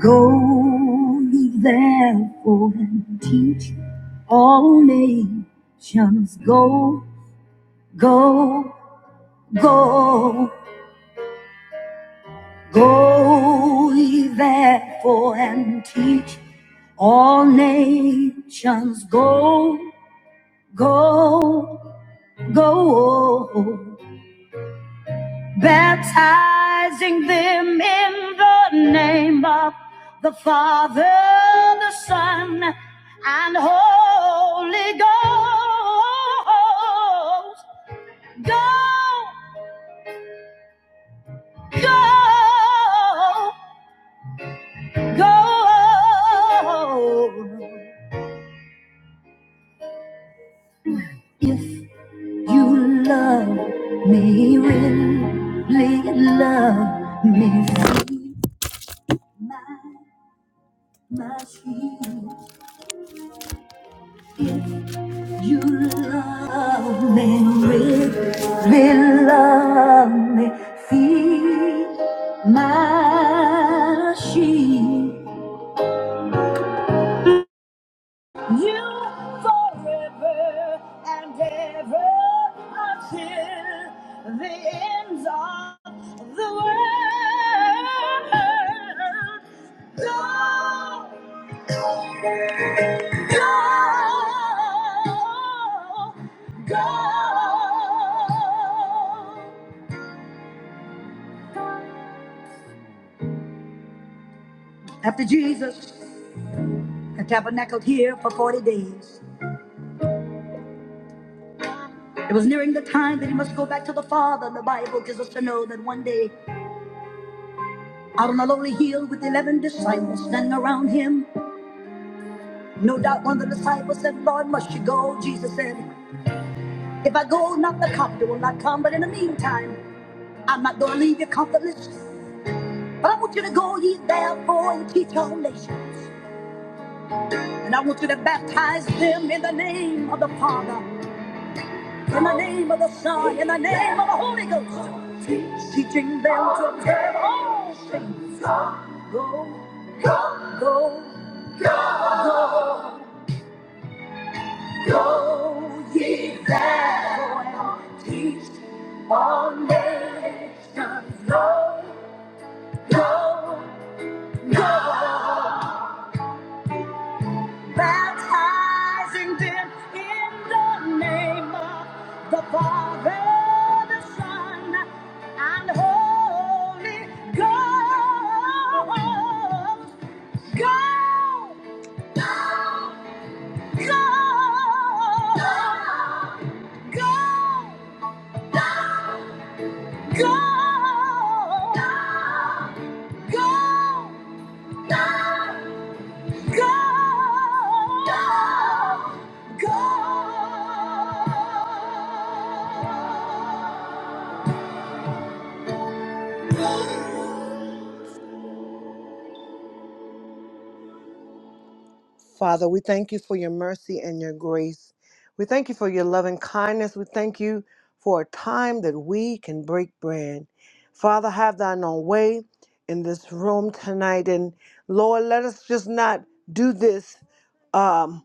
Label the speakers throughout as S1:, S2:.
S1: Go ye therefore and teach all nations. Go, go, go, go ye therefore and teach all nations. Go, go, go. baptizing them in the name of the Father, the Son, and Holy Ghost. Go, go, go. If you love me, really love me, my, my sheep. If You love me really really love me. Feed my sheep. You forever and ever until the ends of the world. Go, go, go. After Jesus had tabernacled here for 40 days, it was nearing the time that he must go back to the Father. The Bible gives us to know that one day, out on a lonely hill with 11 disciples standing around him, no doubt one of the disciples said, Lord, must you go? Jesus said, If I go, not the comforter will not come, but in the meantime, I'm not going to leave you comfortless, but I want you to go ye therefore and teach all nations. And I want you to baptize them in the name of the Father in the name of the Son, in the name of the Holy Ghost, teaching them to observe all things. Go, go, go, ye therefore, and teach all nations. Go, go, go. baptizing them in the name of the Father, the Son, and Holy Ghost. Go! Go! Go! Go! Go! Go! go, Go, go, go. Father, we thank you for your mercy and your grace. We thank you for your loving kindness. We thank you for a time that we can break bread. Father, have thine own way in this room tonight. And Lord, let us just not do this. um,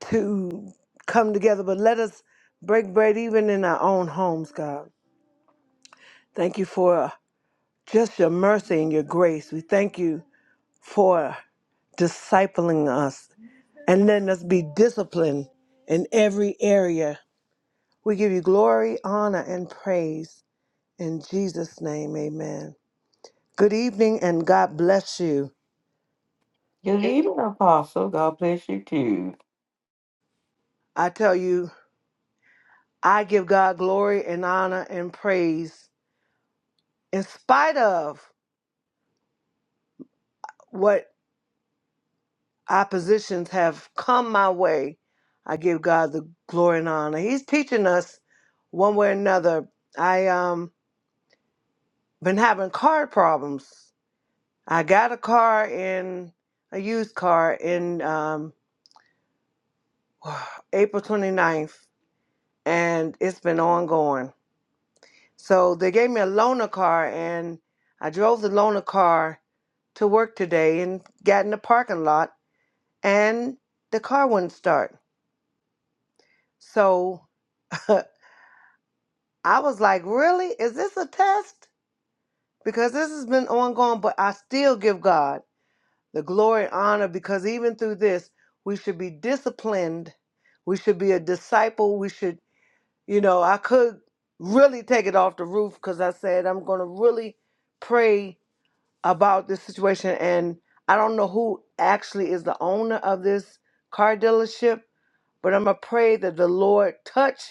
S1: to come together, but let us break bread even in our own homes, God. Thank you for just your mercy and your grace. We thank you for discipling us and letting us be disciplined in every area. We give you glory, honor, and praise. In Jesus' name, amen. Good evening and God bless you.
S2: Good evening, Apostle. God bless you too.
S1: I tell you, I give God glory and honor and praise in spite of what oppositions have come my way, I give God the glory and honor. He's teaching us one way or another. I um been having car problems. I got a car in a used car in um April 29th and it's been ongoing. So they gave me a loaner car and I drove the loaner car to work today and got in the parking lot and the car wouldn't start. So I was like, really? Is this a test? Because this has been ongoing, but I still give God the glory and honor because even through this, we should be disciplined. We should be a disciple. We should, you know, I could really take it off the roof because I said I'm going to really pray about this situation. And I don't know who actually is the owner of this car dealership, but I'm going to pray that the Lord touch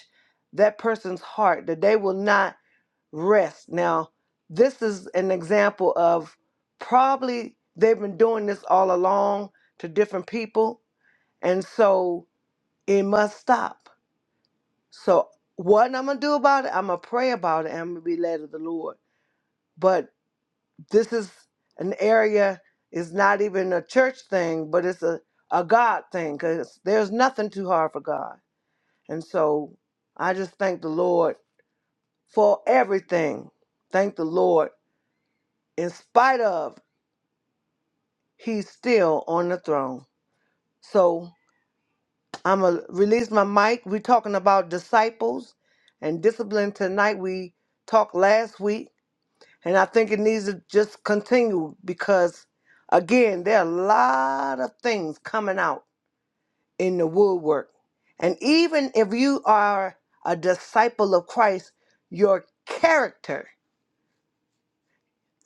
S1: that person's heart, that they will not rest. Now, this is an example of probably they've been doing this all along to different people, and so it must stop. So, what I'm gonna do about it, I'm gonna pray about it, and I'm gonna be led of the Lord. But this is an area, it's not even a church thing, but it's a, a God thing because there's nothing too hard for God. And so, I just thank the Lord for everything. Thank the Lord in spite of. he's still on the throne. So I'm going to release my mic. We're talking about disciples and discipline tonight. We talked last week, and I think it needs to just continue because, again, there are a lot of things coming out in the woodwork. And even if you are a disciple of Christ, your character,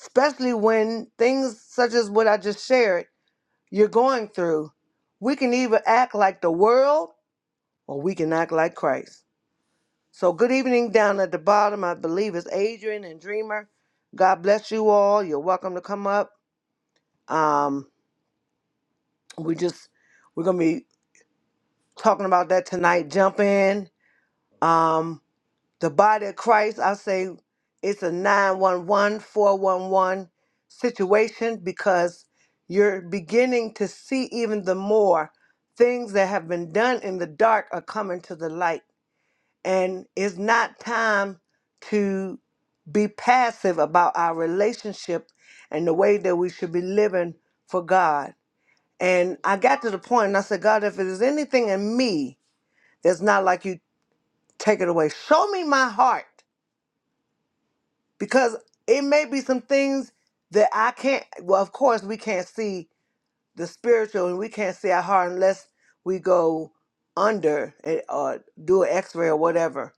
S1: especially when things such as what I just shared, you're going through, we can either act like the world or we can act like Christ. So, good evening down at the bottom. I believe it's Adrian and Dreamer. God bless you all. You're welcome to come up. Um, we just we're gonna be talking about that tonight. Jump in. Um, the body of Christ. I say it's a 911 411 situation because you're beginning to see even the more things that have been done in the dark are coming to the light And it's not time to be passive about our relationship and the way that we should be living for God. And I got to the point and I said, God, if there's anything in me that's not like you, take it away. Show me my heart because it may be some things that I can't. Well, of course, we can't see the spiritual and we can't see our heart unless we go under and- or do an x ray or whatever.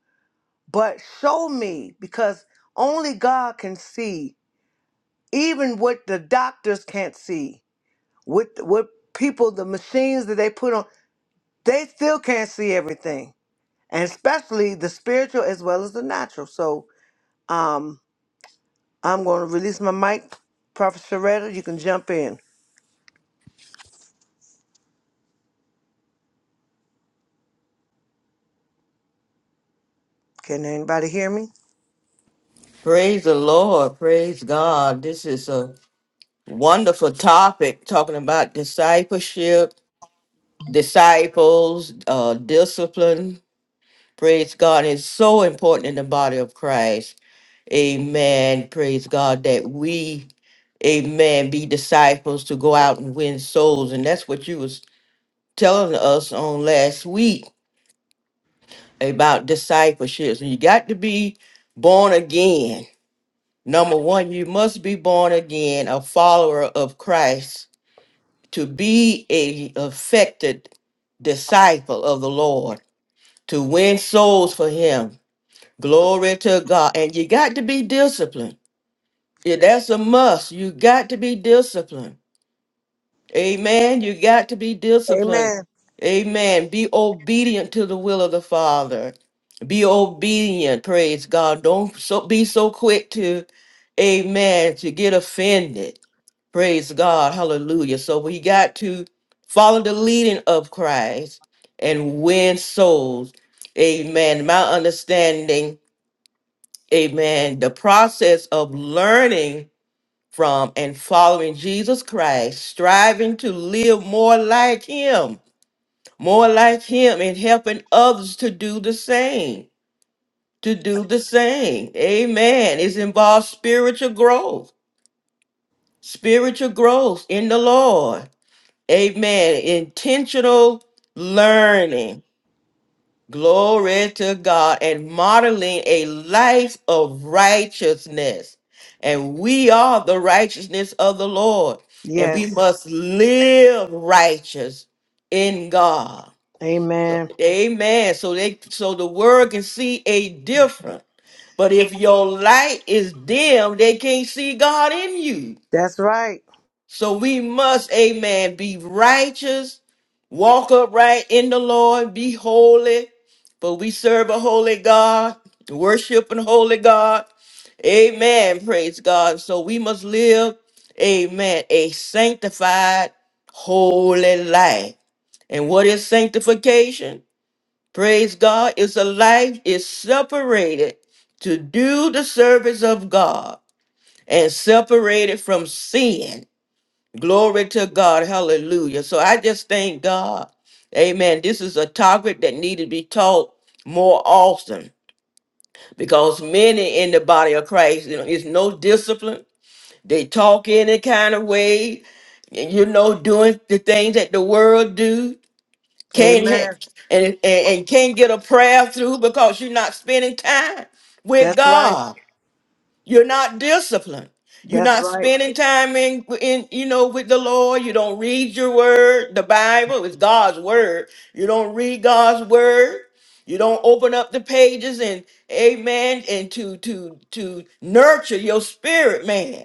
S1: but show me because only God can see even what the doctors can't see what what people the machines that they put on they still can't see everything and especially the spiritual as well as the natural so um I'm going to release my mic prophet Sharetta you can jump in can anybody hear me
S2: Praise the Lord. Praise God. This is a wonderful topic talking about discipleship, disciples, uh, discipline. Praise God. It's so important in the body of Christ. Amen. Praise God that we, amen, be disciples to go out and win souls. And that's what you was telling us on last week about discipleships. And you got to be born again Number one, you must be born again, a follower of Christ, to be a affected disciple of the Lord, to win souls for Him. Glory to God. And you got to be disciplined. Yeah, that's a must. You got to be disciplined. Amen. You got to be disciplined.
S1: amen
S2: Amen. Be obedient to the will of the Father. Be obedient. Praise God. Don't so be so quick to, Amen, to get offended. Praise God. Hallelujah. So we got to follow the leading of Christ and win souls. Amen. My understanding, Amen. The process of learning from and following Jesus Christ, striving to live more like Him, more like Him, and helping others to do the same. To do the same. Amen. It involves spiritual growth, spiritual growth in the Lord. Amen. Intentional learning Glory to God and modeling a life of righteousness. And we are the righteousness of the Lord. And we
S1: yes
S2: must live righteous in God.
S1: amen
S2: Amen. So they so the world can see a difference. But if your light is dim, they can't see God in you.
S1: that's right
S2: So we must, amen, be righteous, walk upright in the Lord, be holy. For we serve a holy God, worship an holy God. Amen. Praise God. So we must live, amen, a sanctified, holy life. And what is sanctification? Praise God. It's a life is separated to do the service of God and separated from sin Glory to God. Hallelujah. So I just thank God. Amen. This is a topic that need to be taught more often because many in the body of Christ, you know, it's no discipline. They talk any kind of way, and you know, doing the things that the world do. Can't
S1: amen
S2: ha- and, and and can't get a prayer through because you're not spending time with
S1: that's right
S2: God. You're not disciplined. You're
S1: that's
S2: not
S1: right
S2: spending time in, in, you know, with the Lord. You don't read your word. The Bible is God's word. You don't read God's word. You don't open up the pages and amen and to to to nurture your spirit, man.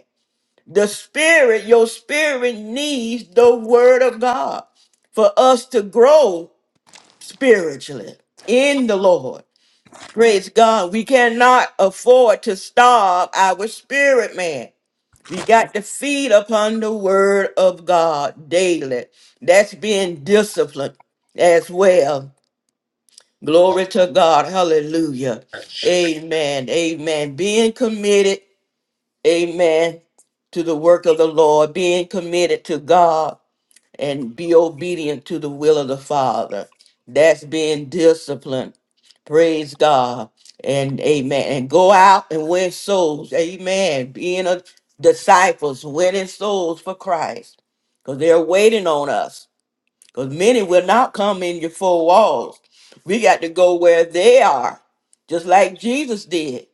S2: The spirit, your spirit needs the word of God for us to grow spiritually in the Lord. Praise God. We cannot afford to starve our spirit man. We got to feed upon the word of God daily. That's being disciplined as well. Glory to God. Hallelujah. Amen. Amen. Being committed. Amen. To the work of the Lord, being committed to God and be obedient to the will of the Father. That's being disciplined. Praise God. And amen. And go out and win souls. Amen. Being a disciples, winning souls for Christ. Because they're waiting on us. Because many will not come in your four walls. We got to go where they are, just like Jesus did.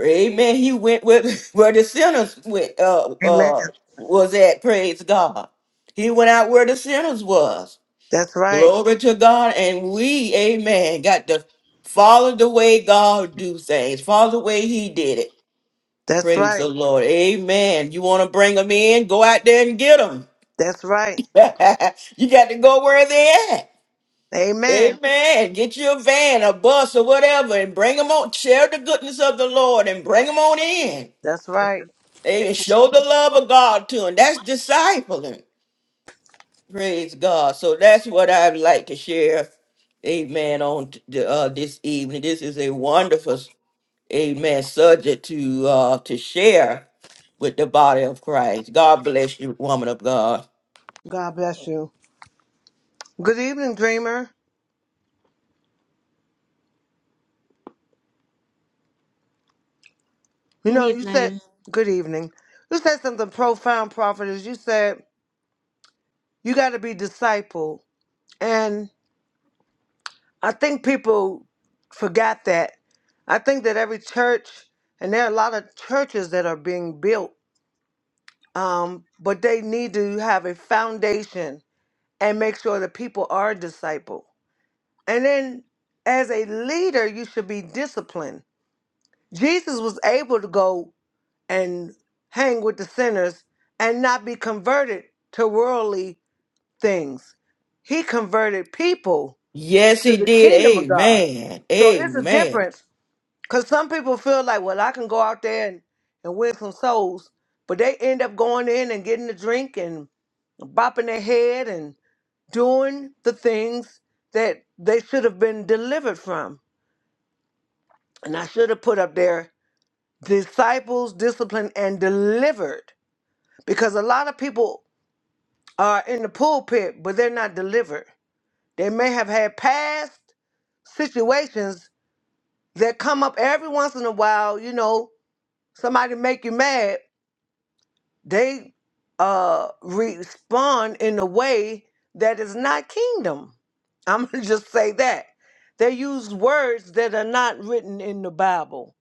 S2: Amen. He went with where the sinners went uh
S1: amen
S2: uh was at, praise God. He went out where the sinners was.
S1: that's right
S2: Glory to God. And we, amen, got to follow the way God do things. Follow the way he did it.
S1: that's
S2: Praise
S1: right
S2: the Lord. Amen. You want to bring them in? Go out there and get them.
S1: That's right.
S2: you got to go where they at.
S1: Amen.
S2: Amen. Get you a van, a bus, or whatever, and bring them on. Share the goodness of the Lord and bring them on in.
S1: That's right.
S2: They show the love of God to them. That's discipling. Praise God. So that's what I'd like to share. Amen. On t- the, uh, this evening, this is a wonderful, amen, subject to uh, to share with the body of Christ. God bless you, woman of God.
S1: God bless you. Good evening, dreamer. You
S3: Good
S1: know, you said
S3: evening.
S1: good evening. You said something profound, prophetess. You said you got to be disciple, and I think people forgot that. I think that every church, and there are a lot of churches that are being built, um, but they need to have a foundation and make sure that people are disciple. And then, as a leader, you should be disciplined Jesus was able to go and hang with the sinners and not be converted to worldly things. He converted people
S2: Yes,
S1: to
S2: He
S1: the
S2: did.
S1: kingdom of God.
S2: Amen.
S1: So it's a
S2: Amen.
S1: difference because some people feel like, well, I can go out there and, and win some souls, but they end up going in and getting a drink and bopping their head and doing the things that they should have been delivered from. And I should have put up there disciples, disciplined, and delivered. Because a lot of people are in the pulpit, but they're not delivered. They may have had past situations that come up every once in a while. You know, somebody make you mad. They uh, respond in a way that is not kingdom. I'm gonna just say that they use words that are not written in the Bible.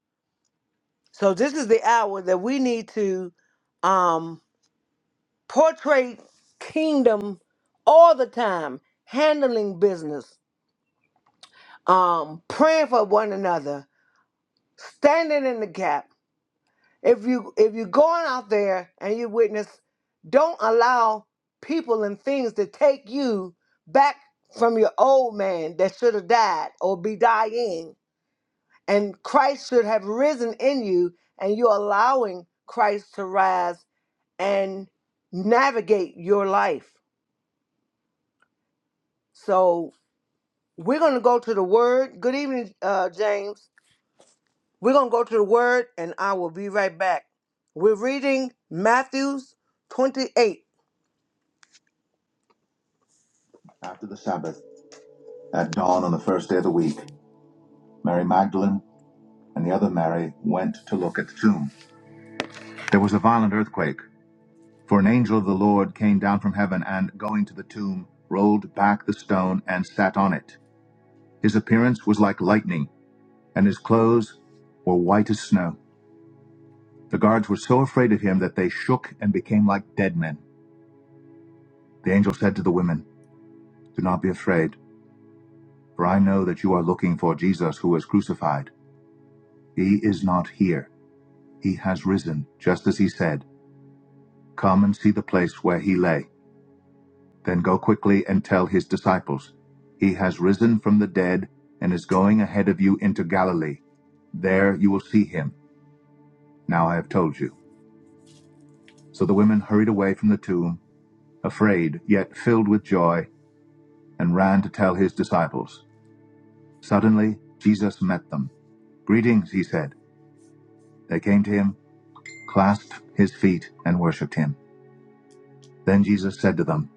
S1: So this is the hour that we need to. Um, portray kingdom all the time, handling business, um, praying for one another, standing in the gap. If you if you're going out there and you witness, don't allow people and things to take you back from your old man that should have died or be dying. And Christ should have risen in you, and you're allowing Christ to rise and navigate your life. So We're going to go to the word. Good evening, uh, James. We're going to go to the word, and I will be right back. We're reading Matthew's 28. After the Sabbath, at dawn on the first day of the week, Mary Magdalene and the other Mary went to look at the tomb. There was a violent earthquake, for an angel of the Lord came down from heaven and, going to the tomb, rolled back the stone and sat on it. His appearance was like lightning, and his clothes were white as snow. The guards were so afraid of him that they shook and became like dead men. The angel said to the women, Do not be afraid, for I know that you are looking for Jesus who was crucified. He is not here. He has risen, just as he said. Come and see the place where he lay. Then go quickly and tell his disciples, He has risen from the dead and is going ahead of you into Galilee. There you will see him. Now I have told you. So the women hurried away from the tomb, afraid, yet filled with joy and ran to tell his disciples. Suddenly, Jesus met them. Greetings, he said. They came to him, clasped his feet, and worshipped him. Then Jesus said to them,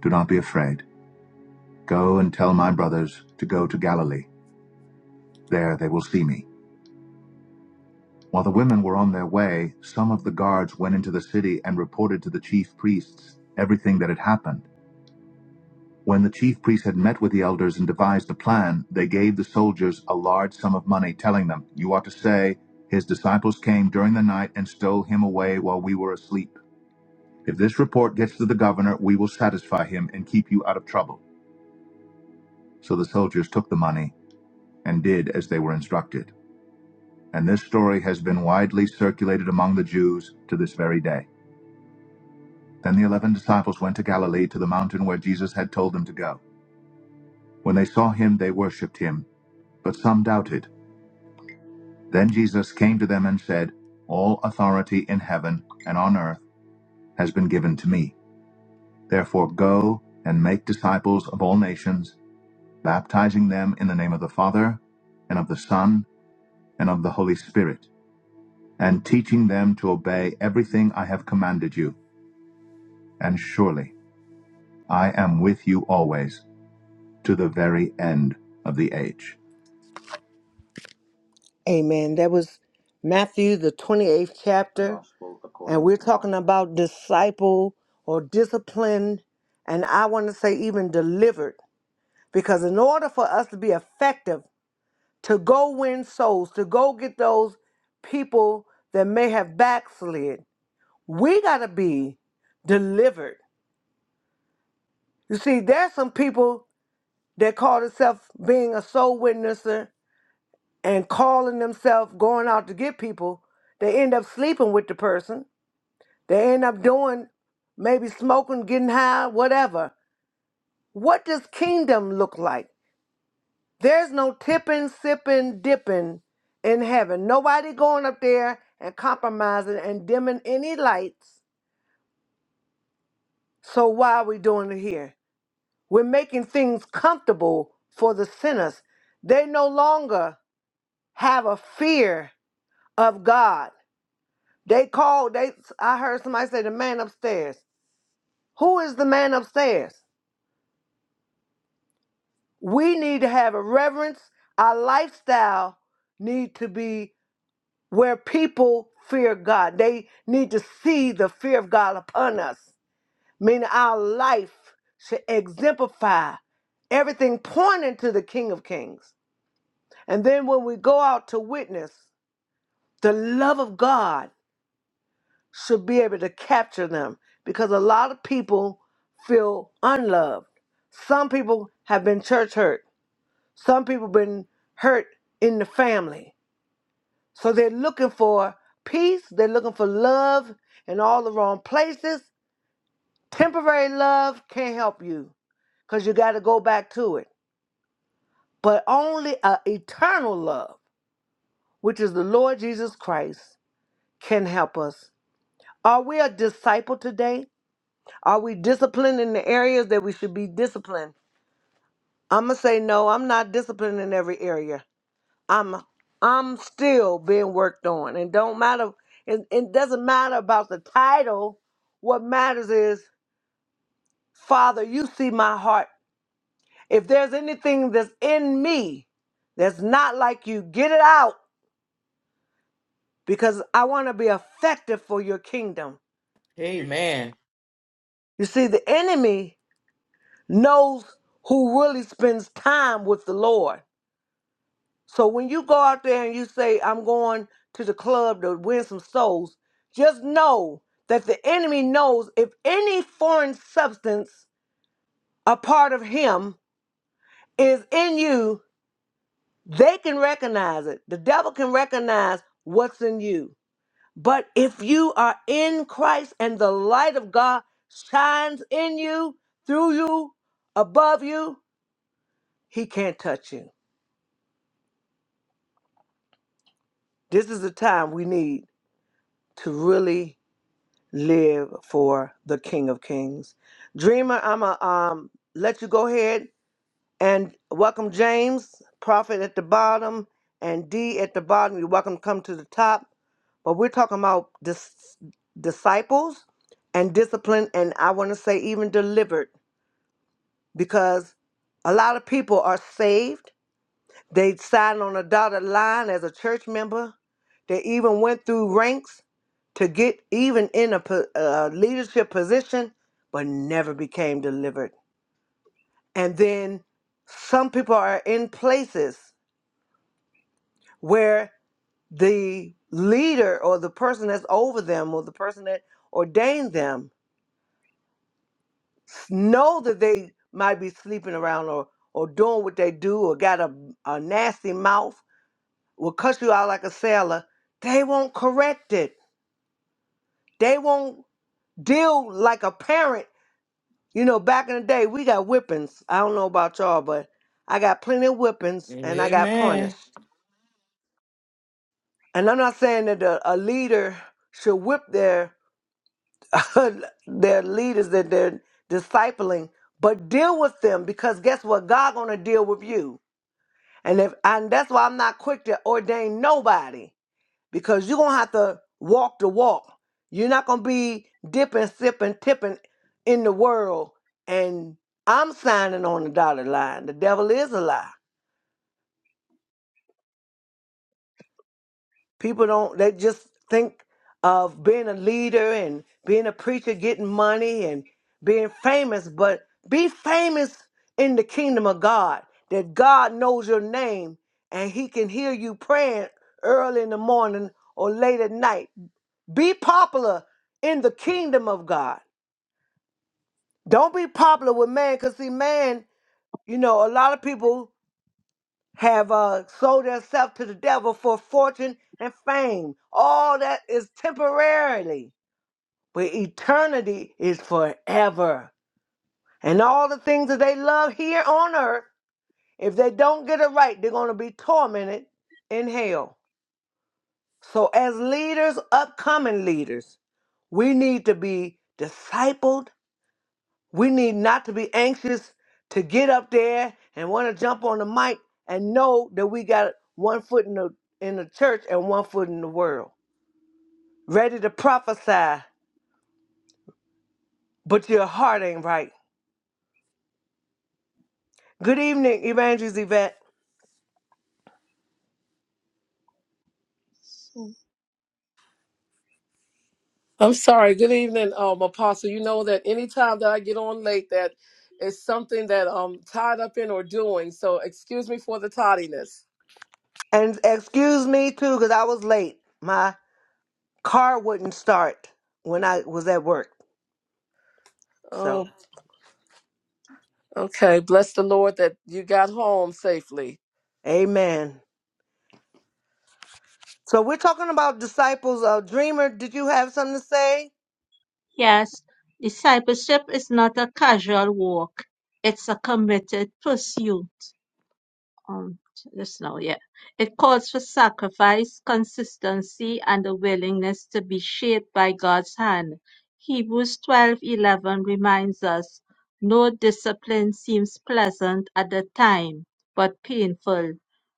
S1: Do not be afraid. Go and tell my brothers to go to Galilee. There they will see me. While the women were on their way, some of the guards went into the city and reported to the chief priests everything that had happened. When the chief priests had met with the elders and devised a plan, they gave the soldiers a large sum of money, telling them, You ought to say, His disciples came during the night and stole him away while we were asleep. If this report gets to the governor, we will satisfy him and keep you out of trouble. So the soldiers took the money and did as they were instructed. And this story has been widely circulated among the Jews to this very day. Then the eleven disciples went to Galilee to the mountain where Jesus had told them to go. When they saw him, they worshipped him, but some doubted. Then Jesus came to them and said, All authority in heaven and on earth has been given to me. Therefore go and make disciples of all nations, baptizing them in the name of the Father, and of the Son, and of the Holy Spirit, and teaching them to obey everything I have commanded you. And surely I am with you always to the very end of the age. Amen. That was Matthew, the 28th chapter. and we're talking about disciple or discipline, and I want to say even delivered. Because in order for us to be effective, to go win souls, to go get those people that may have backslid, we got to be delivered. You see, there's some people that call themselves being a soul witnesser and calling themselves going out to get people. They end up sleeping with the person They end up doing maybe smoking, getting high, whatever. What does kingdom look like? There's no tipping, sipping, dipping in heaven. Nobody going up there and compromising and dimming any lights. So why are we doing it here? We're making things comfortable for the sinners. They no longer have a fear of God. They call they I heard somebody say the man upstairs. Who is the man upstairs? we need to have a reverence our lifestyle need to be where people fear god they need to see the fear of god upon us meaning our life should exemplify everything pointing to the king of kings and then when we go out to witness the love of god should be able to capture them because a lot of people feel unloved some people have been church hurt Some people been hurt in the family. So they're looking for peace, they're looking for love in all the wrong places. Temporary love can't help you because you got to go back to it. But only a eternal love, which is the Lord Jesus Christ, can help us. Are we a disciple today? Are we disciplined in the areas that we should be disciplined? I'm going to say no, I'm not disciplined in every area. I'm I'm still being worked on. And don't matter it, it doesn't matter about the title. What matters is, Father, you see my heart. If there's anything that's in me that's not like you, get it out because I want to be effective for your kingdom.
S2: Amen.
S1: You see, the enemy knows who really spends time with the Lord. So when you go out there and you say, I'm going to the club to win some souls, just know that the enemy knows if any foreign substance, a part of him, is in you, they can recognize it. The devil can recognize what's in you. But if you are in Christ and the light of God shines in you, through you, above you, he can't touch you. This is the time we need to really live for the King of Kings. Dreamer, I'm going to um, let you go ahead and welcome James, Prophet at the bottom, and D at the bottom. You're welcome to come to the top. But we're talking about dis- disciples and discipline, and I want to say even delivered, because a lot of people are saved they signed on a dotted line as a church member. They even went through ranks to get even in a po- uh, leadership position, but never became delivered. And then some people are in places where the leader or the person that's over them or the person that ordained them know that they might be sleeping around or, or doing what they do or got a, a nasty mouth, will cut you out like a sailor. They won't correct it They won't deal like a parent. You know, back in the day, we got whippings. I don't know about y'all, but I got plenty of whippings and I got
S2: Amen.
S1: punished. And I'm not saying that a, a leader should whip their their leaders that they're discipling, but deal with them because guess what? God gonna deal with you. And if and that's why I'm not quick to ordain nobody. because you're gonna have to walk the walk. You're not gonna be dipping, sipping, tipping in the world. And I'm signing on the dotted line. The devil is a lie. People don't. They just think of being a leader and being a preacher, getting money and being famous. But be famous in the kingdom of God. That God knows your name and He can hear you praying early in the morning or late at night. Be popular in the kingdom of God. Don't be popular with man, because see, man, you know, a lot of people have uh, sold themselves to the devil for fortune and fame. All that is temporarily, but eternity is forever. And all the things that they love here on earth, if they don't get it right, they're going to be tormented in hell. So, as leaders, upcoming leaders, we need to be discipled We need not to be anxious to get up there and want to jump on the mic and know that we got one foot in the in the church and one foot in the world. Ready to prophesy, but your heart ain't right. Good evening, Evangelist Yvette.
S3: So,
S4: I'm sorry. Good evening, um, Apostle. You know that anytime that I get on late, that is something that I'm tied up in or doing. So excuse me for the tardiness.
S1: And excuse me too, because I was late. My car wouldn't start when I was at work. So
S4: Oh, okay. Bless the Lord that you got home safely.
S1: Amen. So we're talking about disciples. Uh, Dreamer, did you have something to say?
S3: yes, discipleship is not a casual walk, it's a committed pursuit. um, just now, yeah. It calls for sacrifice, consistency, and a willingness to be shaped by God's hand. Hebrews 12:11 reminds us, no discipline seems pleasant at the time, but painful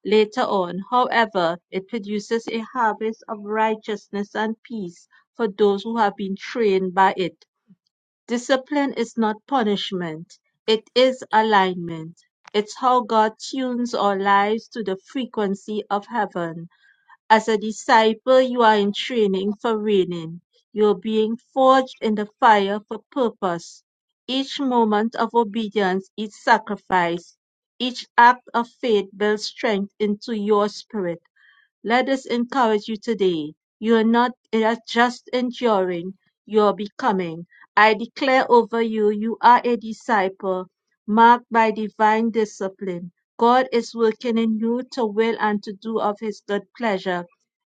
S3: later on. However, it produces a harvest of righteousness and peace for those who have been trained by it. Discipline is not punishment, it is alignment. It's how God tunes our lives to the frequency of heaven. As a disciple, you are in training for reigning. You're being forged in the fire for purpose. Each moment of obedience, each sacrifice, each act of faith builds strength into your spirit. Let us encourage you today. You are not uh, just enduring, you are becoming. I declare over you, you are a disciple marked by divine discipline. God is working in you to will and to do of his good pleasure.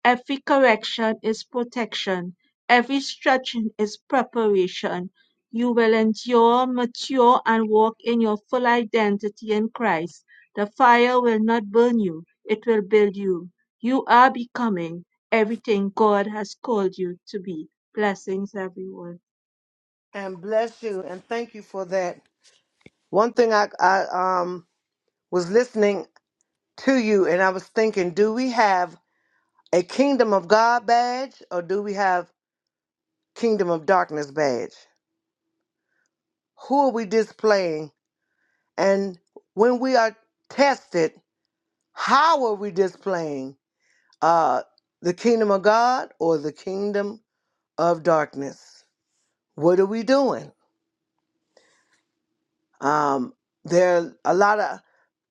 S3: Every correction is protection, every stretching is preparation. You will endure, mature, and walk in your full identity in Christ. The fire will not burn you, it will build you. You are becoming everything God has called you to be. Blessings, everyone.
S1: And bless you and thank you for that. One thing I, I um was listening to you and I was thinking, do we have a kingdom of God badge or do we have kingdom of darkness badge? Who are we displaying? And when we are tested, how are we displaying uh the kingdom of God or the kingdom of darkness? What are we doing? Um there are a lot of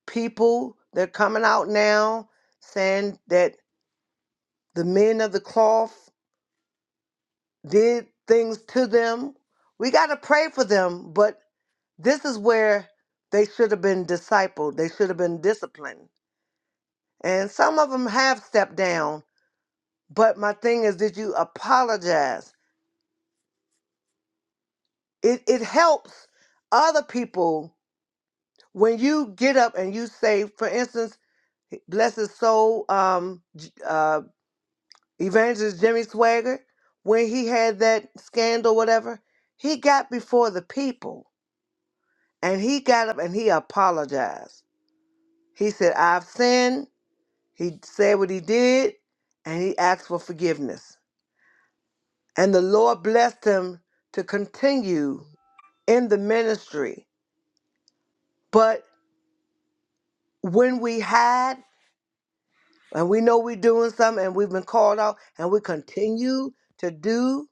S1: people that are coming out now saying that the men of the cloth did things to them. We got to pray for them, but this is where they should have been discipled. They should have been disciplined. And some of them have stepped down, but my thing is, did you apologize? It, it helps other people when you get up and you say, for instance, bless his soul, um, J- uh, evangelist Jimmy Swagger, when he had that scandal, whatever, he got before the people And he got up and he apologized. He said, I've sinned. He said what he did and he asked for forgiveness. And the Lord blessed him to continue in the ministry. But when we hide and we know we're doing something and we've been called out and we continue to do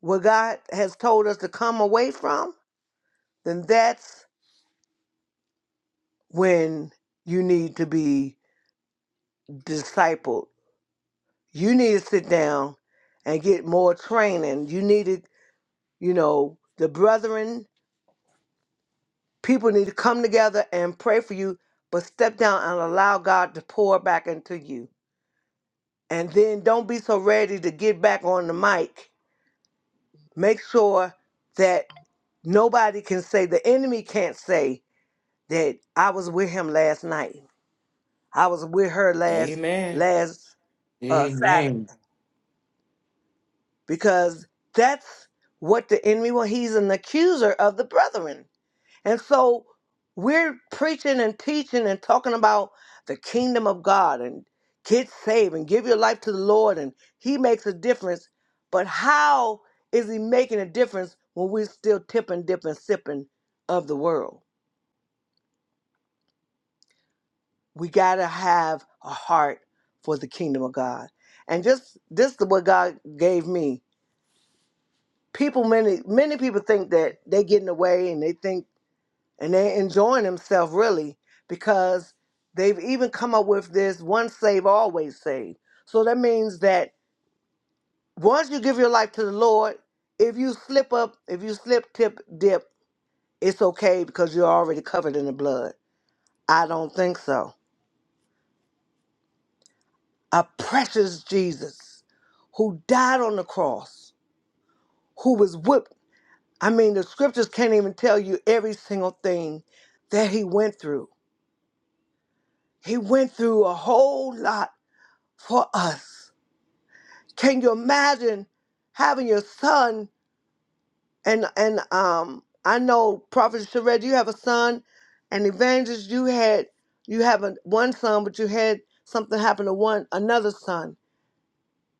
S1: what God has told us to come away from, then that's when you need to be discipled you need to sit down and get more training. You needed, you know, the brethren, people need to come together and pray for you, but step down and allow God to pour back into you. And then don't be so ready to get back on the mic. Make sure that nobody can say, the enemy can't say that I was with him last night. I was with her last
S2: Amen.
S1: last uh, Saturday
S2: Amen.
S1: because that's what the enemy well he's an accuser of the brethren And so we're preaching and teaching and talking about the kingdom of God and get saved and give your life to the Lord and He makes a difference. But how is He making a difference when we're still tipping, dipping, sipping of the world? We got to have a heart for the kingdom of God. And just this is what God gave me. People, many, many people think that they're getting away and they think and they're enjoying themselves really because they've even come up with this "once saved, always saved." so that means that once you give your life to the lord if you slip up if you slip tip dip it's okay because you're already covered in the blood i don't think so a precious jesus who died on the cross who was whipped i mean the scriptures can't even tell you every single thing that he went through he went through a whole lot for us Can you imagine having your son and and um I know Prophet Sherette, you have a son and evangelist you had you have a, one son but you had something happen to one another son.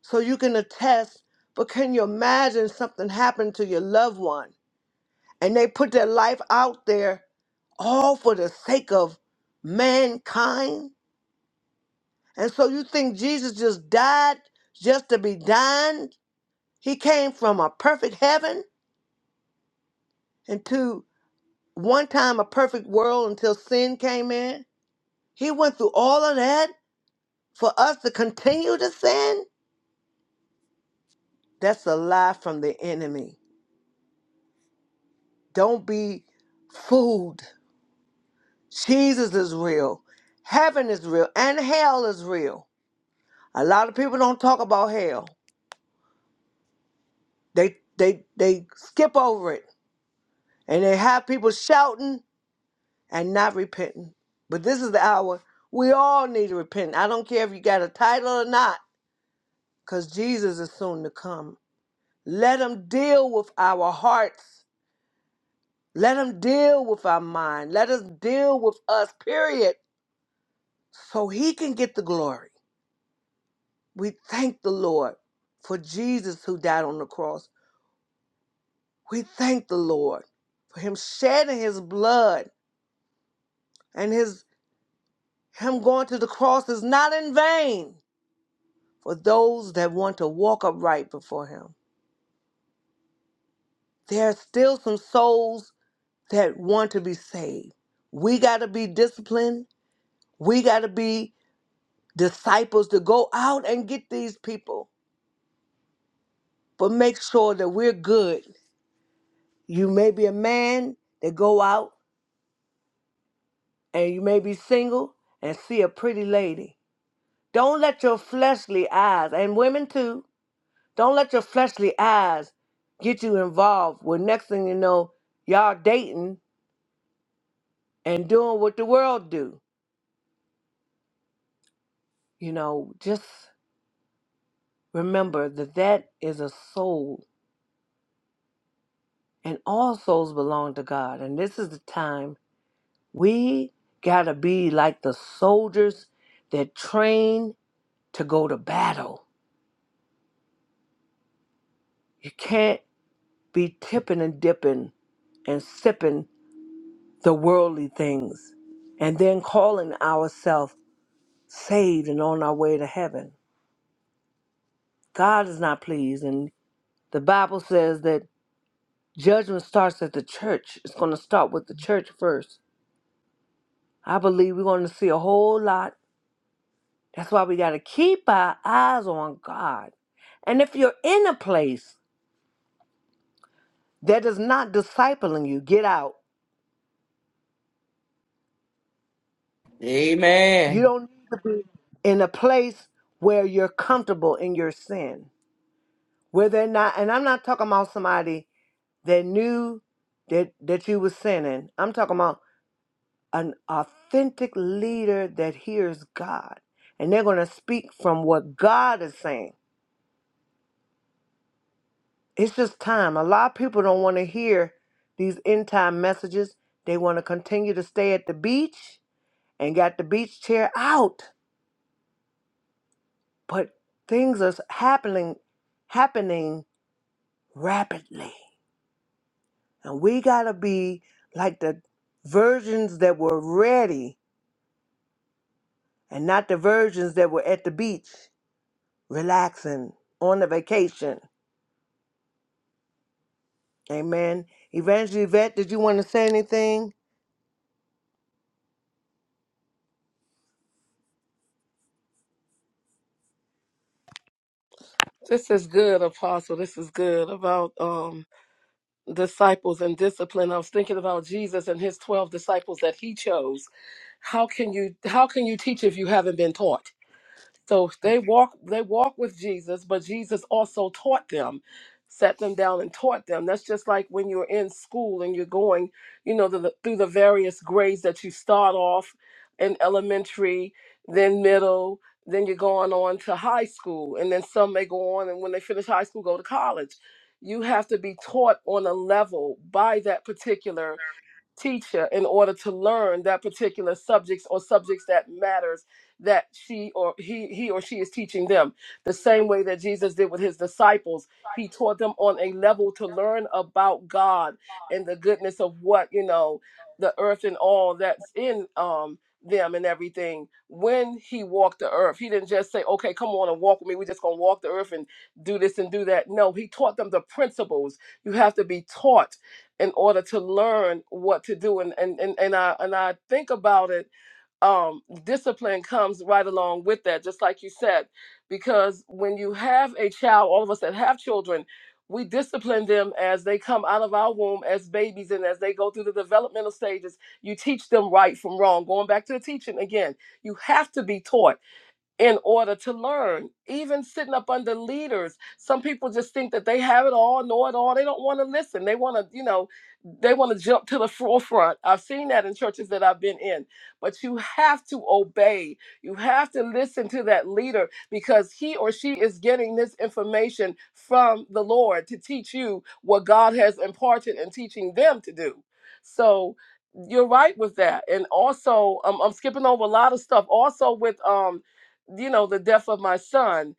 S1: So you can attest, but can you imagine something happened to your loved one and they put their life out there all for the sake of mankind? And so you think Jesus just died just to be dying? He came from a perfect heaven into one time a perfect world until sin came in. He went through all of that for us to continue to sin. That's a lie from the enemy. Don't be fooled. Jesus is real. Heaven is real and hell is real. A lot of people don't talk about hell. They they they skip over it and they have people shouting and not repenting. But this is the hour we all need to repent. I don't care if you got a title or not. because Jesus is soon to come. Let him deal with our hearts. Let him deal with our mind. Let us deal with us, period, so he can get the glory. We thank the Lord for Jesus who died on the cross. We thank the Lord for him shedding his blood and his him going to the cross is not in vain for those that want to walk upright before him. There are still some souls that want to be saved. We got to be disciplined. We got to be disciples to go out and get these people, but make sure that we're good. You may be a man that go out and you may be single and see a pretty lady. Don't let your fleshly eyes, and women too, don't let your fleshly eyes get you involved with next thing you know, y'all dating and doing what the world do. You know, just Remember that that is a soul, and all souls belong to God. And this is the time we got to be like the soldiers that train to go to battle. You can't be tipping and dipping and sipping the worldly things and then calling ourselves saved and on our way to heaven. God is not pleased. And the Bible says that judgment starts at the church, it's going to start with the church first. I believe we're going to see a whole lot. That's why we got to keep our eyes on God. And if you're in a place that is not discipling you, get out. You
S2: Amen.
S1: don't need to be in a place where you're comfortable in your sin, where they're not. And I'm not talking about somebody that knew that that you were sinning. I'm talking about an authentic leader that hears God, and they're going to speak from what God is saying It's just time. A lot of people don't want to hear these end time messages. They want to continue to stay at the beach and got the beach chair out. But things are happening happening rapidly. And we gotta be like the virgins that were ready and not the virgins that were at the beach, relaxing on a vacation. Amen. Evangelist Yvette, did you want to say anything?
S4: This is good, Apostle. This is good about um, disciples and discipline. I was thinking about Jesus and his twelve disciples that he chose. How can you how can you teach if you haven't been taught? So they walk they walk with Jesus, but Jesus also taught them, sat them down and taught them. That's just like when you're in school and you're going, you know, the, the- through the various grades that you start off in elementary, then middle, then you're going on to high school, and then some may go on and when they finish high school go to college. You have to be taught on a level by that particular teacher in order to learn that particular subjects or subjects that matters that she or he he or she is teaching them the same way that Jesus did with his disciples he taught them on a level to learn about God and the goodness of what you know the earth and all that's in um them and everything when he walked the earth he didn't just say okay come on and walk with me we're just going to walk the earth and do this and do that no he taught them the principles you have to be taught in order to learn what to do and and and, and i and i think about it um discipline comes right along with that just like you said because when you have a child all of us that have children we discipline them as they come out of our womb as babies and as they go through the developmental stages you teach them right from wrong going back to the teaching again you have to be taught in order to learn. Even sitting up under leaders, some people just think that they have it all, know it all. They don't want to listen. They want to, you know, they want to jump to the forefront. I've seen that in churches that I've been in. But you have to obey. You have to listen to that leader because he or she is getting this information from the Lord to teach you what God has imparted and teaching them to do. So you're right with that. And also, um, I'm skipping over a lot of stuff. Also with um you know the death of my son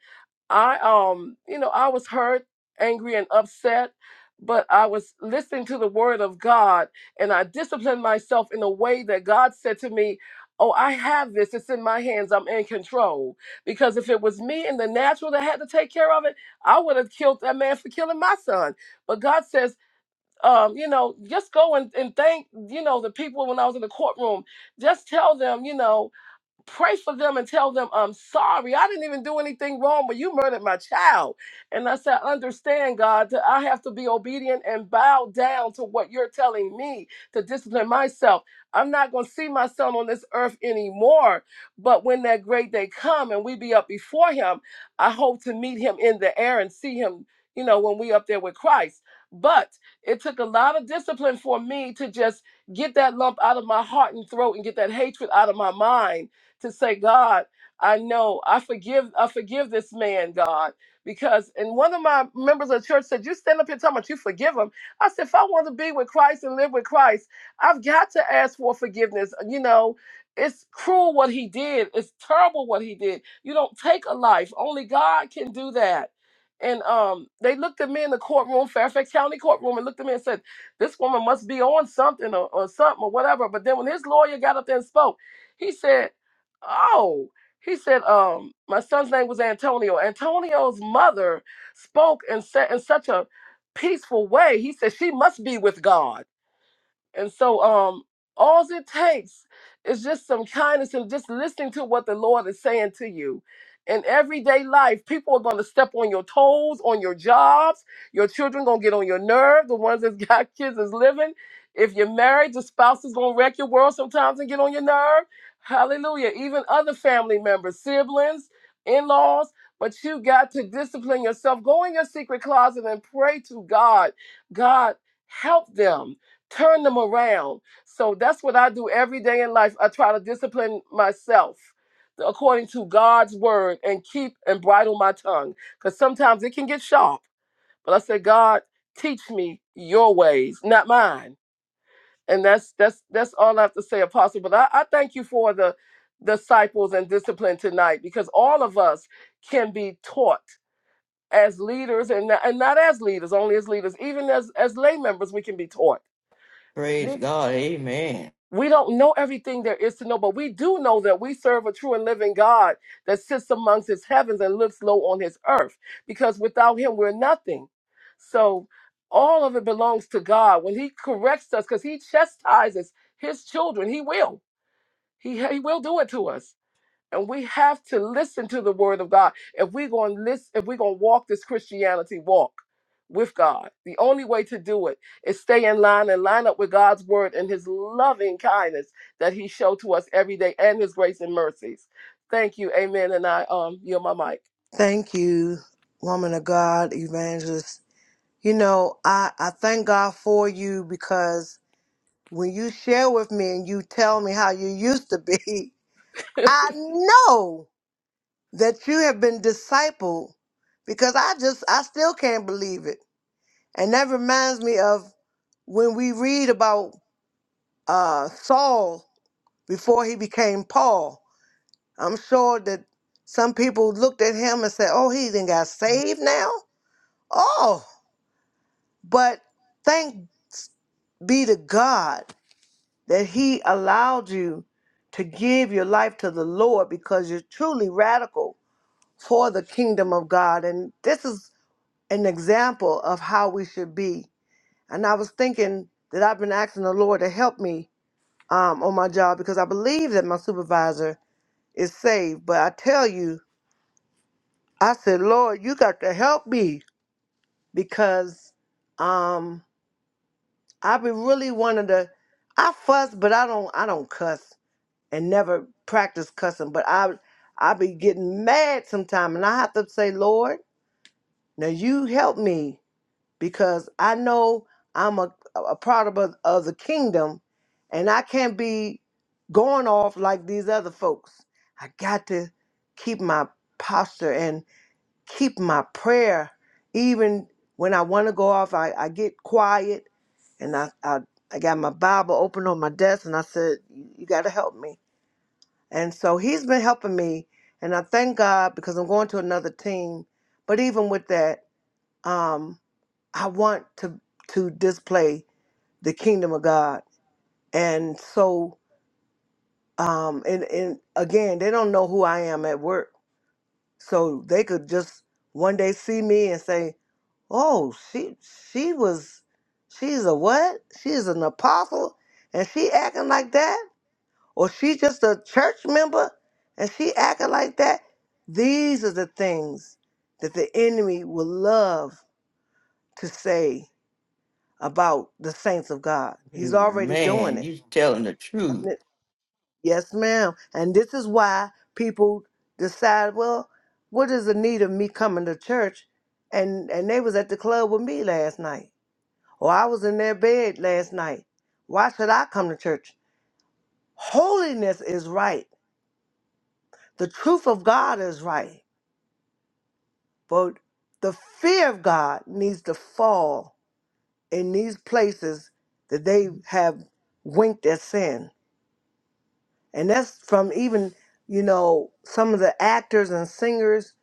S4: i um you know i was hurt angry and upset but i was listening to the word of god and i disciplined myself in a way that god said to me oh i have this it's in my hands i'm in control because if it was me in the natural that had to take care of it i would have killed that man for killing my son but god says um, you know, just go and, and thank, you know, the people when I was in the courtroom. Just tell them, you know, pray for them and tell them I'm sorry. I didn't even do anything wrong, but you murdered my child. And I said, understand, God, that I have to be obedient and bow down to what you're telling me to discipline myself. I'm not going to see my son on this earth anymore. But when that great day come and we be up before him, I hope to meet him in the air and see him, you know, when we up there with Christ. But it took a lot of discipline for me to just get that lump out of my heart and throat and get that hatred out of my mind to say, God, I know I forgive I forgive this man, God. Because and one of my members of the church said, You stand up here talking about you forgive him. I said, if I want to be with Christ and live with Christ, I've got to ask for forgiveness. You know, it's cruel what he did. It's terrible what he did. You don't take a life. Only God can do that. And um, they looked at me in the courtroom, Fairfax County courtroom, and looked at me and said, "This woman must be on something or, or something or whatever." But then when his lawyer got up there and spoke, he said. Oh, he said, um, my son's name was Antonio. Antonio's mother spoke and said in such a peaceful way. He said, she must be with God. And so um all it takes is just some kindness and just listening to what the Lord is saying to you. In everyday life, people are gonna step on your toes, on your jobs, your children gonna get on your nerve, the ones that's got kids is living. If you're married, the spouse is gonna wreck your world sometimes and get on your nerve. Hallelujah. Even other family members, siblings, in-laws, but you got to discipline yourself. Go in your secret closet and pray to God. God, help them turn them around. So that's what I do every day in life. I try to discipline myself according to God's word and keep and bridle my tongue because sometimes it can get sharp. But I say, God, teach me your ways, not mine. And that's that's that's all I have to say, Apostle. But I, I thank you for the disciples and discipline tonight because all of us can be taught as leaders and not, and not as leaders, only as leaders, even as as lay members, we can be taught.
S2: Praise God.
S4: We don't know everything there is to know, but we do know that we serve a true and living God that sits amongst his heavens and looks low on his earth, because without him, we're nothing. So all of it belongs to God. When he corrects us, because he chastises his children, he will. He, he will do it to us and we have to listen to the word of God if we're going to listen if we're going to walk this Christianity walk with God. The only way to do it is stay in line and line up with God's word and his loving kindness that he showed to us every day and his grace and mercies. Thank you. Amen and I um yield my
S1: Thank you, woman of God, evangelist You know, I, I thank God for you because when you share with me and you tell me how you used to be,
S4: mic.
S1: I know that you have been discipled because I just, I still can't believe it. And that reminds me of when we read about uh, Saul before he became Paul. I'm sure that some people looked at him and said, oh, he did got saved now? Oh, but thank be to God that He allowed you to give your life to the Lord because you're truly radical for the kingdom of God. And this is an example of how we should be. And I was thinking that I've been asking the Lord to help me um, on my job because I believe that my supervisor is saved. But I tell you, I said, Lord, you got to help me because um, I've been really wanting to. I fuss, but I don't. I don't cuss. and never practice cussing, but I I be getting mad sometime and I have to say, Lord, now you help me because I know I'm a, a product of, of the kingdom and I can't be going off like these other folks. I got to keep my posture and keep my prayer. Even when I want to go off, I, I get quiet and I, I I got my Bible open on my desk and I said, You you gotta help me and so he's been helping me, and I thank God because I'm going to another team. But even with that, um, I want to to display the kingdom of God. And so, um, and and again, they don't know who I am at work, so they could just one day see me and say, "Oh, she she was, she's a what? She's an apostle, and she acting like that." or she just a church member and she acting like that. These are the things that the enemy will love to say about the saints of God. He's already doing
S2: Man,
S1: it.
S2: you telling the
S1: I'm
S2: truth.
S1: Yes, ma'am. And this is why people decide, well, what is the need of me coming to church? And and they was at the club with me last night. Or I was in their bed last night. Why should I come to church? Holiness is right. The truth of God is right. But the fear of God needs to fall in these places that they have winked at sin. And that's from even, you know, some of the actors and singers,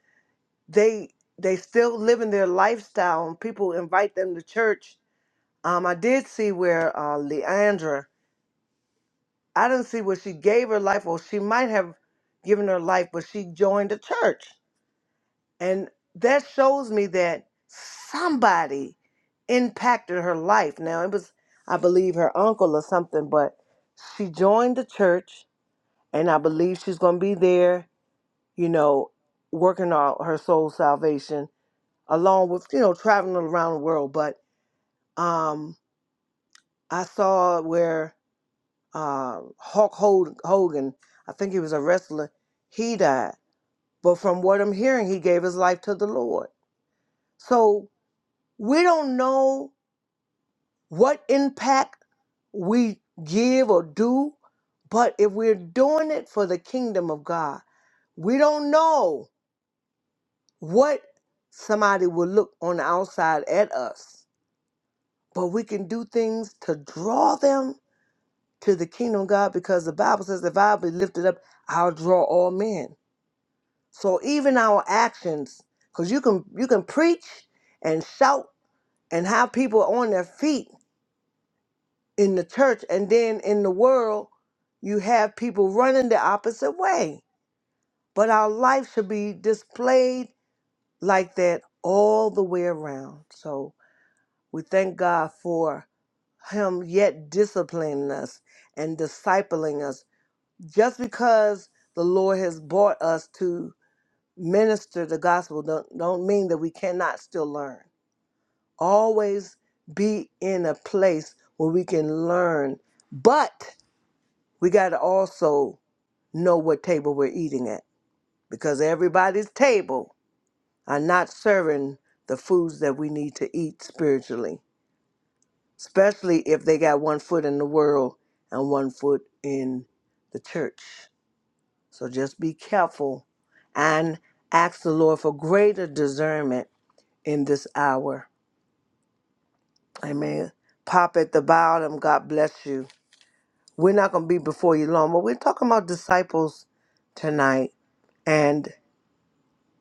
S1: they they still living their lifestyle and people invite them to church. Um, I did see where uh, Leandra, I didn't see where she gave her life, or she might have given her life, but she joined a church. And that shows me that somebody impacted her life. Now, it was, I believe, her uncle or something, but she joined the church, and I believe she's going to be there, you know, working on her soul salvation along with, you know, traveling around the world. But um, I saw where uh, Hulk Hog- Hogan, I think he was a wrestler, he died. But from what I'm hearing, he gave his life to the Lord. So We don't know what impact we give or do, but if we're doing it for the kingdom of God, we don't know what somebody will look on the outside at us, but we can do things to draw them to the kingdom of God because the Bible says, if I be lifted up, I'll draw all men. So even our actions, because you can you can preach and shout and have people on their feet, in the church and then in the world you have people running the opposite way but our life should be displayed like that all the way around so we thank god for him yet disciplining us and discipling us just because the lord has brought us to minister the gospel don't, don't mean that we cannot still learn always be in a place where we can learn but we got to also know what table we're eating at because everybody's table are not serving the foods that we need to eat spiritually, especially if they got one foot in the world and one foot in the church. So just be careful and ask the Lord for greater discernment in this hour. Amen. Pop at the bottom. God bless you. We're not going to be before you long, but we're talking about disciples tonight. And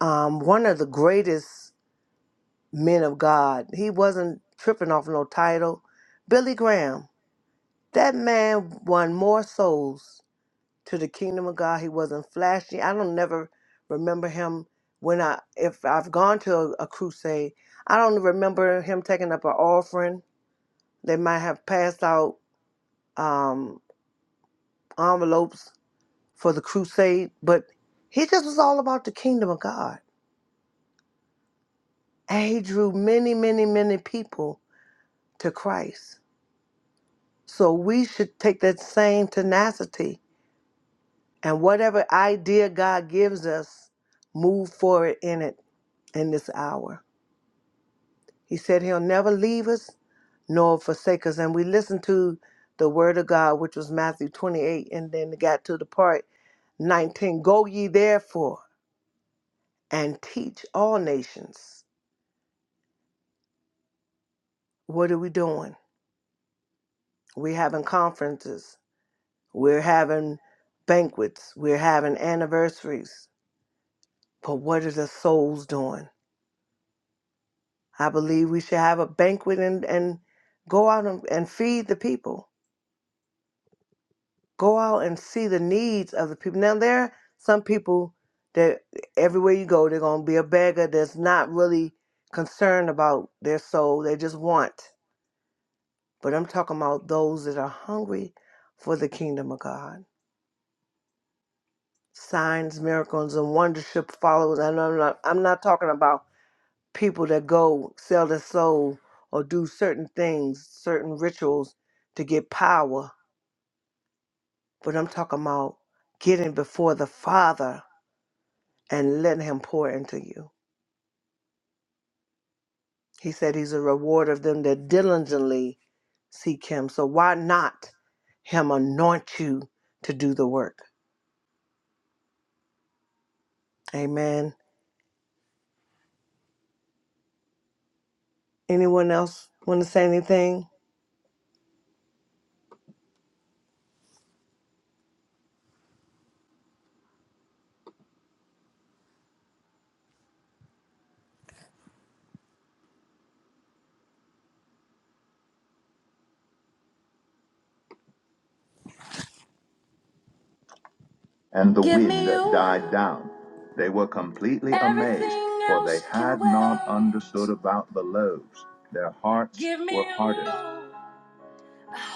S1: um, one of the greatest men of God. He wasn't tripping off no title. Billy Graham. That man won more souls to the kingdom of God. He wasn't flashy. I don't never remember him when I if I've gone to a, a crusade. I don't remember him taking up an offering. They might have passed out um, envelopes for the crusade, but he just was all about the kingdom of God. And he drew many, many, many people to Christ. So we should take that same tenacity and whatever idea God gives us, move forward in it in this hour. He said he'll never leave us nor forsake us. And we listened to the word of God, which was Matthew 28, and then it got to the part 19 Go ye therefore and teach all nations. What are we doing? We're having conferences, we're having banquets, we're having anniversaries, But what are the souls doing? I believe we should have a banquet and, and go out and, and feed the people. Go out and see the needs of the people. Now, there are some people that everywhere you go, they're going to be a beggar that's not really concerned about their soul. They just want. But I'm talking about those that are hungry for the kingdom of God. Signs, miracles, and wonders should follow. us. I know I'm not, I'm not talking about people that go sell their soul or do certain things, certain rituals to get power. But I'm talking about getting before the Father and letting Him pour into you. He said He's a rewarder of them that diligently seek Him. So why not Him anoint you to do the work? Amen. Anyone else want to say anything? and the Give wind that died down. They were completely Everything amazed, for they had not wait. understood about the loaves. Their hearts were hardened.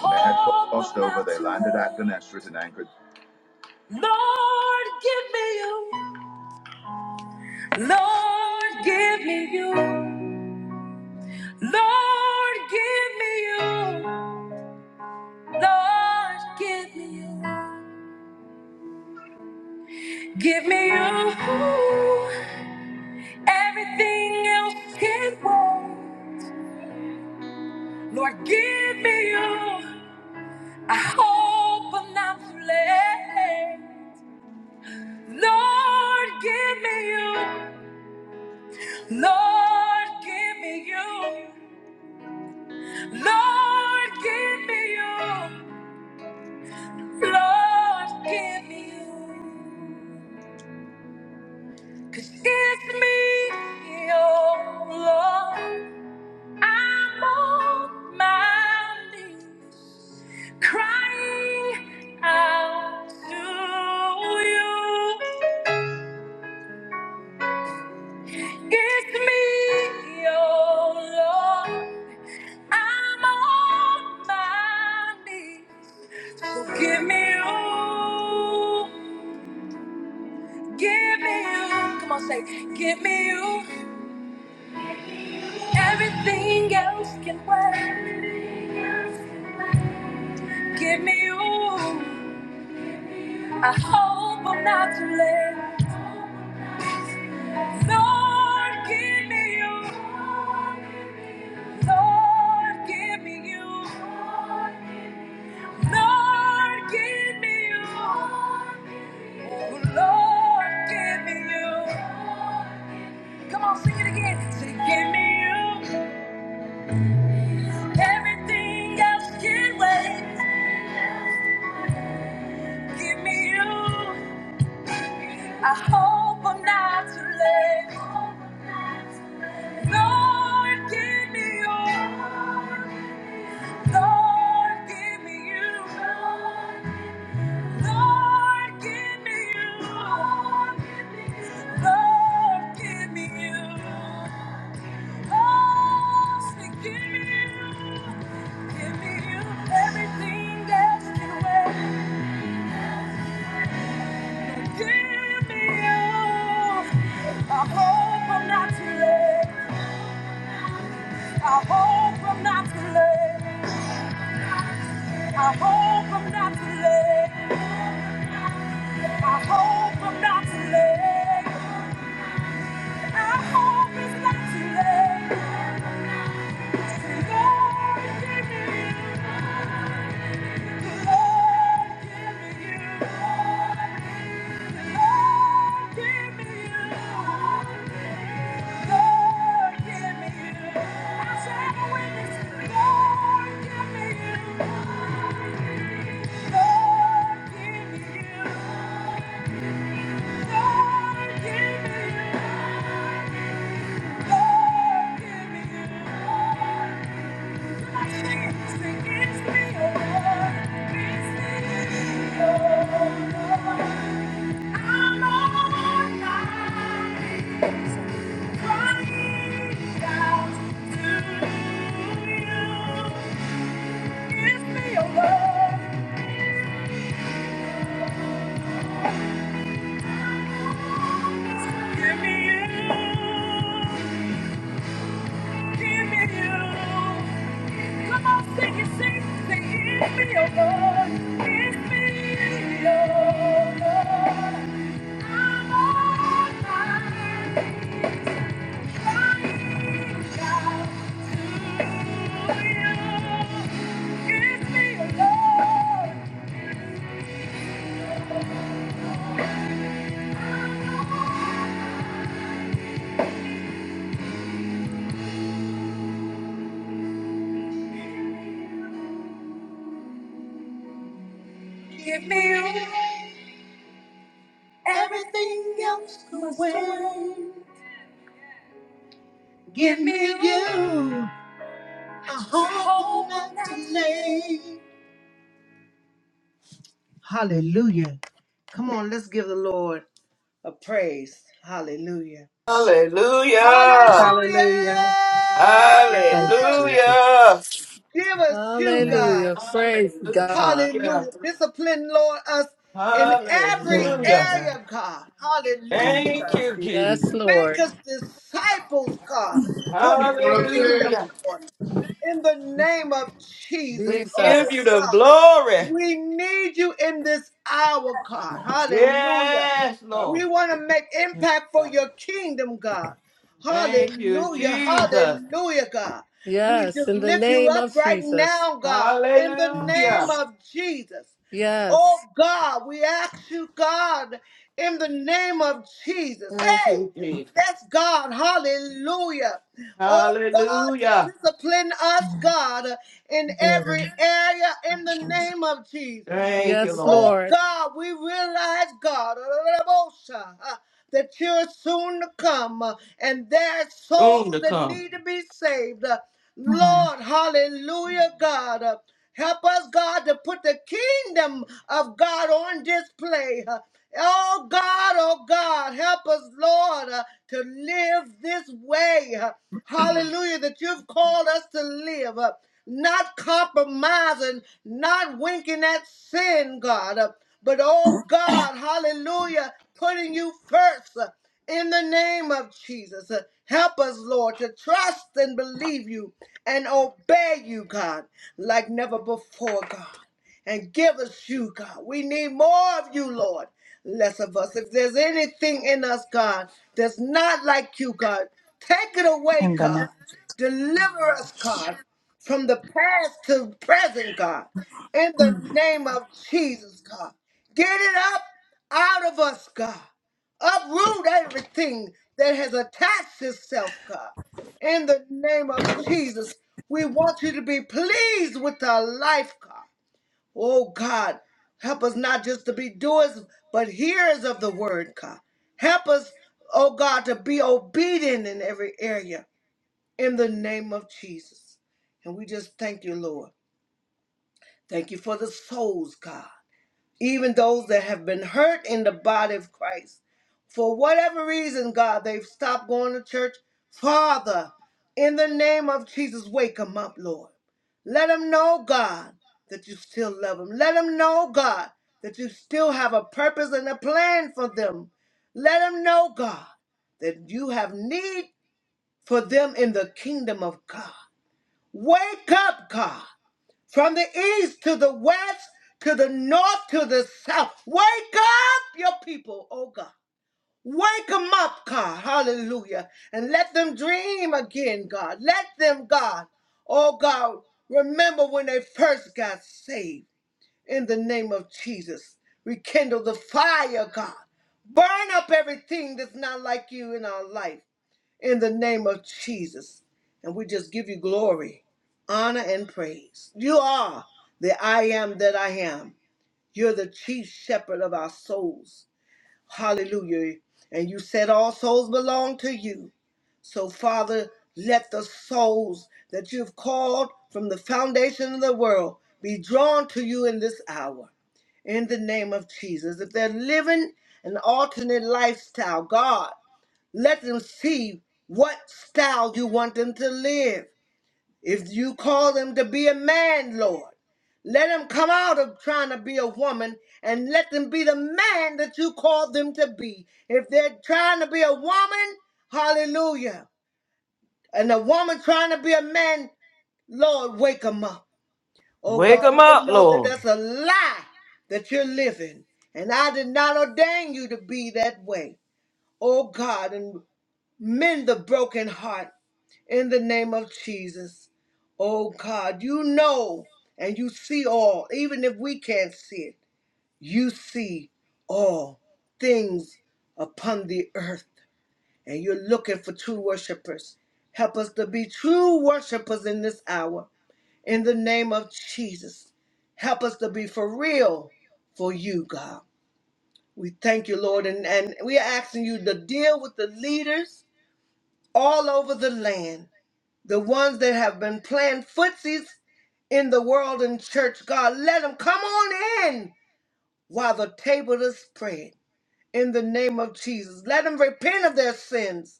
S1: When they had crossed over, they landed at Gennesaret and anchored. Lord, give me you. Lord, give me you. Lord, give me you. Lord, give me you. Give me you. Everything else can wait. Lord, give me you. I hope I'm not too late. Lord, give me you. Lord, give me you. Lord, give me you. Lord, give me you. Cause it's me, oh Lord. I'm on my knees, crying out to you. It's me, oh Lord. I'm on my knees, so give me you, give me you. Come on, say, give me you. Everything else can wait. Give me you. I hope I'm not too late. Lord, give me you. Lord, give me you. Lord, give me you. Oh, Lord, give me you. Come on, sing it again. Say, give me you. Everything else can wait. Give me you. I hope I'm not too late. Lord, give me you. Lord, give me you. Lord, give me you. Lord, give me you. Oh, say, give me you. Give me you everything that's been waiting. Give me you. I hope I'm not too late. I hope I'm not too late. I hope I'm not too late. I hope I'm not too late. I hope it's not too late. Lord, give me you. Lord, give me you. Lord, give me you. Give me your love. Give me you. Give me you. Come on, sing it, sing it. Say, it's me, your Lord. give me, your Lord. I'm on my crying out to you. Give me, your Lord. Give me you. Everything else can wait. Give me you. hope not to late. Hallelujah. Come on, let's give the Lord a praise. Hallelujah.
S2: Hallelujah.
S1: Hallelujah.
S5: Hallelujah. Thank you, Jesus.
S2: Hallelujah.
S1: Give us you, God.
S4: Hallelujah.
S5: Yes.
S4: Praise
S2: Hallelujah.
S4: God.
S1: Hallelujah. Discipline, Lord, us in every
S5: Yes.
S2: Hallelujah.
S5: God.
S1: area, God.
S5: Thank
S1: Hallelujah,
S5: you,
S2: Thank
S1: God.
S2: you, Jesus.
S4: Yes,
S1: Make
S4: Lord.
S1: us disciples, God, for
S5: What I'm
S1: your kingdom,
S2: Hallelujah.
S1: Lord. in the name of Jesus.
S2: We
S1: Oh
S2: give you
S4: Jesus.
S2: the
S1: God,
S2: glory.
S1: we need you in this hour, God. Hallelujah.
S2: Yes,
S1: We
S2: Lord.
S1: want to make impact for your kingdom, God.
S2: Thank you,
S1: Hallelujah.
S2: Jesus.
S1: Hallelujah, God. We
S4: Yes,
S1: just
S4: in the
S1: lift you
S4: name
S1: up
S4: of
S1: right
S4: Jesus.
S1: now, God, in the name
S2: Hallelujah.
S5: Jesus.
S1: of Jesus.
S4: Yes.
S1: Oh God, we ask you, God, in the name of Jesus.
S2: Thank
S1: Hey,
S2: you, Jesus.
S1: Yes, God. Hallelujah. Oh, God, to
S2: Hallelujah.
S1: discipline us, God, in
S5: Thank
S1: every area in the
S5: Jesus.
S1: name of Jesus.
S2: Thank you,
S4: Yes,
S2: Lord.
S1: Oh,
S4: Lord.
S1: God, we realize, God, that you're soon to come and there are
S2: Soon
S1: souls
S2: to
S1: that
S2: come.
S1: need to be saved.
S5: Mm.
S1: Lord, hallelujah, God. Uh, Help us, God, to put the kingdom of God on display. Uh, Oh, God, oh, God, help us, Lord, uh, to live this way. Uh, Hallelujah, that you've called us to live. Uh, Not compromising, not winking at sin, God. Uh, But, oh, God, hallelujah, putting you first in the name of Jesus. Uh, Help us, Lord, to trust and believe you and obey you, God, like never before, God. And give us you, God. We need more of you, Lord. Less of us. If there's anything in us, God, that's not like you, God, take it away,
S5: In the name.
S1: God. Deliver us, God, from the past to present, God. In the name of Jesus, God. Get it up out of us, God uproot everything that has attached itself, God. In the name of Jesus, we want you to be pleased with our life, God. Oh, God, help us not just to be doers, but hearers of the word, God. Help us, oh, God, to be obedient in every area in the name of Jesus. And we just thank you, Lord. Thank you for the souls, God even those that have been hurt in the body of Christ. For whatever reason, God, they've stopped going to church. Father, in the name of Jesus, wake them up, Lord. Let them know, God, that you still love them. Let them know, God, that you still have a purpose and a plan for them. Let them know, God, that you have need for them in the kingdom of God. Wake up, God from the east to the west to the north to the south. Wake up your people, oh God. Wake them up, God. Hallelujah. And let them dream again, God. Let them, God, oh God, remember when they first got saved in the name of Jesus. Rekindle the fire, God. Burn up everything that's not like you in our life in the name of Jesus. And we just give you glory, honor, and praise. You are the I am that I am. You're the chief shepherd of our souls. Hallelujah. And you said all souls belong to you. So, Father, let the souls that you've called from the foundation of the world be drawn to you in this hour. In the name of Jesus. If they're living an alternate lifestyle, God, let them see what style you want them to live. If you call them to be a man, Lord, let them come out of trying to be a woman and let them be the man that you called them to be. If they're trying to be a woman, hallelujah. And a woman trying to be a man, Lord, wake them up. Oh
S2: Wake
S1: God,
S2: them
S1: let them
S2: up,
S1: know that
S2: Lord.
S1: that's a lie that you're living. And I did not ordain you to be that way. Oh God, and mend the broken heart in the name of Jesus. Oh God, you know and you see all, even if we can't see it, you see all things upon the earth. And you're looking for true worshipers. Help us to be true worshipers in this hour. In the name of Jesus, help us to be for real for you, God. We thank you, Lord, and, and we are asking you to deal with the leaders all over the land The ones that have been playing footsies in the world and church, God, let them come on in while the table is spread. In the name of Jesus, let them repent of their sins.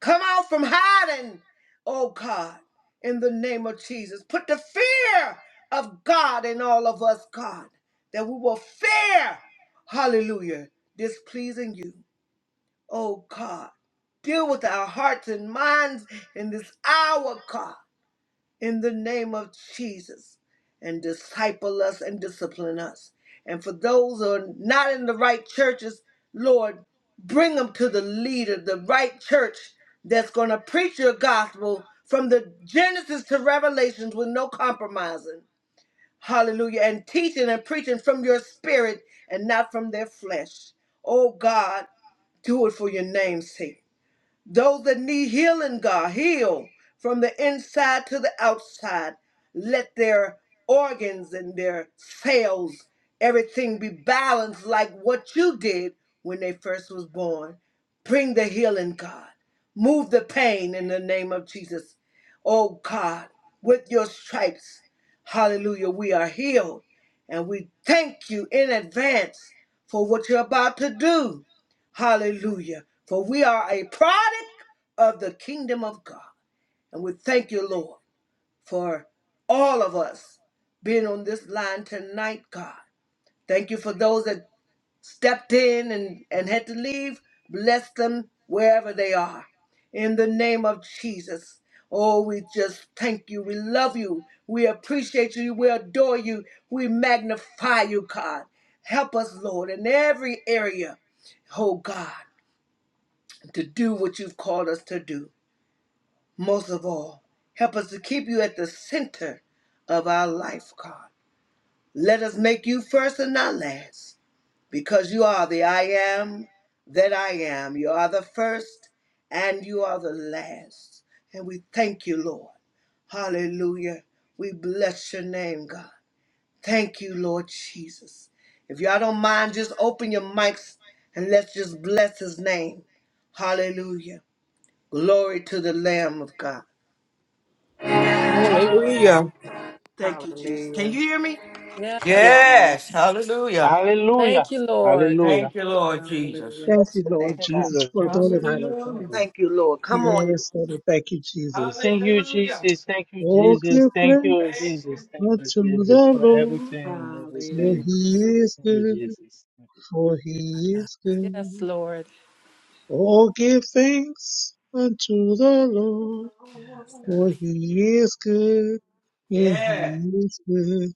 S1: Come out from hiding, oh God, in the name of Jesus. Put the fear of God in all of us, God, that we will fear, hallelujah, displeasing you, oh God. Deal with our hearts and minds in this hour, God in the name of Jesus and disciple us and discipline us. And for those who are not in the right churches, Lord, bring them to the leader, the right church that's going to preach your gospel from the Genesis to Revelations with no compromising. Hallelujah. And teaching and preaching from your spirit and not from their flesh. Oh God, do it for your name's sake. Those that need healing, God, heal from the inside to the outside. Let their organs and their cells, everything be balanced like what you did when they first was born. Bring the healing, God. Move the pain in the name of Jesus. Oh God, with your stripes, hallelujah, we are healed. And we thank you in advance for what you're about to do. Hallelujah. For we are a product of the kingdom of God. And we thank you, Lord, for all of us being on this line tonight, God. Thank you for those that stepped in and, and had to leave. Bless them wherever they are. In the name of Jesus. Oh, we just thank you. We love you. We appreciate you. We adore you. We magnify you, God. Help us, Lord, in every area. Oh, God to do what you've called us to do. Most of all, help us to keep you at the center of our life, God. Let us make you first and not last, because you are the I am that I am. You are the first and you are the last. And we thank you, Lord. Hallelujah. We bless your name, God. Thank you, Lord Jesus. If y'all don't mind, just open your mics and let's just bless his name. Hallelujah. Glory to the Lamb of God.
S2: Hallelujah.
S1: Thank you, Jesus. Can you
S5: Hallelujah.
S1: hear me? Praise
S4: Yes.
S5: Yes.
S2: Yes. Hallelujah.
S4: Thank
S6: Hallelujah.
S4: you, Lord.
S6: Hallelujah.
S2: Thank you, Lord Jesus.
S5: Hallelujah.
S7: Thank you,
S1: your
S7: Lord
S1: name,
S6: Thank
S1: God.
S6: you,
S7: Jesus,
S6: Lord.
S7: for
S5: Thank you.
S7: another night of
S2: Hallelujah.
S7: Father.
S1: Thank you, Lord. Come on.
S7: Yes, Lord, we thank you, Jesus.
S6: Thank you,
S2: Hallelujah.
S6: Jesus. Thank you,
S7: All clear
S6: Jesus. Thank you,
S2: Thank
S7: grace
S2: you,
S6: Jesus. Thank
S2: Jesus.
S6: you,
S7: unto
S6: Jesus,
S7: the
S6: for
S7: Lord,
S6: everything,
S7: for
S5: Hallelujah.
S6: everything.
S7: he is
S6: Thank you,
S7: good,
S6: Jesus. Thank you.
S7: for he is
S4: Yes,
S7: good.
S4: Lord.
S7: All give thanks unto the Lord,
S5: Yes.
S7: for
S5: God.
S7: he is good, and
S2: Yeah.
S7: he is good.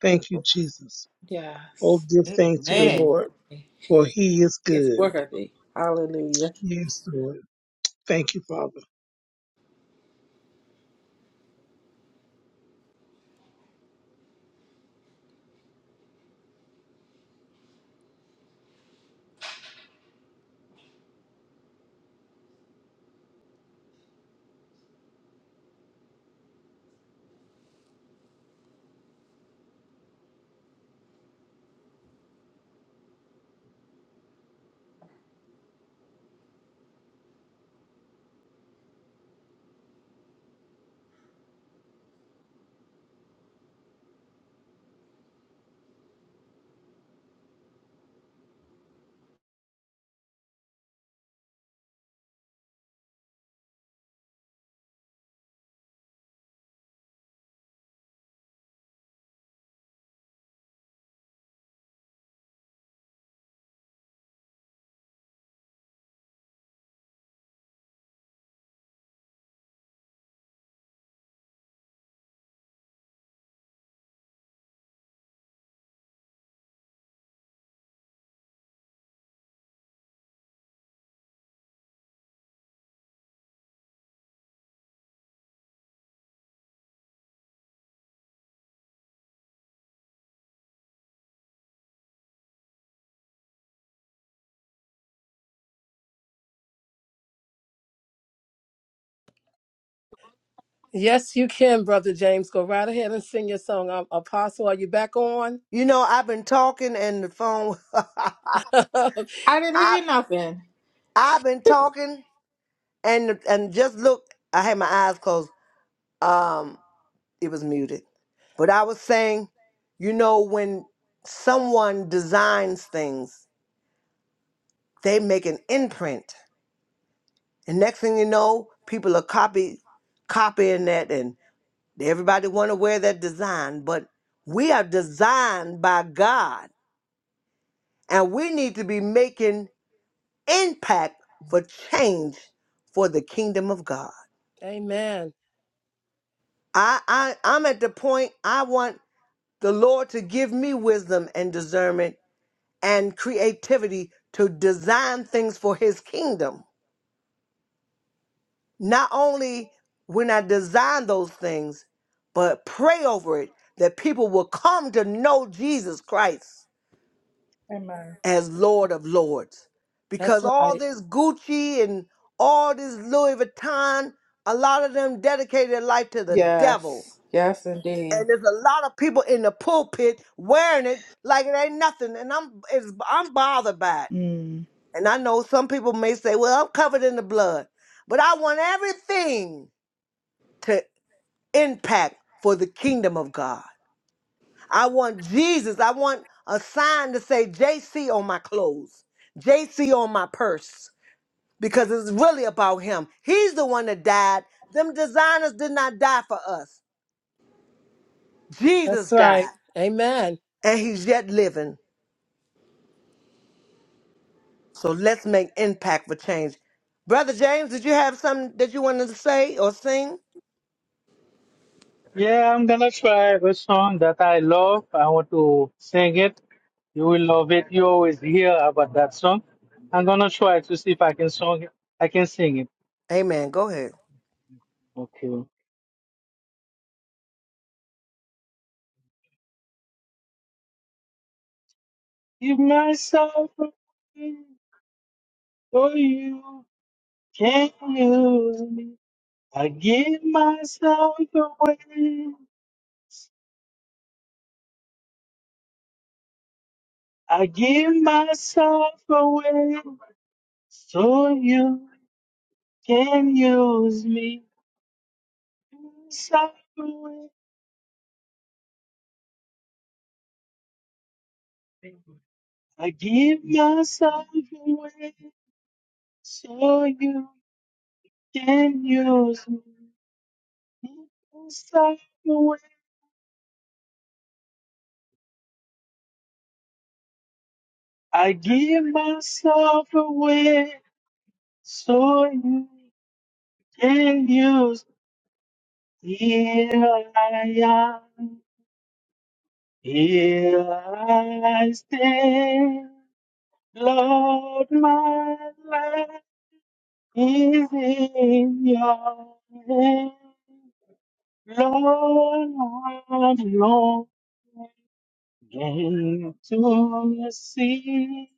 S7: Thank you, Jesus. Oh,
S5: Yes.
S7: give thanks to the
S5: He's
S2: Amen.
S7: Lord,
S5: worthy.
S7: for he is
S5: It's
S7: good.
S5: worthy. Hallelujah.
S7: Yes, Lord. Thank you, Father.
S4: Yes, you can, Brother James. Go right ahead and sing your song. Um, Apostle, are you back on?
S1: You know, I've been talking and the phone
S5: I didn't
S1: I
S5: hear nothing.
S1: I've been talking and and just look, I had my eyes closed. Um, it was muted. But I was saying, you know, when someone designs things, they make an imprint. And next thing you know, people are copy copying that and everybody wanna wear that design. But we are designed by God And we need to be making impact for change for the kingdom of God.
S4: Amen.
S1: I, I I'm at the point I want the Lord to give me wisdom and discernment and creativity to design things for his kingdom. Not only when I design those things, but pray over it that people will come to know Jesus Christ
S5: Amen.
S1: as Lord of Lords.
S4: That's
S1: Because all
S4: right.
S1: this Gucci and all this Louis Vuitton, a lot of them dedicated their life to the devil.
S5: Yes. Yes, indeed.
S1: And there's a lot of people in the pulpit wearing it like it ain't nothing. And I'm it's, I'm bothered by it.
S5: Mm.
S1: And I know some people may say, well, I'm covered in the blood. But I want everything to impact for the kingdom of God. I want Jesus. I want a sign to say JC on my clothes, JC on my purse. because it's really about him. He's the one that died. Them designers did not die for us.
S4: That's
S1: Jesus died,
S4: right. Amen.
S1: and he's yet living. So let's make impact for change. Brother James, did you have something that you wanted to say or sing?
S6: Yeah, I'm gonna try a song that I love. I want to sing it. You will love it. You always hear about that song. I'm gonna try to see if I can song it. I can sing it.
S1: Amen. Go ahead.
S6: Okay. Give myself away for you. can you? lose me. I give myself away. I give myself away so you can use me. Myself away. I give myself away so you can use me. Myself away. I give myself away so you can use me. Here I am. Here I stand, Lord, my life is in your hand. Lord, I'm long again to see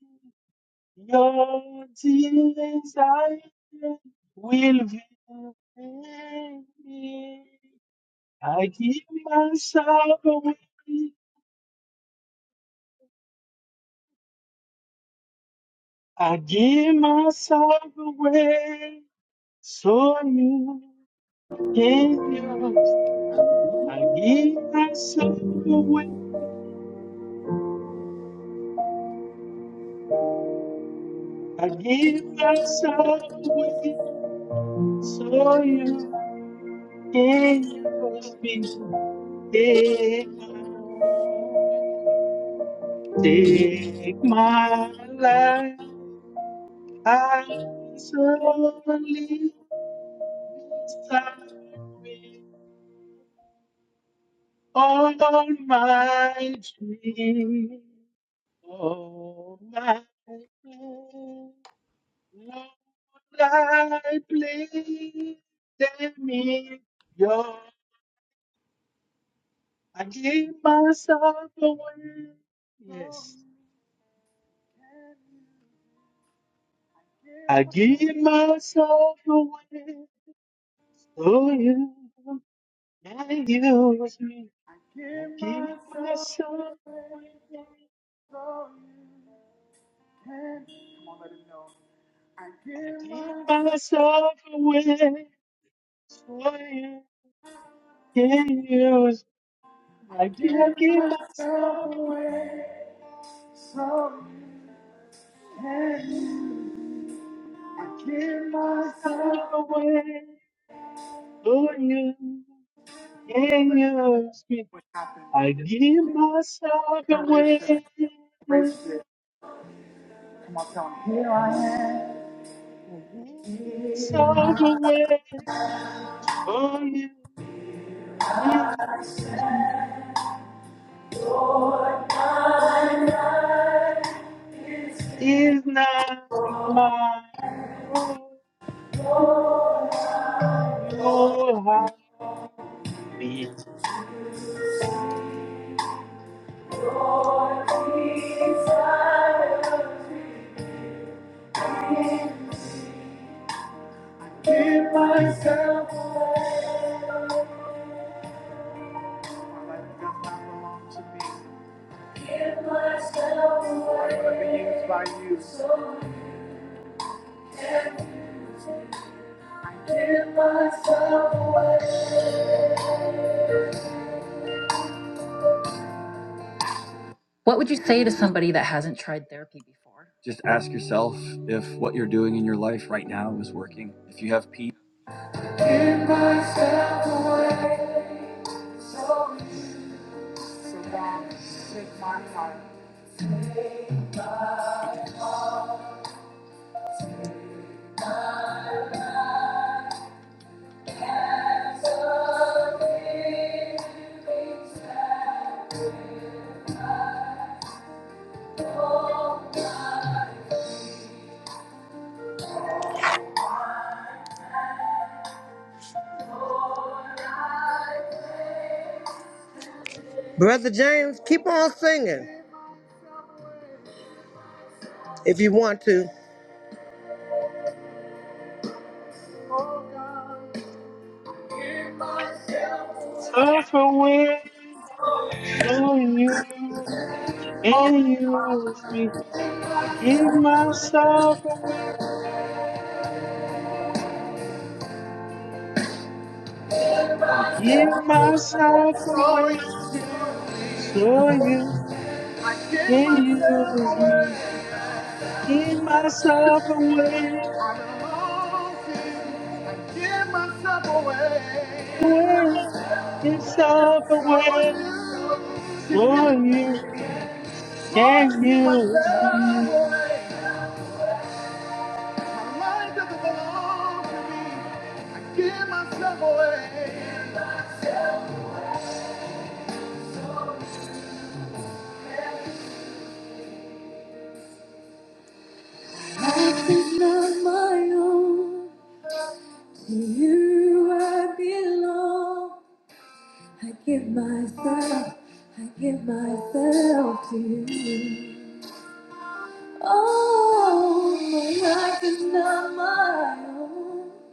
S6: your desire will be fulfilled. I give myself away, I give myself away. So you gave yours. I give myself away. I give myself away. So you can use me. take my, take my life. I solely beside with all my dreams. All my dreams. I plead me your I give myself away. Yes. I give myself away for you and use me. I give myself away. I give myself away for you can use. me. I give, I
S1: Give
S6: give myself away. I give myself away for you. Yes, me. I give myself away. I give myself away for you. Yes, me. Is not my own. You have been
S1: myself away. What would you say to somebody that hasn't tried therapy before? Just ask yourself if what you're doing in your life right now is working. If you have peace. Give myself away, so you sit down, take my heart, take my heart, something inside. Brother James, keep on singing if you want to. Oh God, give myself.
S6: self away. So you and use me. I give myself away. I give myself away. So you can use me. Give myself away, away, yourself away. So you can use me.
S1: Life is not my own. To you I belong. I give myself, I give myself to you. Oh, my life is not my own.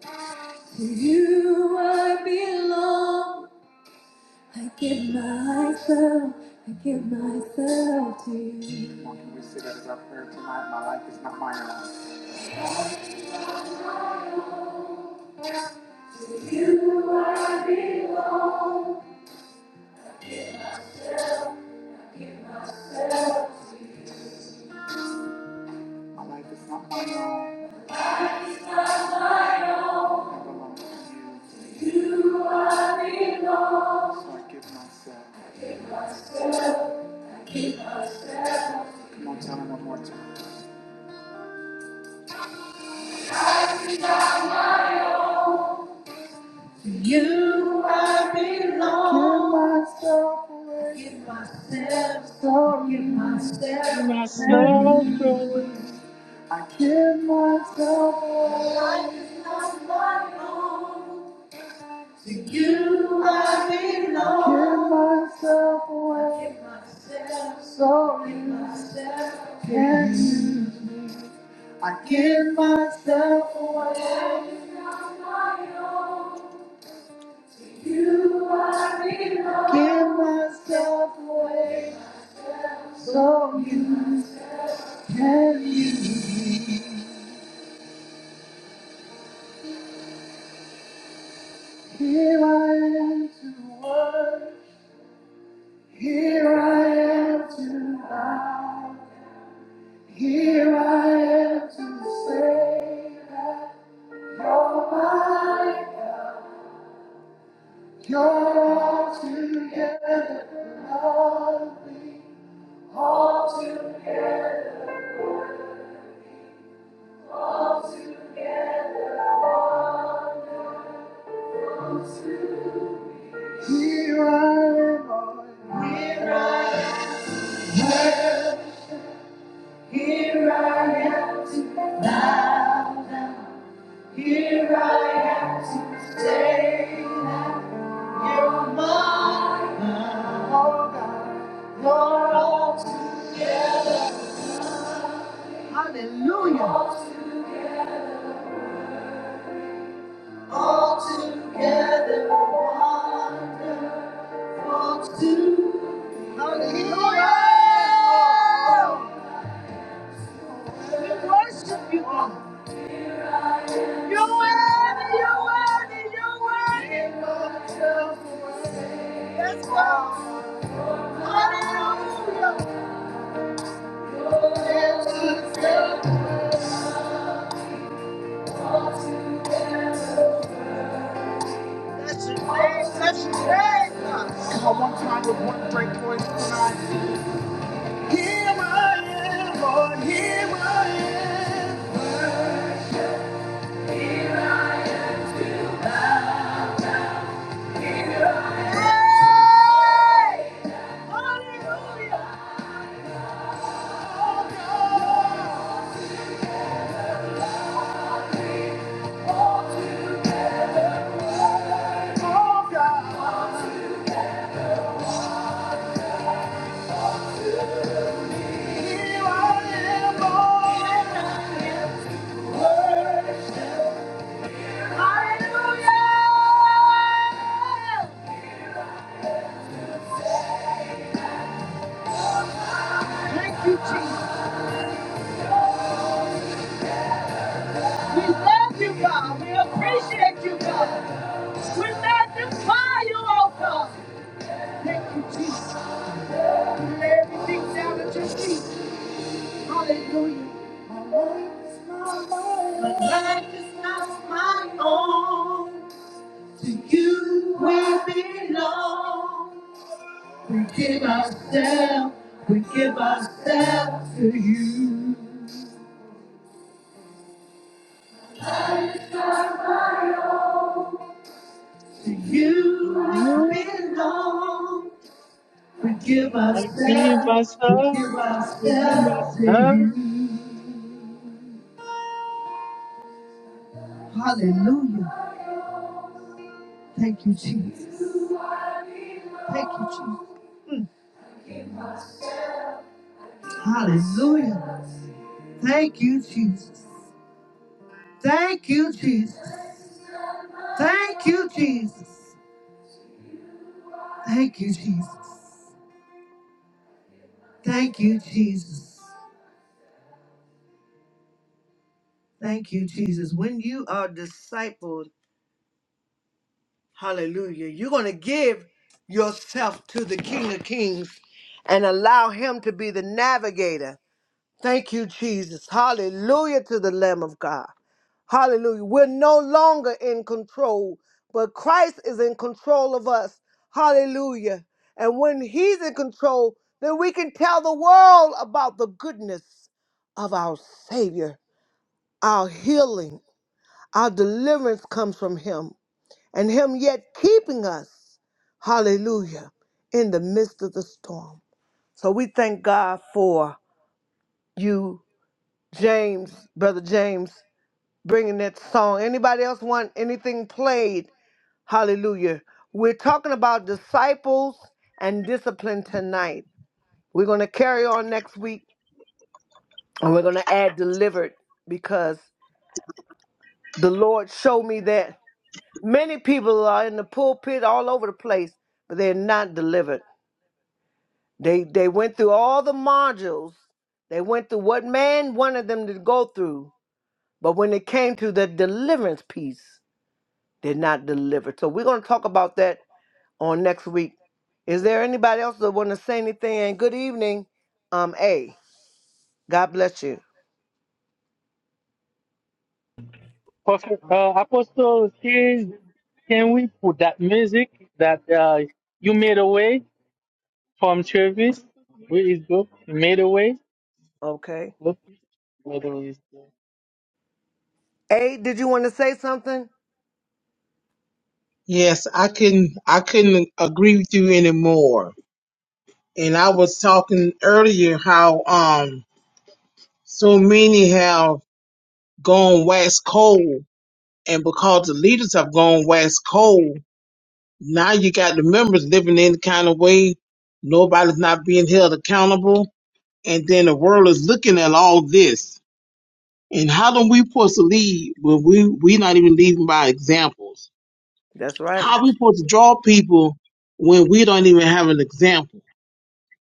S6: Give myself away.
S1: You're worthy, you're worthy, you're worthy. Let's go. Hallelujah. Oh, Let's go. Here I am to Thank you, Jesus. We love you, God. We appreciate you, God. We magnify you, oh God. Thank you, Jesus.
S6: You are my
S1: You belong. We give
S6: I give
S1: ourselves, we
S6: myself,
S1: give
S6: I give
S1: ourselves to
S6: myself.
S1: you. Hallelujah. Thank you, Jesus. Thank you, Jesus. Hallelujah. Thank you, Jesus. Thank you, Jesus. Thank you, Jesus. Thank you, Jesus. Thank you, Jesus. Thank you, Jesus. When you are discipled, hallelujah, you're going to give yourself to the King of Kings and allow him to be the navigator. Thank you, Jesus. Hallelujah to the Lamb of God. Hallelujah. We're no longer in control, but Christ is in control of us. Hallelujah. And when He's in control, then we can tell the world about the goodness of our Savior. Our healing, our deliverance comes from Him, and Him yet keeping us. Hallelujah. In the midst of the storm. So we thank God for you, James, Brother James. bringing that song. Anybody else want anything played? Hallelujah. We're talking about disciples and discipline tonight. We're going to carry on next week and we're going to add delivered because the Lord showed me that many people are in the pulpit all over the place, but they're not delivered. They they went through all the modules. They went through what man wanted them to go through, but when it came to the deliverance piece, they're not delivered. So we're going to talk about that on next week. Is there anybody else that want to say anything? And good evening, um, A. God bless you.
S6: Prophet, uh, Apostle, can, can we put that music that uh, you made away? From Travis, where is book Made away.
S1: Okay.
S6: Look, made away. is good.
S1: A, did you want to say something?
S7: Yes, I couldn't I couldn't agree with you anymore. And I was talking earlier how um so many have gone west cold and because the leaders have gone west cold, now you got the members living any kind of way, nobody's not being held accountable, and then the world is looking at all this. And how do we supposed to lead when we we not even leading by examples?
S1: That's right.
S7: How we supposed to draw people when we don't even have an example?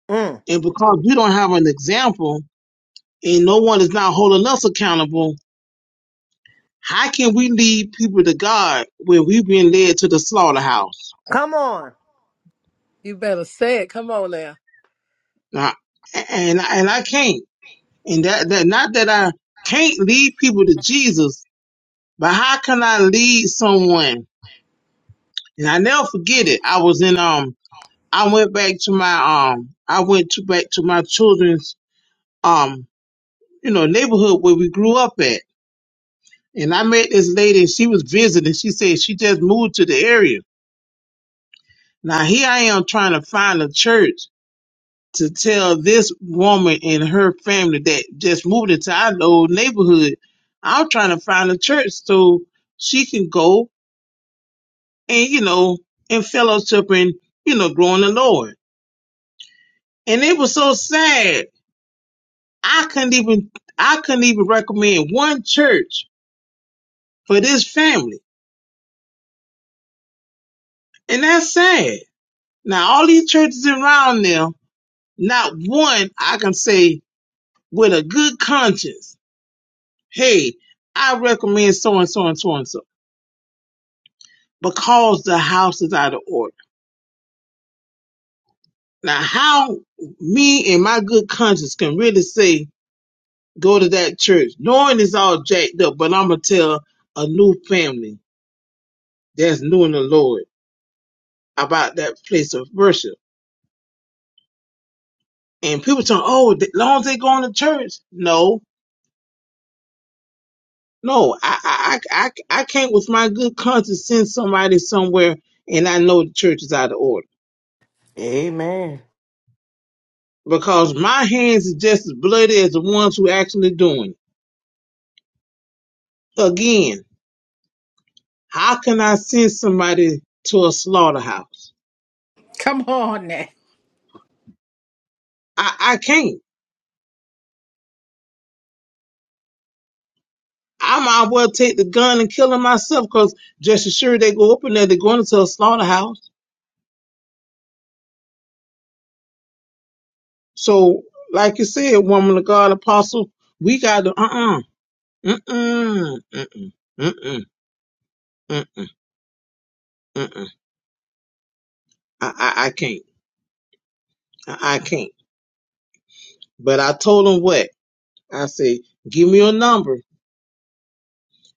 S1: Mm.
S7: And because we don't have an example and no one is not holding us accountable, how can we lead people to God when we've been led to the slaughterhouse?
S1: Come on.
S4: You better say it. Come on now.
S7: Now, and and I can't. And that, that not that I can't lead people to Jesus, but how can I lead someone? And I never forget it. I was in um I went back to my um I went to back to my children's um you know neighborhood where we grew up at And I met this lady and she was visiting. She said she just moved to the area. Now here I am trying to find a church to tell this woman and her family that just moved into our old neighborhood. I'm trying to find a church so she can go and, you know, and fellowship and, you know, growing the Lord. And it was so sad. I couldn't even, I couldn't even recommend one church for this family. And that's sad. Now all these churches around there Not one I can say with a good conscience, hey, I recommend so and so and so and so because the house is out of order. Now, how me and my good conscience can really say go to that church, knowing it's all jacked up, but I'm going to tell a new family that's new in the Lord about that place of worship. And people tell, oh, as long as they going to church. No, No, I, I, I, I can't with my good conscience send somebody somewhere and I know the church is out of order
S2: Amen.
S7: because my hands are just as bloody as the ones who actually doing it. Again, how can I send somebody to a slaughterhouse?
S5: Come on now.
S7: I, I can't. I might well take the gun and kill them myself because just as sure they go up in there, they're going into a slaughterhouse. So, like you said, woman of God, apostle, we got to, uh-uh, mm-mm, mm-mm, mm-mm, mm-mm. I, I, I can't. I, I can't. But I told him what? I said, give me your number.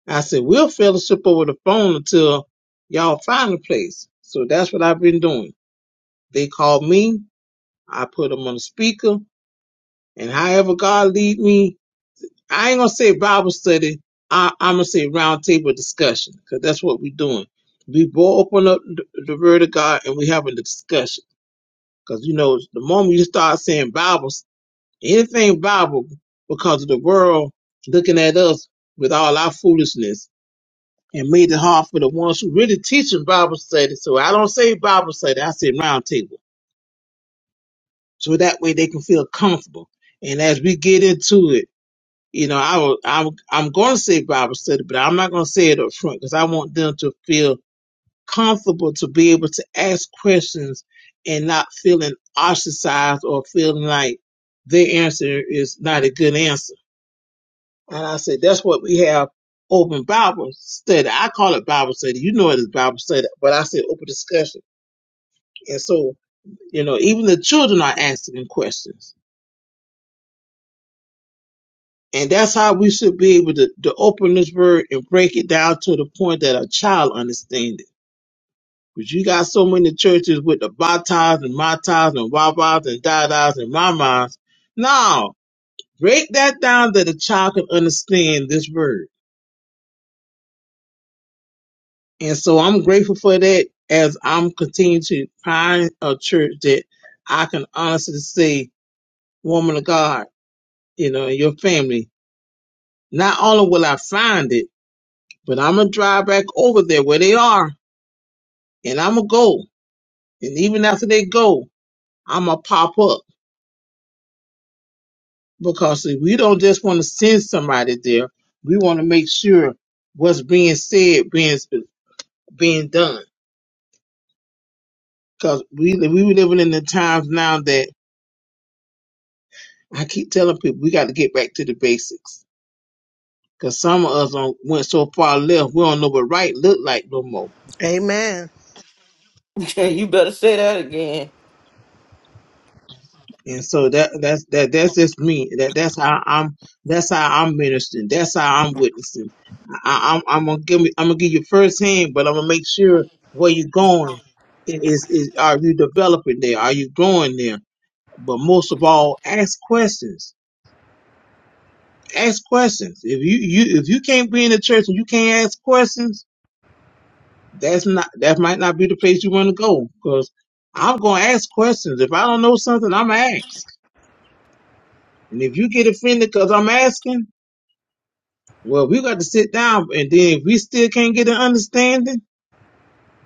S7: I said, we'll fellowship over the phone until y'all find a place. So that's what I've been doing. They called me. I put them on the speaker. And however God lead me, I ain't going to say Bible study. I, I'm going to say roundtable discussion because that's what we're doing. We both open up the, the word of God and we having a discussion. Because, you know, the moment you start saying Bible Anything Bible because of the world looking at us with all our foolishness and made it hard for the ones who really teaching Bible study. So I don't say Bible study, I say round table. So that way they can feel comfortable. And as we get into it, you know, I will, I will, I'm going to say Bible study, but I'm not going to say it up front because I want them to feel comfortable to be able to ask questions and not feeling ostracized or feeling like their answer is not a good answer And I said, that's what we have open Bible study. I call it Bible study. You know it is Bible study, but I said open discussion. And so, you know, even the children are asking questions. And that's how we should be able to, to open this word and break it down to the point that a child understands it. But you got so many churches with the batas and matas and wabas and dadas and mamas. Now, break that down that a child can understand this word And so I'm grateful for that as I'm continuing to find a church that I can honestly say, woman of God, you know, and your family. Not only will I find it, but I'm gonna drive back over there where they are and I'm gonna go. And even after they go, I'm gonna pop up because see, we don't just want to send somebody there. We want to make sure what's being said being being done. Because we we living in the times now that. I keep telling people we got to get back to the basics because some of us on, went so far left we don't know what right look like no more.
S1: Amen.
S2: you better say that again.
S7: And so that that's that that's just me. That that's how I'm. That's how I'm ministering. That's how I'm witnessing. I, I'm I'm gonna give me, I'm gonna give you firsthand, but I'm gonna make sure where you're going is is are you developing there? Are you growing there? But most of all, ask questions. Ask questions. If you you if you can't be in the church and you can't ask questions that's not that might not be the place you want to go because I'm gonna ask questions. If I don't know something, I'm gonna ask. And if you get offended because I'm asking, well, we got to sit down. And then if we still can't get an understanding,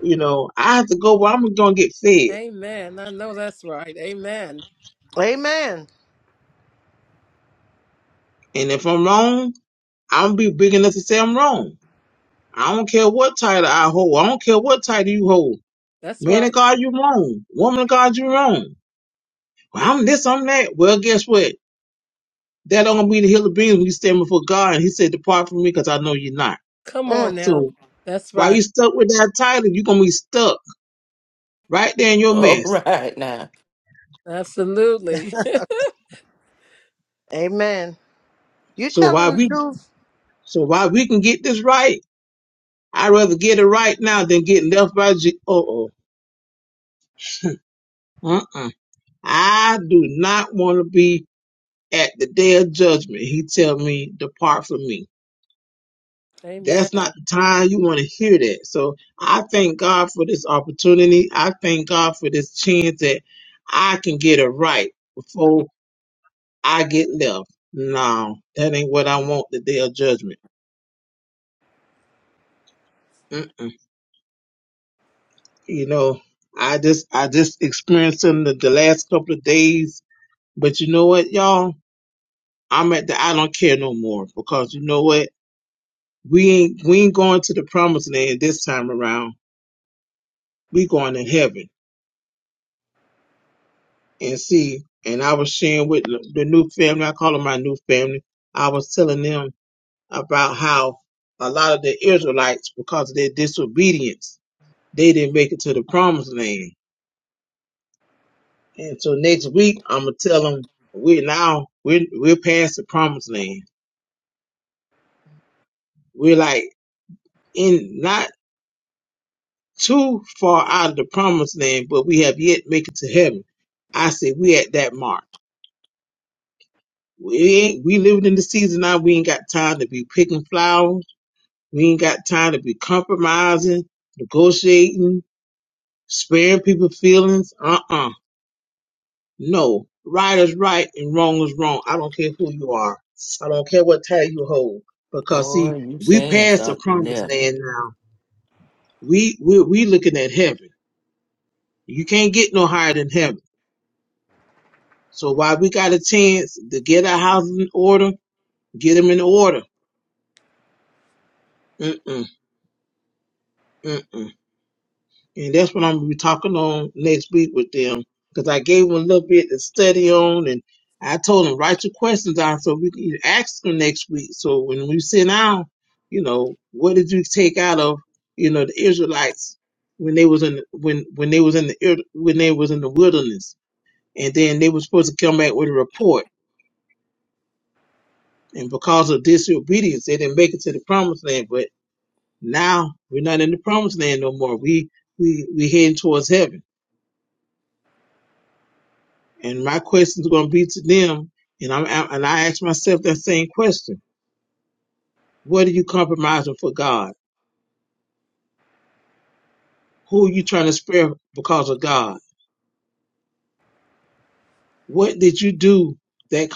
S7: you know, I have to go where I'm gonna get fed.
S4: Amen. I know that's right. Amen.
S1: Amen.
S7: And if I'm wrong, I'm gonna be big enough to say I'm wrong. I don't care what title I hold. I don't care what title you hold.
S4: That's
S7: Man of
S4: right.
S7: God, you wrong. Woman of God, you wrong. Well, I'm this, I'm that. Well, guess what? That don't mean the hill of beans when you stand before God and He said, Depart from me because I know you're not.
S4: Come on
S1: Mm.
S4: now.
S7: So
S4: That's
S7: while
S4: right.
S7: you stuck with that title, you're gonna be stuck right there in your
S2: All
S7: mess.
S2: right now.
S4: Absolutely.
S1: Amen. You
S7: So why
S1: telling the
S7: we
S1: truth?
S7: so why we can get this right, I'd rather get it right now than get left by G oh oh. Uh-uh. I do not want to be at the day of judgment. He tell me, Depart from me. That's not
S4: Amen.
S7: the time you want to hear that. So I thank God for this opportunity. I thank God for this chance that I can get it right before I get left. No, that ain't what I want the day of judgment. Mm-mm. You know, I just I just experienced in the, the last couple of days. But you know what, y'all? I'm at the I don't care no more because you know what? We ain't we ain't going to the promised land this time around. We going to heaven. and see. And I was sharing with the the new family. I call them my new family. I was telling them about how a lot of the Israelites, because of their disobedience, they didn't make it to the promised land. And so next week, I'm gonna tell them we're now we're we're past the promised land. We're like in not too far out of the promised land, but we have yet make it to heaven. I said we at that mark. We ain't, we living in the season now. We ain't got time to be picking flowers We ain't got time to be compromising, negotiating, sparing people feelings. Uh-uh. No. Right is right and wrong is wrong. I don't care who you are. I don't care what title you hold. Because see,
S2: Boy, you
S7: we
S2: saying
S7: past the
S2: something
S7: promised
S2: there.
S7: land now. We we we looking at heaven. You can't get no higher than heaven. So while we got a chance to get our houses in order, get them in order. Mm-mm, mm-mm. And that's what I'm gonna be talking on next week with them. Because I gave them a little bit to study on and I told them write your questions down so we can ask them next week. So when we sit down, you know, what did you take out of, you know, the Israelites when they was in when when they was in the Ir- when they was in the wilderness? And then they were supposed to come back with a report. And because of disobedience, they didn't make it to the promised land. But now we're not in the promised land no more. We we we heading towards heaven. And my question is going to be to them, and I'm and I ask myself that same question: What are you compromising for God? Who are you trying to spare because of God? What did you do that?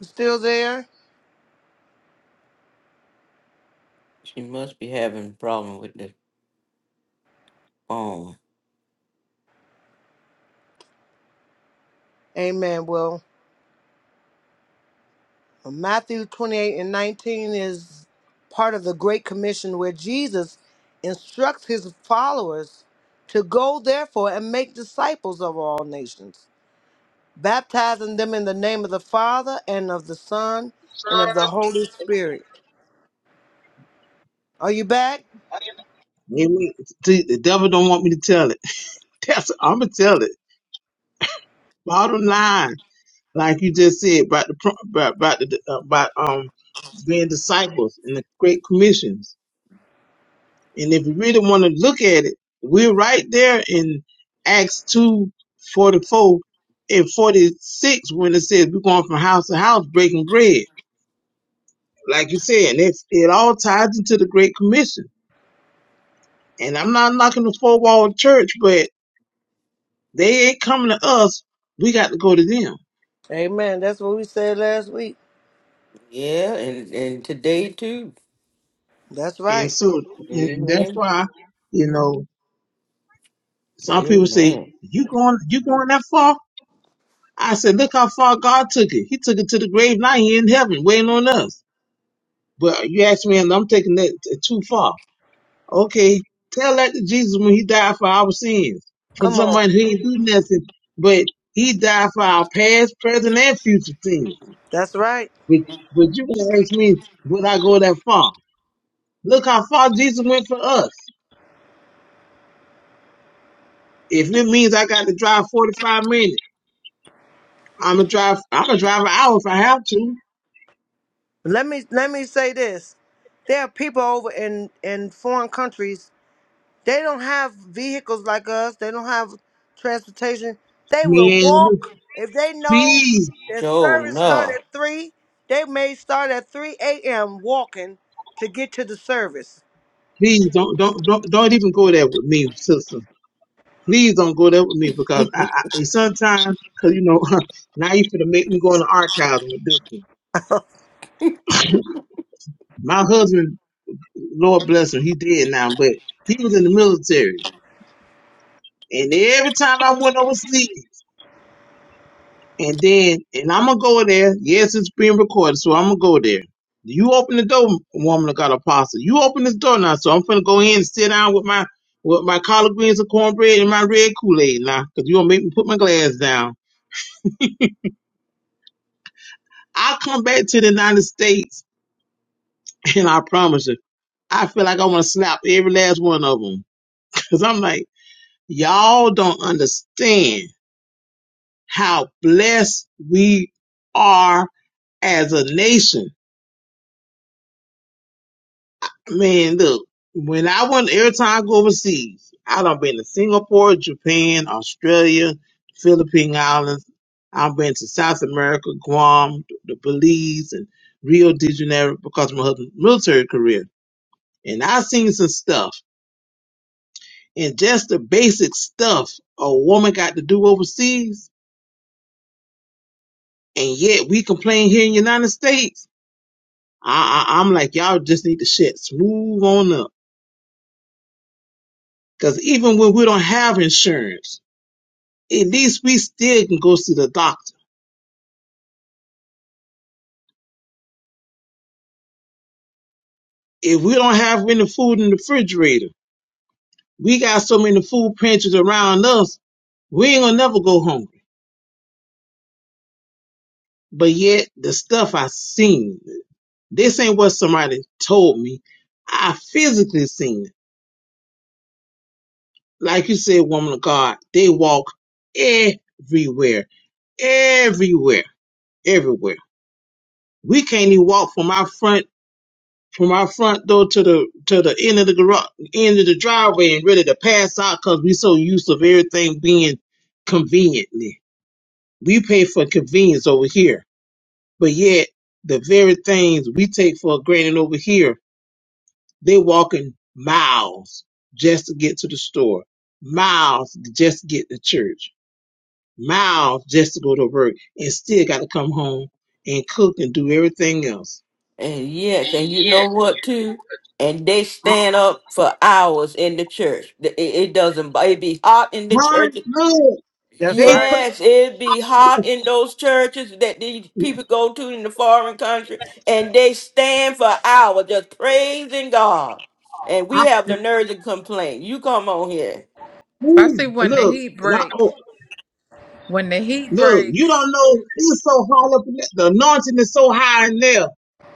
S1: You Still there?
S2: She must be having a problem with the phone.
S1: Amen. Well, Matthew 28 and 19 is part of the Great Commission where Jesus instructs his followers to go, therefore, and make disciples of all nations baptizing them in the name of the Father and of the Son and of the Holy Spirit. Are you back?
S7: Amen. See, the devil don't want me to tell it. That's I'm gonna tell it. Bottom line, like you just said about the pro- about about, the, uh, about um being disciples and the great commissions. And if you really want to look at it, we're right there in Acts two forty four and 46 when it says we're going from house to house breaking bread. Like you said, and it, it all ties into the Great Commission. And I'm not knocking the four wall church, but they ain't coming to us. We got to go to them.
S1: Amen. That's what we said last week.
S2: Yeah, and, and today too.
S1: That's
S7: And
S1: right.
S7: so and that's
S2: Amen.
S7: why, you know, some people say,
S2: Amen.
S7: you going, you going that far? I said, look how far God took it. He took it to the grave. Now he in heaven waiting on us. But you ask me, and I'm taking that t- too far. Okay, tell that to Jesus when he died for our sins. For
S1: Come on.
S7: someone who ain't do nothing, but he died for our past, present, and future sins.
S1: That's right.
S7: But, but you gonna ask me, would I go that far? Look how far Jesus went for us. If it means I got to drive 45 minutes, I'm gonna drive. I'm gonna drive an hour if I have to.
S1: Let me let me say this. There are people over in in foreign countries. They don't have vehicles like us. They don't have transportation. They will
S7: Man,
S1: walk if they know
S7: please,
S1: their
S2: Sure
S1: service start
S2: enough.
S1: at three. They may start at three a.m. walking to get to the service.
S7: please don't don't don't, don't even go there with me, sister. Please don't go there with me because I, I sometimes, cause you know, now you finna make me go in the archives with this one. My husband, Lord bless him, he dead now, but he was in the military. And every time I went overseas, and then, and I'm gonna go there. Yes, it's being recorded, so I'm gonna go there. You open the door, woman of God, apostle. You open this door now, so I'm finna go in and sit down with my with my collard greens and cornbread and my red Kool Aid now, cause you gonna make me put my glass down. I come back to the United States And I promise you, I feel like I want to slap every last one of them. Cause I'm like, y'all don't understand how blessed we are as a nation. Man, look, when I went, every time I go overseas, I done been to Singapore, Japan, Australia, Philippine Islands. I've been to South America, Guam, the Belize, and Rio de Janeiro because of my husband's military career. And i seen some stuff And just the basic stuff a woman got to do overseas, and yet we complain here in the United States. I, I, I'm like, y'all just need to shit smooth on up. Because even when we don't have insurance, at least we still can go see the doctor. If we don't have any food in the refrigerator, we got so many food pantries around us, we ain't gonna never go hungry. But yet, the stuff I seen, this ain't what somebody told me. I physically seen. Like you said, woman of God, they walk everywhere, everywhere, everywhere. We can't even walk from our front from our front door to the to the end of the garage, end of the driveway, and ready to pass out because we so used of everything being conveniently. We pay for convenience over here, but yet the very things we take for granted over here, they walking miles just to get to the store, miles just to get to church miles just to go to work and still got to come home and cook and do everything else.
S2: And yes, and you know what too? And they
S7: I,
S2: stand up for hours in the church. It, it doesn't. bo- It be hot in the
S7: why?
S2: church.
S7: No,
S1: That's
S7: they.
S1: right.
S2: Yes, it be
S7: pr-
S2: hot in those churches that these people go to in the foreign country, and they stand for hours just praising God. And we
S7: I,
S2: have the nerve to complain. You come on here.
S7: ooh,
S5: Especially when the
S7: look,
S5: heat
S7: and I-
S5: break.
S7: oh,
S5: When the heat
S7: look, you
S5: breaks,
S7: don't know. It's so hard up in there. The anointing is so high in there.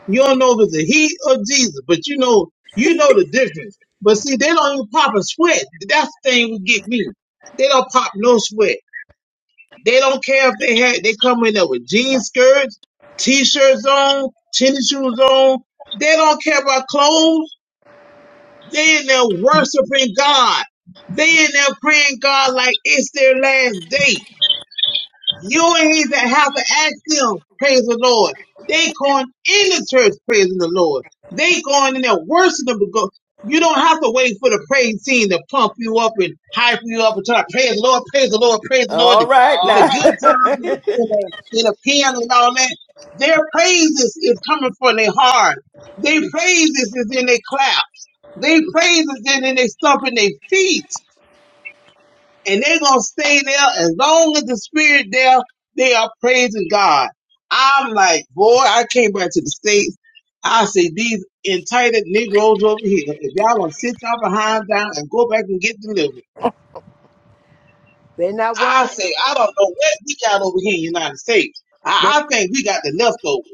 S7: You don't know if it's the heat of Jesus, but you know, you know the difference. But see, they don't even pop a sweat. That's the thing would get me. They don't pop no sweat. They don't care if they had they come in there with jean skirts, t-shirts on, tennis shoes on. They don't care about clothes. They in there worshiping God. They in there praying God like it's their last day. You and he that have to ask them, praise the Lord. They going in the church, praising the Lord. They going in there worshiping the because you don't have to wait for the praise team to pump you up and hype you up and try to praise the Lord, praise the Lord, praise the Lord
S2: All
S7: with the
S2: right
S7: All good
S2: now.
S7: right. times and the, and the, and the piano and all that. Their praises is coming from their heart. Their praises is in their claps. Their praises is in their stomping their feet and they're gonna stay there as long as the spirit there. They are praising God. I'm like, boy, I came back to the states. I say these entitled Negroes over here, if y'all gonna sit y'all behind down and go back and get delivered,
S1: They not
S7: I
S1: worrying.
S7: say I don't know what we got over here in the United States. I, I think we got the leftovers.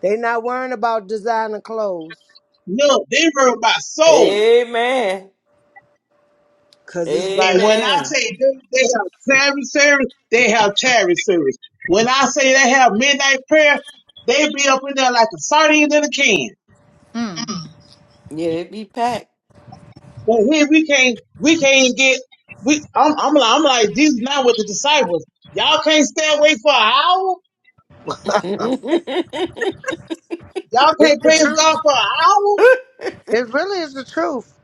S1: They not worrying about designer clothes,
S7: No, they worry about souls.
S2: Amen.
S1: cause it's
S7: And
S1: like,
S7: when I
S2: Amen.
S7: say they, they have charity service, they have charity service. When I say they have midnight prayer, they be up in there like a sardine in a can.
S5: mm,
S2: Yeah, it be packed.
S7: But here we can't, we can't get. We, I'm, I'm, like, I'm like, these not with the disciples. Y'all can't stay away for an hour. Y'all can't praise God for an hour.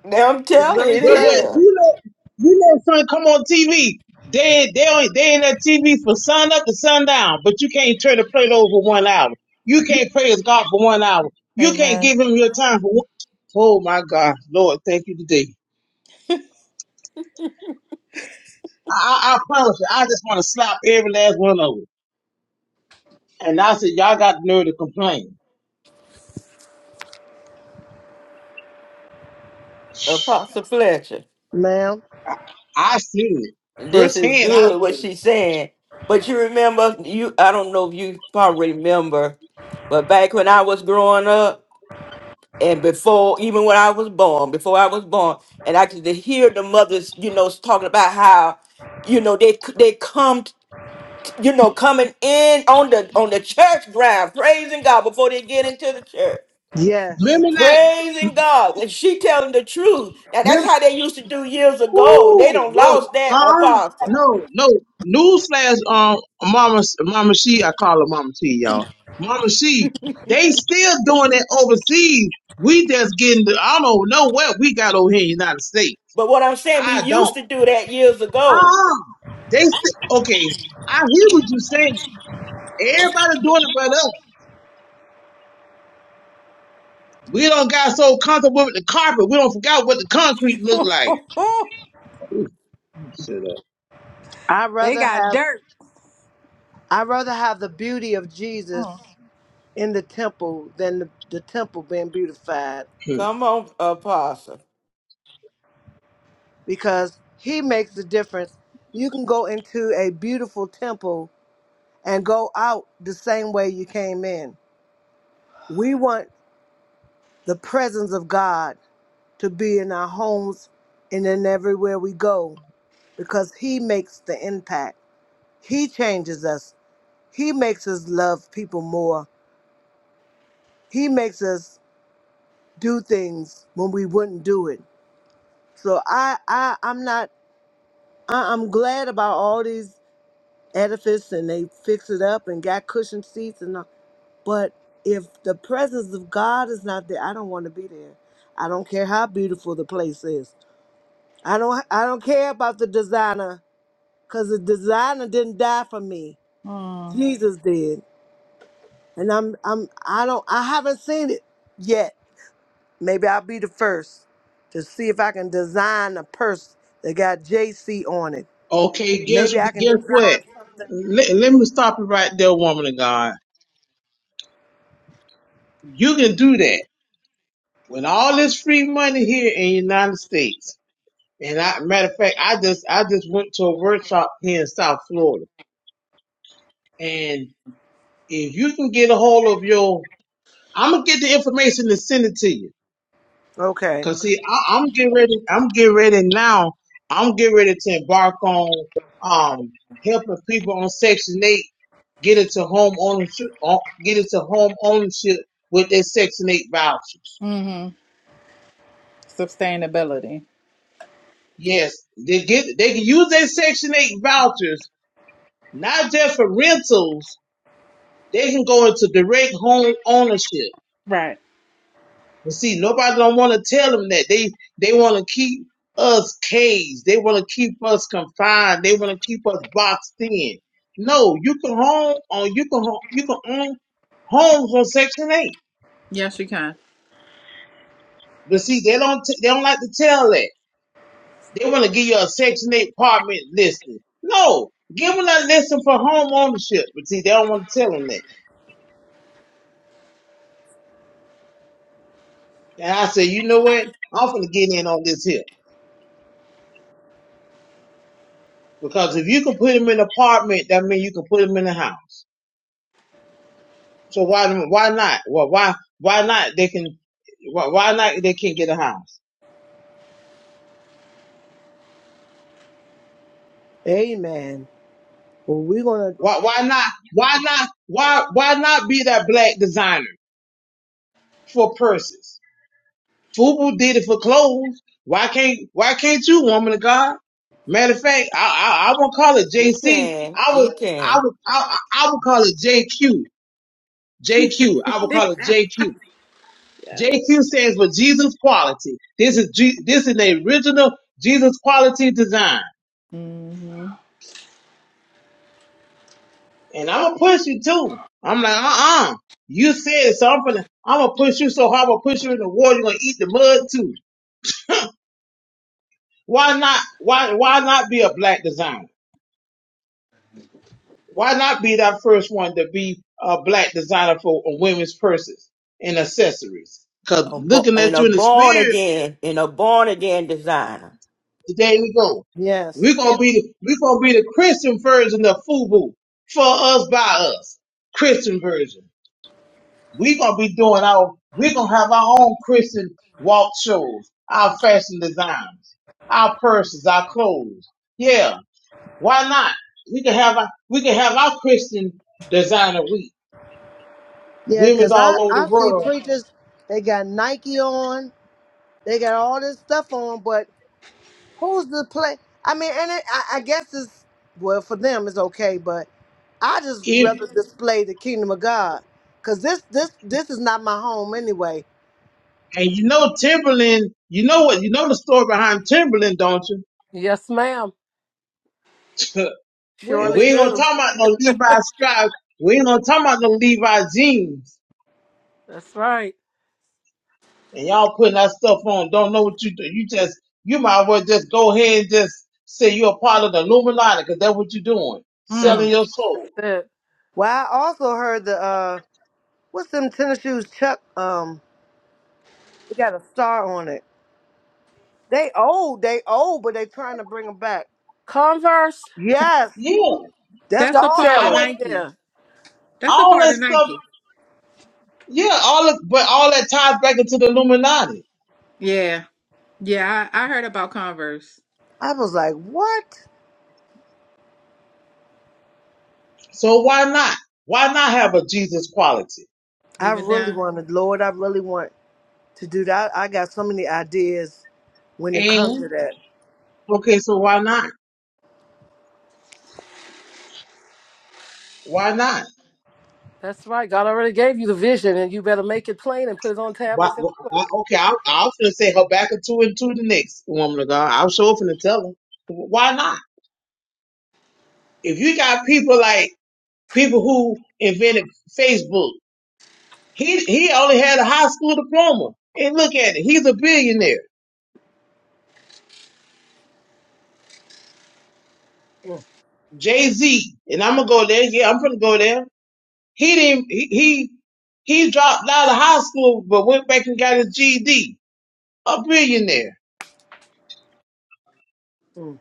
S2: Now I'm telling you, it
S7: But but
S2: is
S7: you know you know son come on TV. They they on they in that TV for sun up to sundown, but you can't turn the plate over one hour. You can't praise God for one hour. You can't
S5: amen.
S7: give him your time for one. Oh my God, Lord, thank you today. I, I, I promise you, I just want to slap every last one of them. And I said, y'all got the nerve to complain.
S2: Apostle Fletcher.
S1: ma'am,
S7: I seen it
S2: And this is
S7: firsthand. I
S2: good what
S7: seen it.
S2: she's saying. But you remember you I don't know if you probably remember, but back when I was growing up and before even when I was born, before I was born, and I could hear the mothers, you know, talking about how you know they they come you know coming in on the on the church ground praising God before they get into the church
S1: yes,
S7: Remember that?
S2: praising God and she telling the truth. Now that's
S7: Remember.
S2: how they used to do years ago. They
S7: Ooh,
S2: don't
S7: no,
S2: lost that
S7: uh,
S2: apostle.
S7: no, no. Newsflash, um, Mama, Mama, she, I call her Mama T, y'all. Mama, she, they still doing it overseas. We just getting, the, I don't know what we got over here in the United States.
S2: But what I'm saying, we
S7: I don't.
S2: used to do that years ago.
S7: Ah, they still, okay. I hear what you saying. Everybody doing it, but us. We don't got so comfortable with the carpet. We don't forgot what the concrete look like. Shut up.
S1: I
S5: they
S1: rather
S5: got
S1: have
S5: dirt.
S1: I rather have the beauty of Jesus
S5: Mm,
S1: in the temple than the, the temple being beautified,
S2: Come on, apostle.
S1: because He makes the difference. You can go into a beautiful temple and go out the same way you came in. We want the presence of God to be in our homes and in everywhere we go, because He makes the impact. He changes us. He makes us love people more. He makes us do things when we wouldn't do it. So I, I I'm not. I, I'm glad about all these edifices and they fix it up and got cushioned seats and. all. But if the presence of God is not there, I don't want to be there. I don't care how beautiful the place is. I don't. I don't care about the designer because the designer didn't die for me.
S5: mm,
S1: Jesus did, and I'm. I'm. I don't. I haven't seen it yet Maybe I'll be the first to see if I can design a purse that got JC on it.
S7: Okay, guess
S1: Maybe I can
S7: guess what?
S1: design.
S7: Let, let me stop you right there, woman of God. You can do that with all this free money here in the United States. And I, matter of fact, I just I just went to a workshop here in South Florida. And if you can get a hold of your, I'm gonna get the information and send it to you.
S1: Okay.
S7: Cause see, I, I'm getting ready. I'm getting ready now. I'm getting ready to embark on um helping people on Section Eight get into home ownership. uh, Get into home ownership with their Section Eight vouchers.
S5: hmm Sustainability.
S7: Yes, they get. They can use their Section Eight vouchers not just for rentals. They can go into direct home ownership.
S5: Right.
S7: But see, nobody don't want to tell them that. They they want to keep us caged. They want to keep us confined. They want to keep us boxed in. No, you can home on you can home, you can own homes on Section Eight.
S5: Yes, you can.
S7: But see, they don't t- they don't like to tell that. They want to give you a Section Eight apartment listing. No, give them a listing for home ownership. But see, they don't want to tell them that. And I said, you know what? I'm gonna get in on this here because if you can put them in an apartment, that means you can put them in a house. So why why not? Well, why why not? They can why, why not? They can not get a house.
S1: Amen. Well, we're going to,
S7: Why why not? Why not? Why why not be that black designer for purses? Fubu did it for clothes. Why can't why can't you, woman of God? Matter of fact, I I, I won't call it J
S2: She
S7: C.
S2: can,
S7: I
S2: she
S7: would I
S2: can.
S7: would I, I I would call it J Q. J Q. I would call it J Q. J Q
S5: Yes.
S7: stands for Jesus quality. This is G, this is the original Jesus quality design.
S5: hmm
S7: and I'm gonna push you too. I'm like, uh uh You said it, so I'm gonna, I'm gonna push you so hard, I'm gonna push you in the water, you're gonna eat the mud too. Why not, why, why not be a black designer? Why not be that first one to be a black designer for a women's purses and accessories? Cause
S2: A bo-
S7: looking
S2: And
S7: at
S2: a
S7: you in the
S2: born
S7: spirit,
S2: again, in a born again designer.
S7: there we go. We're
S1: yes.
S7: gonna be the, we're gonna be the Christian version of FUBU for us by us. Christian version. We're gonna be doing our we're gonna have our own Christian walk shows, our fashion designs, our purses, our clothes. Yeah, why not? We can have our we can have our Christian designer week.
S1: Yeah,
S7: Women's
S1: because I,
S7: all over
S1: I
S7: the
S1: see
S7: world.
S1: preachers, they got Nike on, they got all this stuff on, but who's the play? I mean, and it, I, I guess it's, well, for them it's okay, but I just
S7: If
S1: rather display the kingdom of God. Cause this this this is not my home anyway.
S7: and you know Timberland, you know what you know the story behind Timberland, don't you?
S4: Yes, ma'am.
S1: What
S7: and
S4: Surely
S7: we
S1: is? it?
S7: ain't gonna
S4: do.
S7: talk about no Levi Strauss. We ain't gonna talk about no Levi jeans.
S4: That's right.
S7: and y'all putting that stuff on, don't know what you do. You just, you might as well just go ahead and just say you're a part of the Illuminati, because that's what you're doing,
S4: That's
S7: selling
S5: Mm.
S4: it.
S7: your
S4: That's
S7: soul.
S4: it.
S1: Well, I also heard the uh What's them tennis shoes, Chuck? Um, they got a star on it. They old, they old, but they trying to bring them back.
S4: Converse,
S1: Yes,
S7: Yeah,
S1: that's
S5: That's a
S4: Chuck
S5: part of
S7: I
S1: awesome.
S4: Taylor.
S7: would,
S5: Nike.
S4: Yeah.
S5: That's a
S7: all
S5: part
S7: that
S5: of
S7: stuff,
S5: Nike.
S7: yeah, all of, but all that ties back into the Illuminati.
S5: Yeah. Yeah, I, I heard about Converse,
S1: I was like, what?
S7: So why not? Why not have a Jesus quality?
S1: I
S5: even
S1: really
S5: down.
S1: want to, Lord, I really want to do that. I got so many ideas when it comes
S7: And,
S1: to that.
S7: okay, so why not? Why not?
S4: That's right. God already gave you the vision, and you better make it plain and put it on
S7: Why,
S4: tablets. And
S7: why, okay, I, I was gonna say Habakkuk 2 and 2 the next woman of God. I was sure finna tell her. Why not? If you got people like people who invented Facebook. He he only had a high school diploma. And look at it, he's a billionaire. Jay Z, and I'm gonna go there. Yeah, I'm gonna go there. He didn't. He he, he dropped out of high school, but went back and got his GED. A billionaire.
S1: Mm.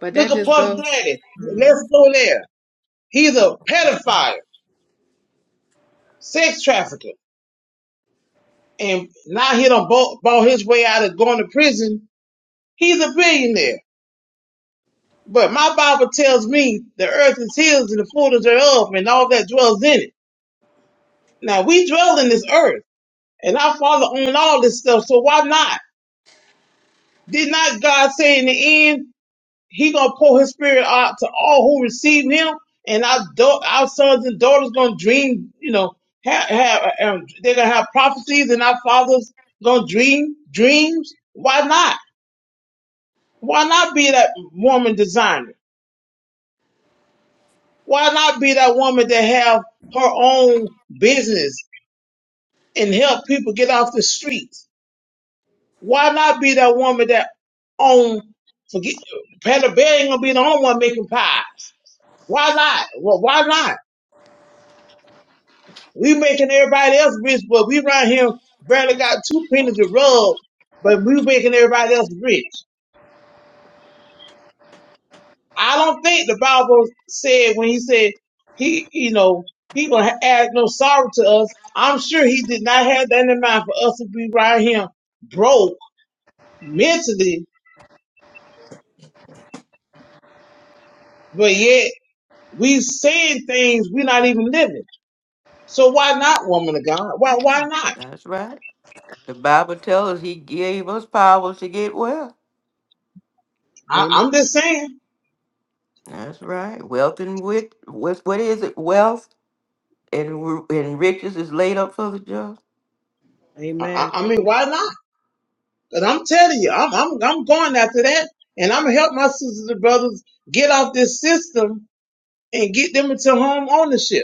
S5: But
S7: Look
S5: that
S7: at
S5: just
S7: Puff
S5: goes.
S7: Daddy.
S5: Mm.
S7: Let's go there. He's a pedophile, sex trafficker, and now he done bought, bought his way out of going to prison. He's a billionaire. But my Bible tells me the earth is his and the fullness thereof and all that dwells in it. Now we dwell in this earth and our father owned all this stuff, so why not? Did not God say in the end, he gonna pour his spirit out to all who receive him and our, da- our sons and daughters gonna dream, you know, have, have um, they're gonna have prophecies and our fathers gonna dream dreams. Why not? Why not be that woman designer? Why not be that woman that have her own business and help people get off the streets? Why not be that woman that own forget Patty Bear ain't gonna be the only one making pies. Why not? Well, why not? We making everybody else rich, but we right here barely got two pennies to rub, but we making everybody else rich. I don't think the Bible said when he said he, you know, he gonna ha- add no sorrow to us. I'm sure he did not have that in mind for us to be right here broke mentally, but yet we saying things we're not even living. So why not, woman of God? Why why
S2: Mm,
S7: not?
S2: That's right. The Bible tells us He gave us power to get wealth.
S7: I, I'm just saying.
S2: That's right. Wealth and wit, with what is it? Wealth and ru- and riches is laid up for the just.
S7: I, I I mean, why not? Cause I'm telling you, I'm I'm I'm going after that, and I'm gonna help my sisters and brothers get off this system and get them into home ownership.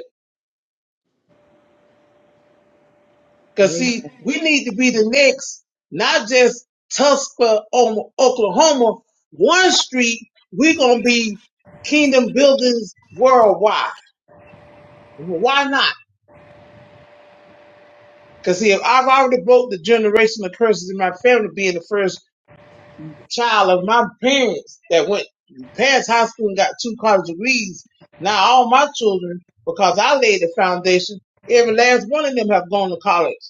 S7: Cause see, we need to be the next, not just Tusker, Om- Oklahoma, one street. We're gonna be kingdom buildings worldwide. Why not? Cause see, if I've already broke the generational curses in my family being the first child of my parents that went past high school and got two college degrees. Now all my children, because I laid the foundation, every last one of them have gone to college.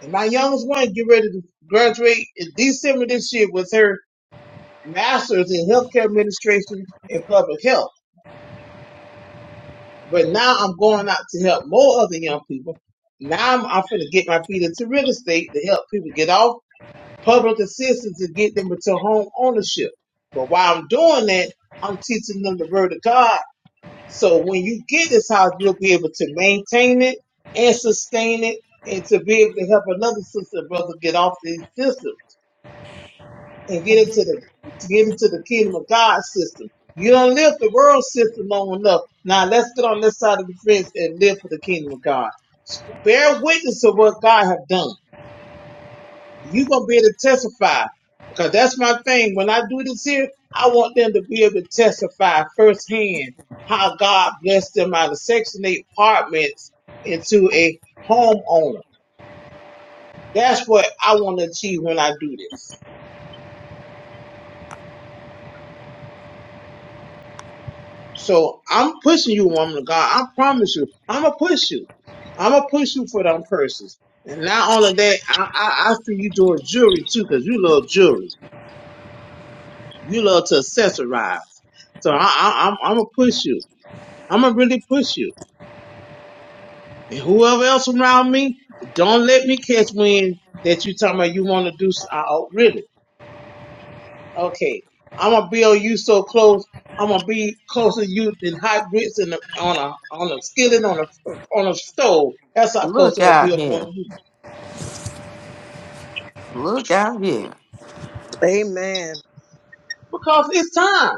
S7: And my youngest one get ready to graduate in December this year with her master's in healthcare administration and public health. But now I'm going out to help more other young people. Now I'm, I'm going to get my feet into real estate to help people get off public assistance and get them into home ownership. But while I'm doing that, I'm teaching them the word of God. So when you get this house, you'll be able to maintain it and sustain it and to be able to help another sister and brother get off these systems. and get into the to get into the kingdom of God system. You don't live the world system long enough. Now let's get on this side of the fence and live for the kingdom of God. Bear witness of what God have done. You're gonna be able to testify. Because that's my thing. When I do this here, I want them to be able to testify firsthand how God blessed them out of Section 8 apartments into a homeowner. That's what I want to achieve when I do this. So I'm pushing you, woman of God. I promise you, I'm gonna push you. I'm gonna push you for them purses. And not only that, I, I, I see you doing jewelry too, 'cause you love jewelry. You love to accessorize. So I, I, I'm, I'm gonna push you. I'm gonna really push you. And whoever else around me, don't let me catch wind that you talking about you want to do. s- uh, uh, really. Okay. I'm gonna build you so close. I'm gonna be closer to you than hot grits in the, on a on a skillet on a on a stove. That's how close
S2: Look
S7: I'm gonna be
S2: out
S7: up
S2: here.
S7: on you.
S2: Look out here.
S1: Amen.
S7: Because it's time.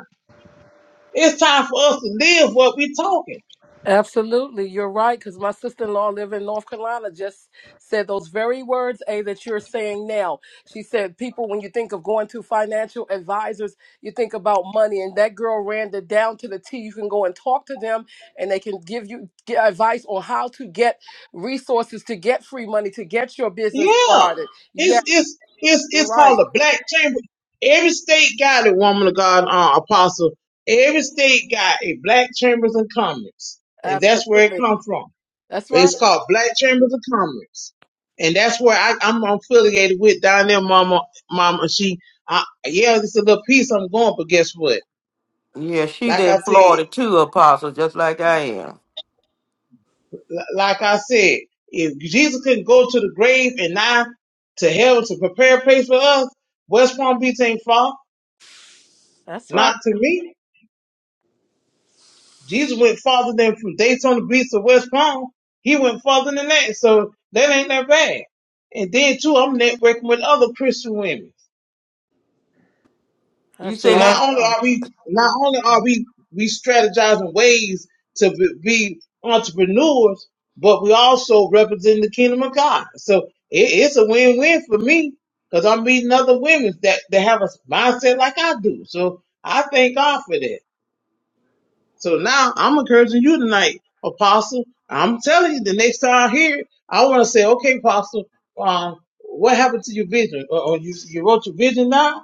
S7: It's time for us to live what we're talking.
S4: absolutely, you're right. Because my sister-in-law living in North Carolina just said those very words, a that you're saying now. She said, "People, when you think of going to financial advisors, you think about money." And that girl ran it down to the T. You can go and talk to them, and they can give you get advice on how to get resources to get free money to get your business
S7: Yeah.
S4: started. Yeah,
S7: It's it's it's
S4: you're
S7: it's
S4: right.
S7: called the black chamber. Every state got it, woman of God, uh, apostle. Every state got a black chambers and comments, and that's where it
S4: Absolutely.
S7: comes from.
S4: That's right.
S7: It's called Black Chambers of Commerce, and that's where I, I'm affiliated with down there, Mama. Mama, she, I, yeah, it's a little piece I'm going, but guess what?
S2: Yeah, she's
S7: Like I
S2: in
S7: said,
S2: Florida too, Apostle, just like I am.
S7: like I said, if Jesus can go to the grave and not to hell to prepare a place for us, West Palm Beach ain't far.
S4: That's right.
S7: Not to me. Jesus went farther than from Daytona Beach to West Palm. He went farther than that, so that ain't that bad. And then too, I'm networking with other Christian women.
S2: You
S4: That's
S7: So
S2: say that,
S7: not only
S4: awesome.
S7: are we not only are we we strategizing ways to be be entrepreneurs, but we also represent the kingdom of God. So it, it's a win win for me because I'm meeting other women that that have a mindset like I do. So I thank God for that. So now I'm encouraging you tonight, Apostle. I'm telling you, the next time I hear it, I want to say, okay, Apostle, um, what happened to your vision? Or, or you you wrote your vision now?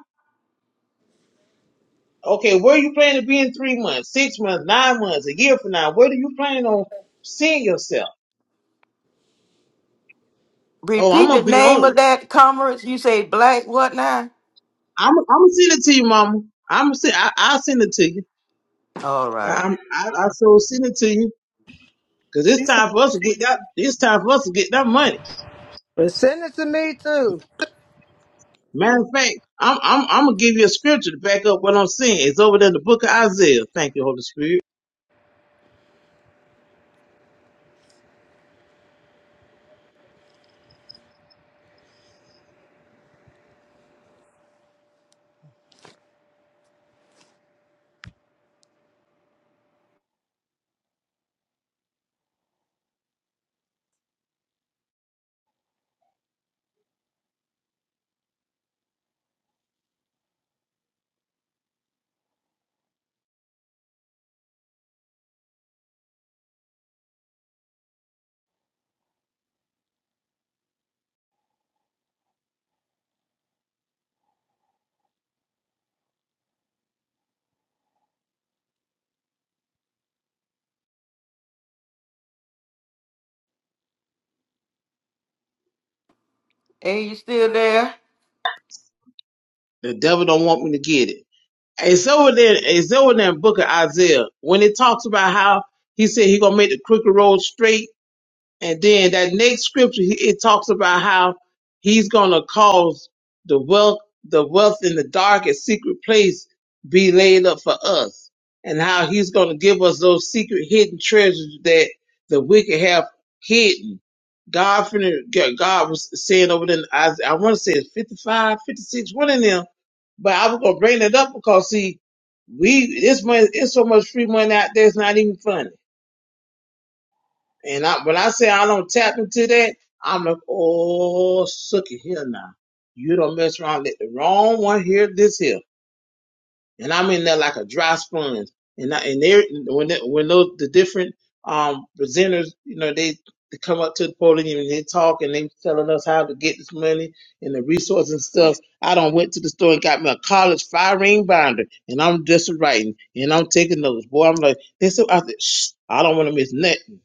S7: Okay, where you planning to be in three months, six months, nine months, a year from now? Where do you plan on seeing yourself? Oh, I'm
S2: repeat the
S7: gonna be
S2: name
S7: on
S2: of
S7: you.
S2: that conference. You say black what now?
S7: I'm I'm gonna send it to you, Mama. I'm gonna send. I, I'll send it to you.
S2: All right.
S7: I'm I, I so send it to you because it's
S5: Sure.
S7: time for us to get that. It's time for us to get that money.
S1: But send it to me too.
S7: Matter of fact, I'm I'm I'm gonna give you a scripture to back up what I'm saying. It's over there in the book of Isaiah. Thank you, Holy Spirit.
S2: Hey, you still there?
S7: The devil don't want me to get it. It's over there. It's over there in Book of Isaiah when it talks about how he said he gonna make the crooked road straight. And then that next scripture, he- it talks about how he's going to cause the wealth, the wealth in the darkest secret place be laid up for us and how he's going to give us those secret hidden treasures that the wicked have hidden. God, finna- God was saying over there, in Isa- I want to say it's 55, 56, one of them, but I was going to bring it up because see, we, this money, it's so much free money out there, it's not even funny and I, when I say I don't tap into that, I'm like, oh, sookie, here now. You don't mess around. Let the wrong one hear this here and I'm in there like a dry sponge. And I, and they when they, when those the different um presenters, you know, they, they come up to the podium and they talk and they telling us how to get this money and the resources and stuff. I done went to the store and got me a college fire ring binder and I'm just writing and I'm taking notes. Boy, I'm like this. I said, Shh, I don't want to miss nothing.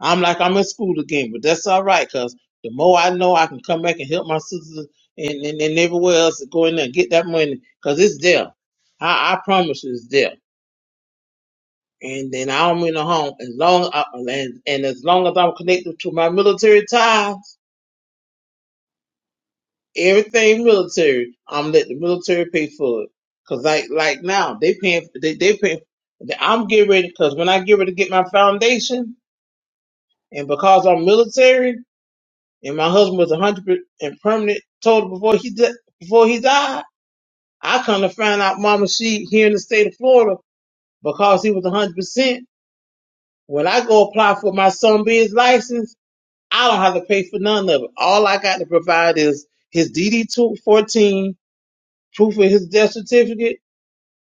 S7: I'm like I'm in school again, but that's all right, cause the more I know, I can come back and help my sisters and and, and everywhere else to go in there and get that money, cause it's there. I, I promise you it's there. And then I don't mean no harm. As long I, and, and as long as I'm connected to my military ties, everything military, I'm letting the military pay for it. Cause like like now they paying they they paying. I'm getting ready because when I get ready to get my foundation, and because I'm military, and my husband was 100 and permanent total before he di- before he died, I come to find out, Mama, she here in the state of Florida because he was 100%. When I go apply for my son B's license, I don't have to pay for none of it. All I got to provide is his DD two fourteen, proof of his death certificate,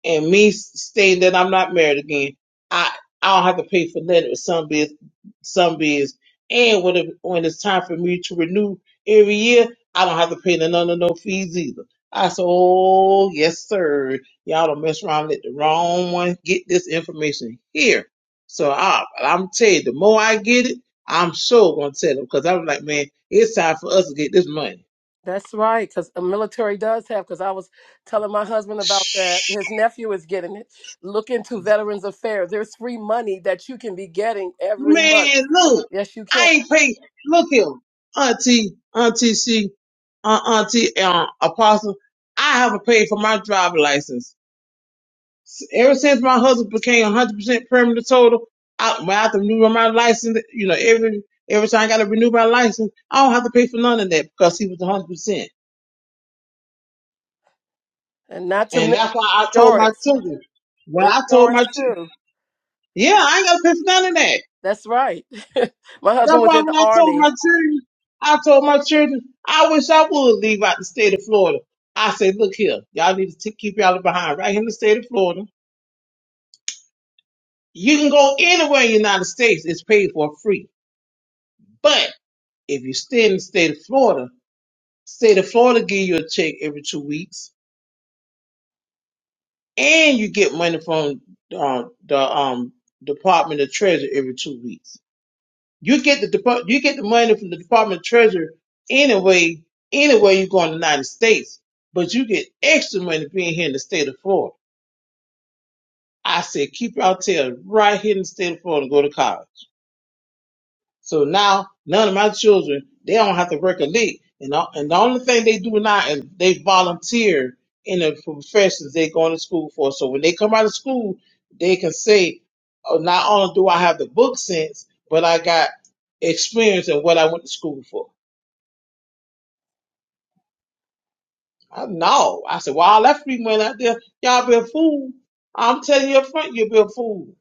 S7: and me stating that I'm not married again, I I don't have to pay for nothing with some biz, some biz, and when it, when it's time for me to renew every year, I don't have to pay none of no fees either. I said, oh yes, sir. Y'all don't mess around. and Let the wrong one get this information here. So I, I'm tell you, the more I get it, I'm sure gonna tell them because I'm like, man, it's time for us to get this money.
S4: That's right, because the military does have. Because I was telling my husband about that. His nephew is getting it. Look into Veterans Affairs. There's free money that you can be getting every month.
S7: Man, look,
S4: Yes, you can.
S7: I ain't pay. Look here, Auntie, Auntie C, uh, Auntie uh, Apostle. I haven't paid for my driver license S- ever since my husband became 100% permanent total. I, when I have to renew my license, you know, every every time I got to renew my license, I don't have to pay for none of that because he was 100%.
S4: And not to
S7: And
S4: mention
S7: that's why I told my
S4: insurance.
S7: children. When I told
S4: Insurance
S7: my, ch-
S4: too.
S7: yeah, I ain't got to pay for none of that.
S4: That's right. my husband
S7: That's
S4: was
S7: why
S4: in the
S7: when I told
S4: army.
S7: my children, I told my children, I wish I would leave out the state of Florida. I said, look here, y'all need to t- keep y'all behind right here in the state of Florida. You can go anywhere in the United States, it's paid for free. But if you stay in the state of Florida, state of Florida give you a check every two weeks and you get money from uh, the um, Department of Treasury every two weeks. You get the depart- you get the money from the Department of Treasury anyway, anywhere you go in the United States, but you get extra money being here in the state of Florida. I said, keep your tail right here in the state of Florida and go to college. So now none of my children, they don't have to work a lick. And, all, and the only thing they do now is they volunteer in the professions they're going to school for. So when they come out of school, they can say, oh, not only do I have the book sense, but I got experience in what I went to school for. I know. I said, well, all that free money out there, y'all been fooled. I'm telling you up front, you've been fooled.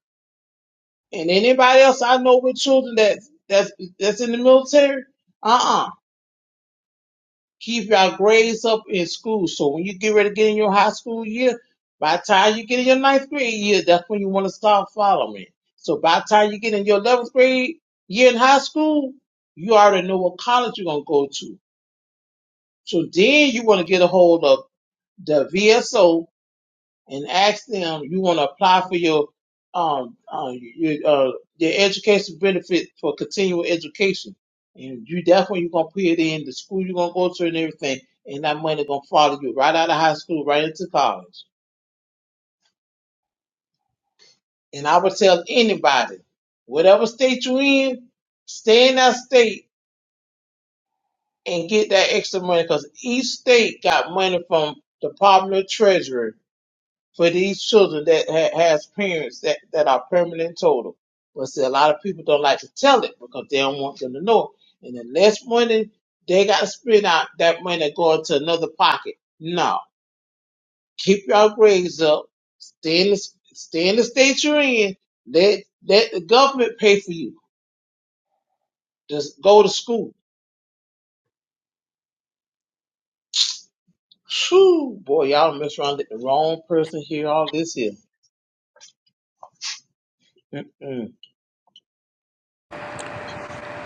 S7: And anybody else I know with children that that's that's in the military, uh-uh. Keep your grades up in school. So when you get ready to get in your high school year, by the time you get in your ninth grade year, that's when you want to start following. So by the time you get in your eleventh grade year in high school, you already know what college you're gonna go to. So then you want to get a hold of the VSO and ask them you want to apply for your um uh, your uh your education benefit for continual education and you that's when you're gonna put it in the school you're gonna go to and everything and that money gonna follow you right out of high school right into college and i would tell anybody whatever state you're in stay in that state and get that extra money because each state got money from department of treasury for these children that ha- has parents that, that are permanent total. But see, a lot of people don't like to tell it because they don't want them to know. And the next morning, they got to spend out that money going to another pocket. No, keep your grades up. Stay in the, stay in the state you're in. Let, let the government pay for you. Just go to school. Whew, boy, y'all mess around with the wrong person here, all this here. Mm-mm.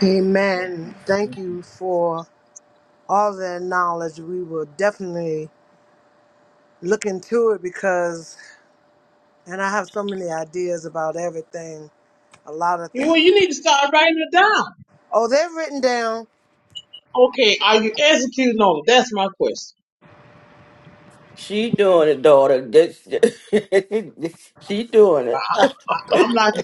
S1: Amen. Thank you for all that knowledge. We will definitely look into it because And I have so many ideas about everything, a lot of
S7: You, well,
S1: things.
S7: you need to start writing it down.
S1: Oh, they're written down.
S7: Okay, are you executing on it? That's my question.
S2: She doing it, daughter. This- she doing it.
S7: I- I'm like,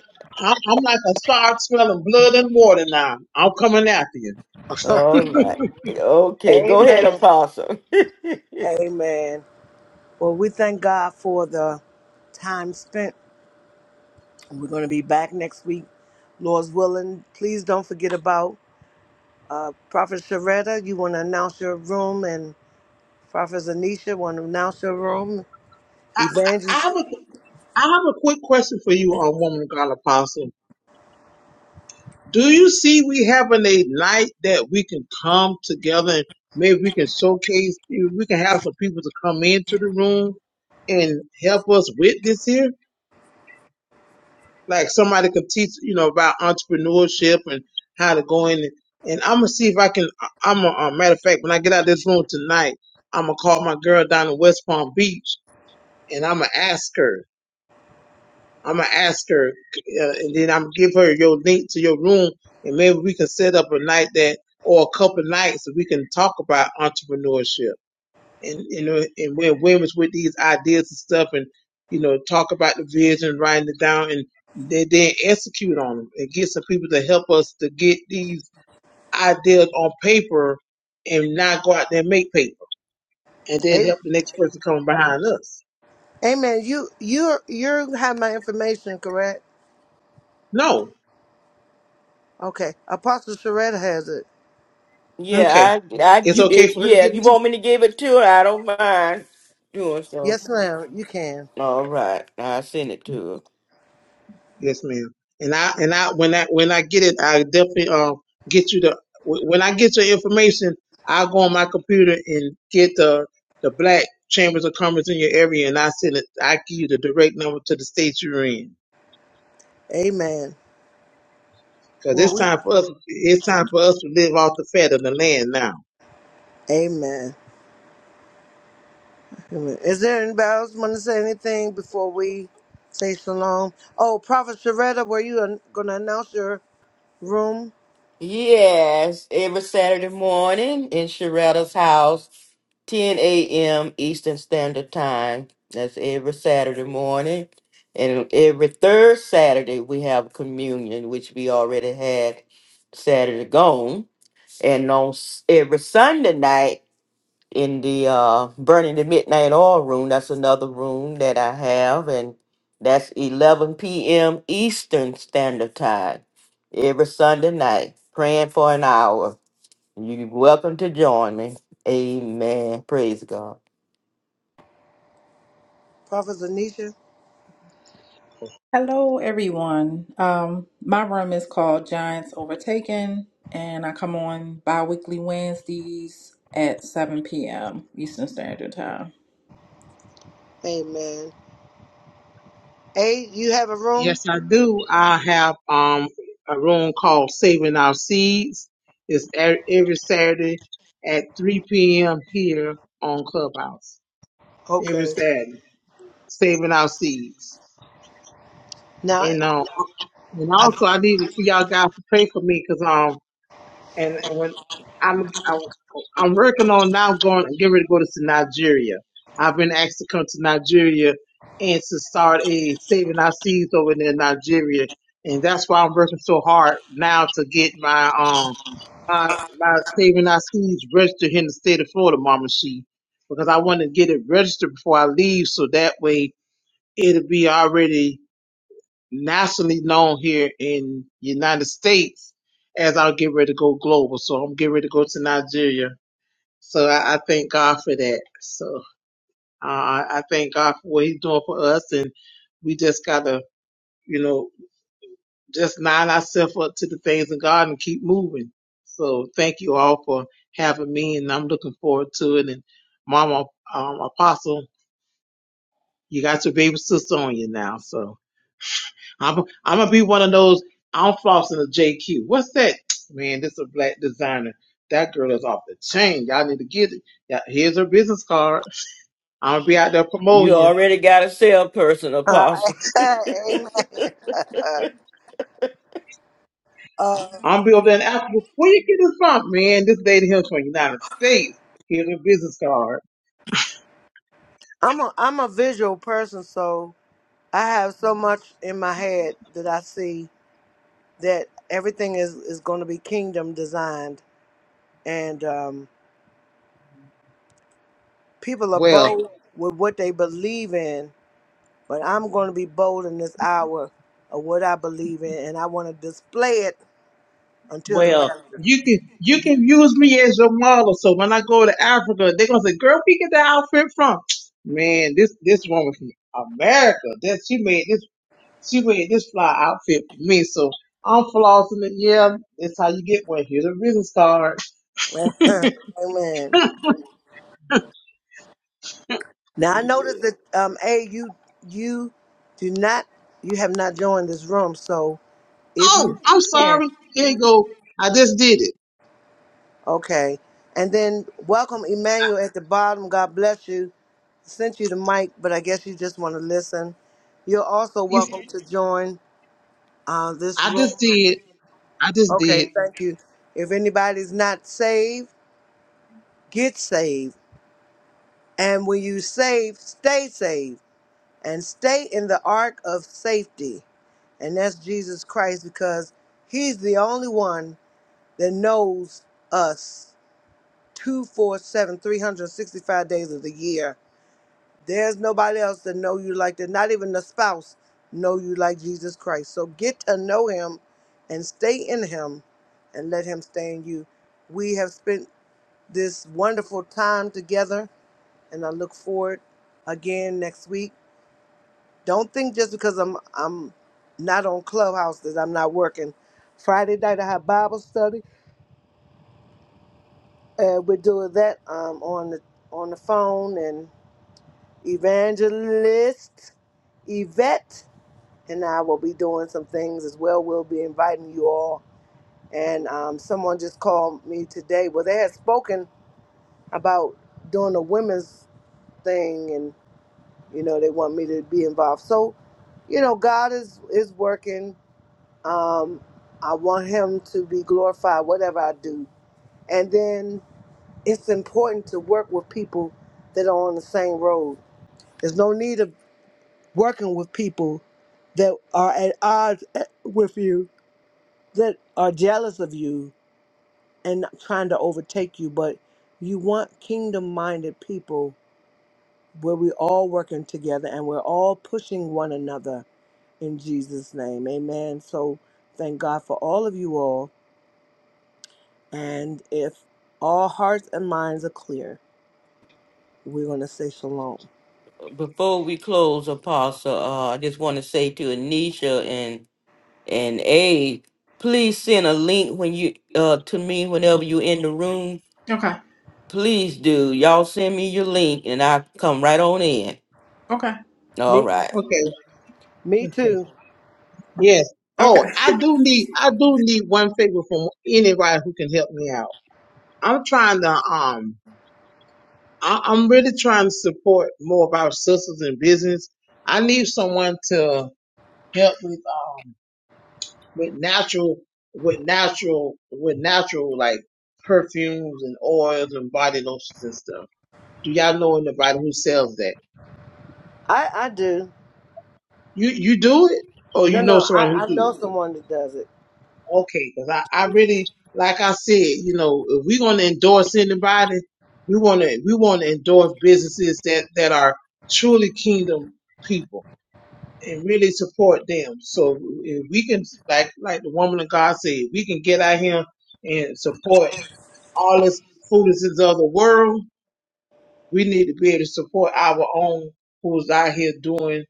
S7: I'm I'm like a shark smelling blood and water now. I'm coming after you.
S2: All right. Okay, go ahead,
S1: Amen.
S2: Apostle.
S1: Amen. Well, we thank God for the time spent. We're going to be back next week, Lord's willing. Please don't forget about Prophet Sharetta. You want to announce your room, and Prophet Anisha want to announce your room.
S7: I, I I
S1: Evangelist.
S7: have a, I have a quick question for you on Woman of God Apostle. Do you see we having a night that we can come together and maybe we can showcase, we can have some people to come into the room and help us with this here? like somebody could teach you know about entrepreneurship and how to go in and, and i'm gonna see if i can I- i'm a, uh matter of fact when i get out of this room tonight i'm gonna call my girl down in west palm beach and i'm gonna ask her i'm gonna ask her uh, and then i'm gonna give her your link to your room and maybe we can set up a night that or a couple nights that we can talk about entrepreneurship and you know, and we're women's with these ideas and stuff, and you know, talk about the vision, writing it down, and they then execute on them and get some people to help us to get these ideas on paper and not go out there and make paper and then
S1: A-
S7: help the next person come behind us.
S1: Amen. You you you have my information, correct?
S7: No,
S1: Okay. Apostle Sharetta has it.
S7: okay,
S2: yeah, I, I,
S7: it's
S2: you,
S7: okay
S2: if
S7: for her to
S2: yeah,
S7: give
S2: if you
S7: it
S2: want me to give it to her, I don't mind doing so.
S1: Yes, ma'am. You can.
S2: All right, I send it to her.
S7: Yes, ma'am. And I and I when I when I get it, I definitely um get you the wh- when I get your information, I'll go on my computer and get the the black chambers of commerce in your area, and I send it. I give you the direct number to the state you're in,
S1: Amen.
S7: because
S1: Well,
S7: it's time
S1: we,
S7: for us. It's time for us to live off the fat of the land now.
S1: amen. amen. Is there anybody else want to say anything before we say shalom? Oh, Prophet Sharetta, were you an, going to announce your room?
S2: Yes, every Saturday morning in Sharetta's house, 10 a.m. Eastern Standard Time. That's every Saturday morning. And every third Saturday, we have communion, which we already had Saturday gone. And on s- every Sunday night, in the uh burning the midnight oil room that's another room that i have and that's 11 p.m eastern standard time every sunday night praying for an hour you're welcome to join me amen praise god
S1: Prophet Zanisha?
S5: Hello, everyone. Um, my room is called Giants Overtaken, and I come on bi weekly Wednesdays at 7 p.m. Eastern Standard Time.
S1: Amen. A, you have a room?
S7: Yes, I do. I have um a room called Saving Our Seeds. It's e- every Saturday at 3 p.m. here on Clubhouse. Every
S1: Okay.
S7: Saturday, Saving Our Seeds.
S1: Now,
S7: And um, and
S1: I,
S7: also I need for y'all guys to pray for me, me 'cause um, and when I'm I, I'm working on now going get ready to go to Nigeria. I've been asked to come to Nigeria and to start a saving our seeds over there in Nigeria, and that's why I'm working so hard now to get my um my my saving our seeds registered here in the state of Florida, Mama She, because I want to get it registered before I leave, so that way it'll be already nationally known here in United States as I'll get ready to go global. So I'm getting ready to go to Nigeria. So I, I thank God for that. So uh, I I thank God for what He's doing for us, and we just gotta, you know, just line ourselves up to the things of God and keep moving. So thank you all for having me, and I'm looking forward to it. And Mama um, Apostle, you got your baby sister on you now, so. I'm I'm gonna be one of those. I'm flossing a JQ. What's that? Man, this is a black designer. That girl is off the chain. Y'all need to get it. Yeah, here's her business card. I'm gonna be out there
S2: you
S7: promoting you.
S2: already got a salesperson
S1: uh,
S2: apostle
S1: amen. Uh, uh,
S7: I'm gonna be over there in Africa. Where you get this from, man? This lady here from the United States. Here's her business card.
S1: I'm a I'm a visual person, so I have so much in my head that I see that everything is is going to be kingdom designed, and um, People are
S7: Well,
S1: bold with what they believe in, but I'm going to be bold in this hour of what I believe in, and I want to display it until the
S7: well,
S1: rapture.
S7: you can you can use me as your model. So when I go to Africa, they're gonna say, "Girl, where you get that outfit from?" Man, this this woman from America. That she made this. She wearing this fly outfit for me, so I'm flossing it. Yeah, that's how you get one. Here's a business card.
S1: Amen. Now I notice that um, a you you do not you have not joined this room, so if
S7: Oh,
S1: you
S7: I'm
S1: can,
S7: sorry. Here you go. I just did it.
S1: okay. And then welcome Emmanuel at the bottom. God bless you. Sent you the mic, but I guess you just want to listen. You're also
S7: It's-
S1: welcome to join uh, this
S7: I just
S1: room.
S7: did. I just
S1: Okay,
S7: did.
S1: Mhm. thank you. If anybody's not saved, get saved. And when you save, stay saved and stay in the ark of safety. And that's Jesus Christ because he's the only one that knows us two, four, seven, three hundred sixty-five days of the year. There's nobody else that know you like that. Not even the spouse know you like Jesus Christ. So get to know him and stay in him and let him stay in you. We have spent this wonderful time together, and I look forward again next week. Don't think just because I'm I'm not on Clubhouse that I'm not working. Friday night I have Bible study, and we're doing that um, on the on the phone and evangelist Yvette and I will be doing some things as well. We'll be inviting you all. And um, someone just called me today. Well, they had spoken about doing a women's thing You know, they want me to be involved. So, you know, God is is working. Um, I want Him to be glorified, whatever I do. And then it's important to work with people that are on the same road. There's no need of working with people that are at odds eh, with you, that are jealous of you and trying to overtake you. But you want kingdom minded people where we're all working together and we're all pushing one another in Jesus' name. Amen. So thank God for all of you all. And if all hearts and minds are clear, we're going to say shalom.
S2: before we close, Apostle, uh, I just want to say to Anisha and and A, please send a link when you uh to me whenever you're in the room
S5: Okay,
S2: Please do. Y'all send me your link and I'll come right on in.
S5: okay,
S2: All right.
S7: Okay.
S1: Me
S7: Okay.
S1: too.
S7: Yes.
S5: okay.
S7: Oh, I do need. I do need one favor from anybody who can help me out. I'm trying to. Um. I, I'm really trying to support more of our sisters in business. I need someone to help with. um, with natural with natural with natural like perfumes and oils and body lotions and stuff. Do y'all know anybody who sells that?
S1: I, I do.
S7: You you do it or you
S1: No,
S7: know
S1: no, I,
S7: someone who
S1: I
S7: do it?
S1: know someone that does it.
S7: Okay, because I, I really like I said, you know, if we're gonna endorse anybody, we wanna we wanna endorse businesses that, that are truly kingdom people and really support them. So if we can like like the woman of God said, we can get out here and support all this foolishness of the world. We need to be able to support our own who's out here doing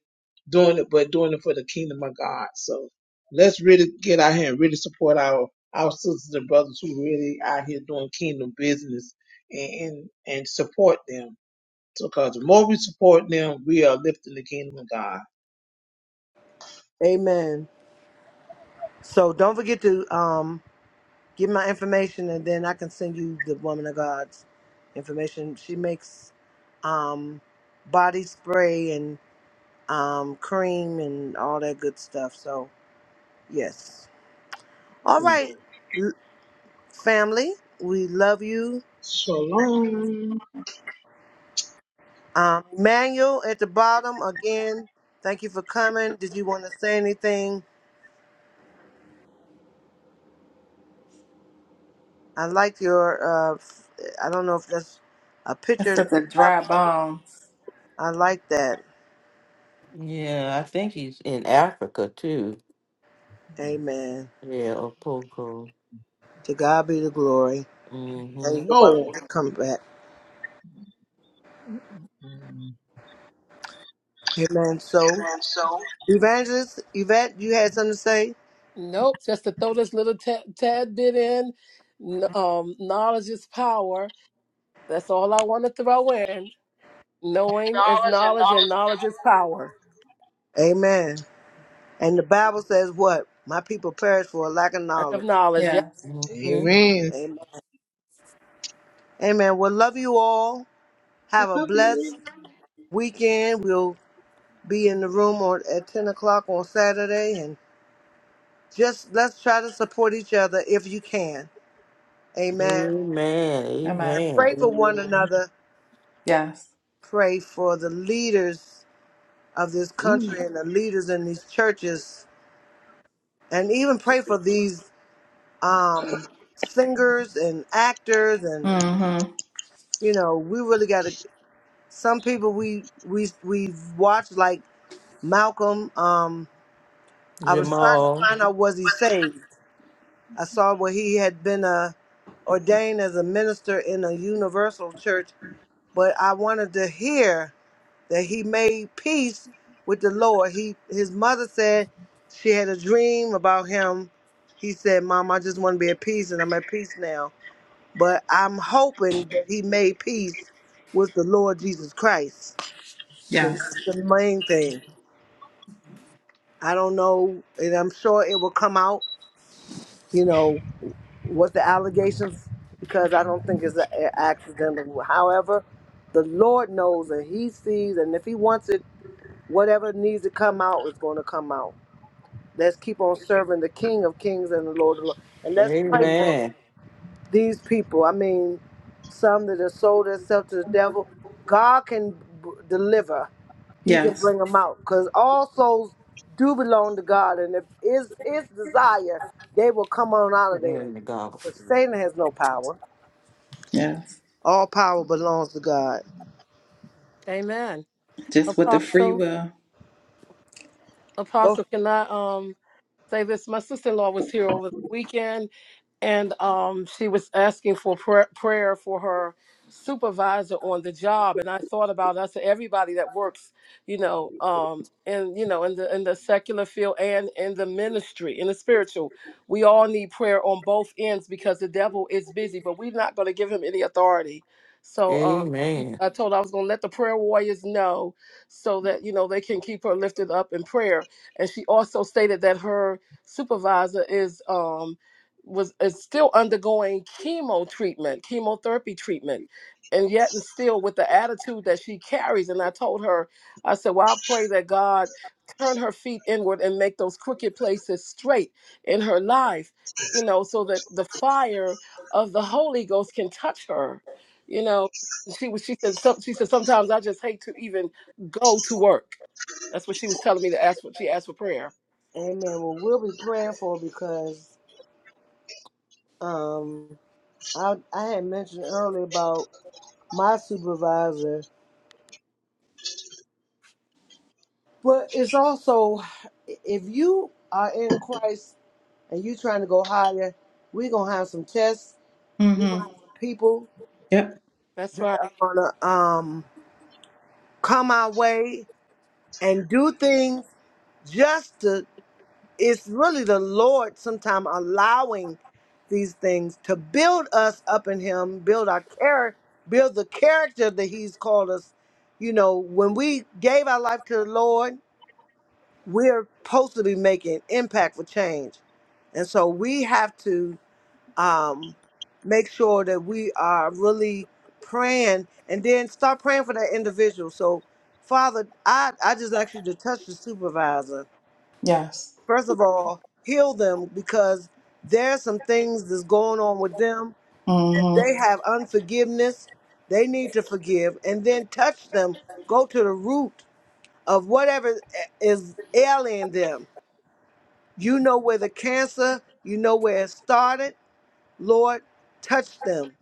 S7: doing it, but doing it for the kingdom of God. So let's really get out here and really support our our sisters and brothers who really out here doing kingdom business and and, and support them. Because the more we support them, we are lifting the kingdom of God.
S1: Amen. So don't forget to um give my information and then I can send you the woman of God's information. She makes um body spray um, cream and all that good stuff. So, yes. All
S7: Mm.
S1: right, l- family, we love you.
S7: Shalom.
S1: Um, Manuel at the bottom again. Thank you for coming. Did you want to say anything? I like your. Uh, f- I don't know if that's a
S5: That's
S1: picture.
S5: such a dry bomb.
S1: I like that.
S2: Yeah, I think he's in Africa too.
S1: Amen.
S2: Yeah, Opoko.
S1: To God be the glory. And
S2: Mm-hmm.
S1: you're welcome
S7: Oh.
S1: to come back.
S7: Mm.
S1: Amen. So,
S7: Amen. So
S1: Evangelist Yvette, you had something to say?
S4: Nope. Just to throw this little tad, tad bit in. N- Um, knowledge is power. That's all I want to throw in. Knowing is
S7: knowledge
S4: knowledge, and
S7: and
S4: knowledge is power.
S1: Amen. And the Bible says what? My people perish for a lack of
S4: Lack of
S1: knowledge.
S4: knowledge. Yep.
S5: Yes,
S7: knowledge.
S2: Mm-hmm.
S7: Amen.
S1: Amen. Amen. Well, love you all. Have a
S7: Love
S1: blessed
S7: you.
S1: weekend. We'll be in the room on, at 10 o'clock on Saturday. And just let's try to support each other if you can. Amen.
S2: Amen.
S5: am I?
S2: Amen.
S1: Pray for one
S7: Amen.
S1: another.
S5: Yes.
S1: Pray for the leaders of this
S7: Mm.
S1: country and the leaders in these churches. And even pray for these um, singers and actors and
S5: Mm-hmm.
S1: you know, we really got to some people we we we watched like Malcolm. Um, I was trying to
S2: Jamal.
S1: find out was he saved. I saw where he had been uh, ordained as a minister in a universal church, but I wanted to hear that he made peace with the Lord. He his mother said she had a dream about him. He said, "Mom, I just want to be at peace, and I'm at peace now." But I'm hoping that he made peace with the Lord Jesus Christ, because
S5: Yes,
S1: that's the main thing. I don't know, and I'm sure it will come out. You know what the allegations, because I don't think it's a a- accidental. However, the Lord knows and He sees, and if He wants it, whatever needs to come out is going to come out. Let's keep on serving the King of Kings and the Lord of Lords, and let's pray for
S2: Amen.
S1: these people. I mean, some that have sold themselves to the devil. God can b- deliver. He can
S5: yes,
S1: bring them out because all souls do belong to God, and if it's His desire, they will come on out of there. Because
S2: Amen.
S1: Satan has no power.
S5: yes.
S1: All power belongs to God.
S4: Amen.
S5: Just with the free
S4: Apostle.
S5: will.
S1: Go.
S4: Apostle, can I um say this? My sister in law was here over the weekend and um, she was asking for prayer, prayer for her supervisor on the job. And I thought about us, everybody that works, you know, um, and you know, in the in the secular field and in the ministry, in the spiritual, we all need prayer on both ends because the devil is busy. But we're not going to give him any authority. So um,
S2: Amen.
S4: I told her I was going to let the prayer warriors know so that you know they can keep her lifted up in prayer. And she also stated that her supervisor is. Um, was is still undergoing chemo treatment, chemotherapy treatment, and yet and still with the attitude that she carries. And I told her, I said, Well, I pray that God turn her feet inward and make those crooked places straight in her life, you know, so that the fire of the Holy Ghost can touch her. You know, she was she said some, she said sometimes I just hate to even go to work. That's what she was telling me to ask for. She asked for prayer.
S1: Amen. Well, we'll be praying for because um, I I had mentioned earlier about my supervisor, but it's also if you are in Christ and you trying to go higher, we gonna have some tests. We
S5: Mm-hmm.
S1: gonna have some people
S5: Yep.
S4: That's
S1: that are
S4: right.
S1: gonna um come our way and do things just to. It's really the Lord sometime allowing these things to build us up in Him, build our character, build the character that He's called us. You know, when we gave our life to the Lord, we're supposed to be making impact for change, and so we have to um, make sure that we are really praying and then start praying for that individual. So, Father, I, I just ask you to touch the supervisor.
S5: Yes.
S1: First of all, heal them because there's some things that's going on with them.
S5: Mm-hmm.
S1: They have unforgiveness. They need to forgive and then touch them. Go to the root of whatever is ailing them. You know where the cancer, you know where it started. Lord, touch them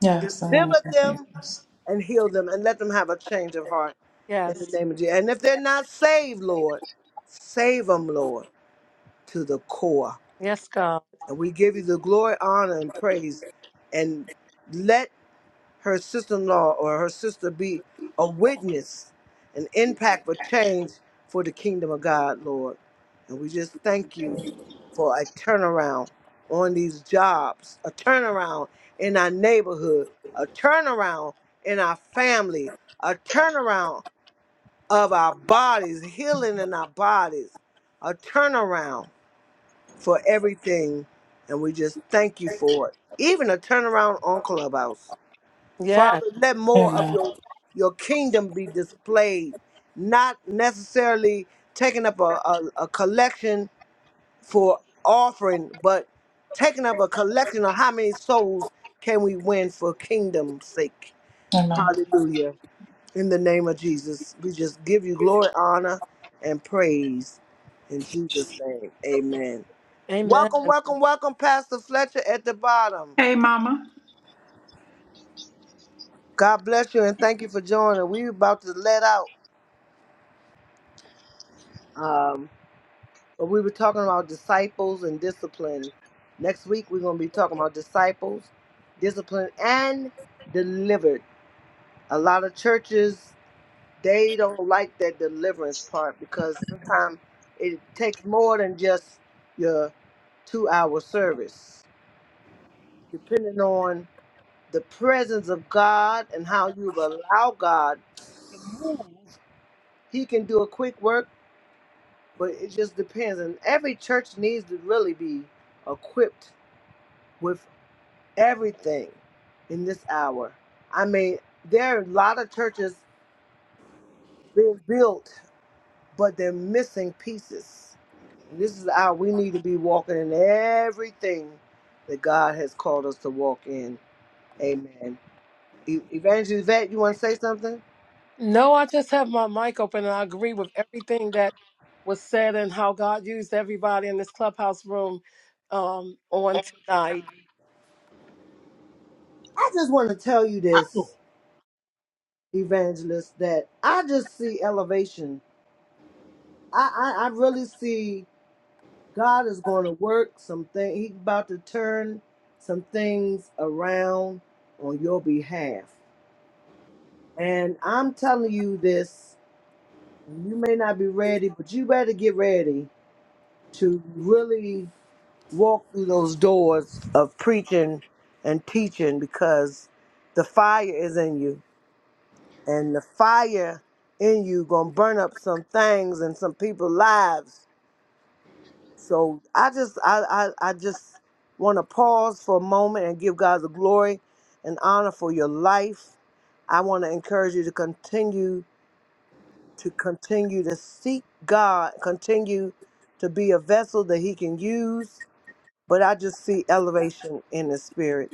S5: Yes, I'm in
S1: Deliver
S5: the
S1: them
S5: yes.
S1: and heal them and let them have a change of heart in the
S4: Yes.
S1: name of Jesus. And if they're not saved, Lord, save them, Lord, to the core.
S4: Yes, God.
S1: And we give you the glory, honor, and praise. And let her sister-in-law or her sister be a witness, an impact for change for the kingdom of God, Lord. And we just thank you for a turnaround on these jobs, a turnaround in our neighborhood, a turnaround in our family, a turnaround of our bodies, healing in our bodies, a turnaround for everything. And we just thank you for it. Even a turnaround on Clubhouse. Father, let more of
S5: Amen.
S1: your your kingdom be displayed, not necessarily taking up a, a, a collection for offering, but taking up a collection of how many souls can we win for kingdom's sake.
S5: Amen.
S1: Hallelujah. In the name of Jesus, we just give you glory, honor, and praise. In Jesus' name, amen.
S4: Amen.
S1: Welcome, welcome, welcome, Pastor Fletcher at the bottom.
S5: Hey, Mama.
S1: God bless you and thank you for joining. We're about to let out. Um, but we were talking about disciples and discipline. Next week we're going to be talking about disciples, discipline, and delivered. A lot of churches they don't like that deliverance part because sometimes it takes more than just your two-hour service. Depending on the presence of God and how you've allowed God, He can do a quick work. But it just depends, and every church needs to really be equipped with. everything in this hour. I mean, there are a lot of churches being built, but they're missing pieces. And this is the hour we need to be walking in everything that God has called us to walk in. Amen. E- Evangelist Vet, you want to say something?
S4: No, I just have my mic open and I agree with everything that was said and how God used everybody in this clubhouse room um, on tonight.
S1: I just want to tell you
S7: I,
S1: this, Evangelist, that I just see elevation. I, I, I really see. God is going to work some things. He's about to turn some things around on your behalf. And I'm telling you this, you may not be ready, but you better get ready to really walk through those doors of preaching and teaching because the fire is in you. And the fire in you gonna burn up some things and some people's lives So I just I I, I just want to pause for a moment and give God the glory and honor for your life. I want to encourage you to continue to continue to seek God, continue to be a vessel that He can use. But I just see elevation in the spirit.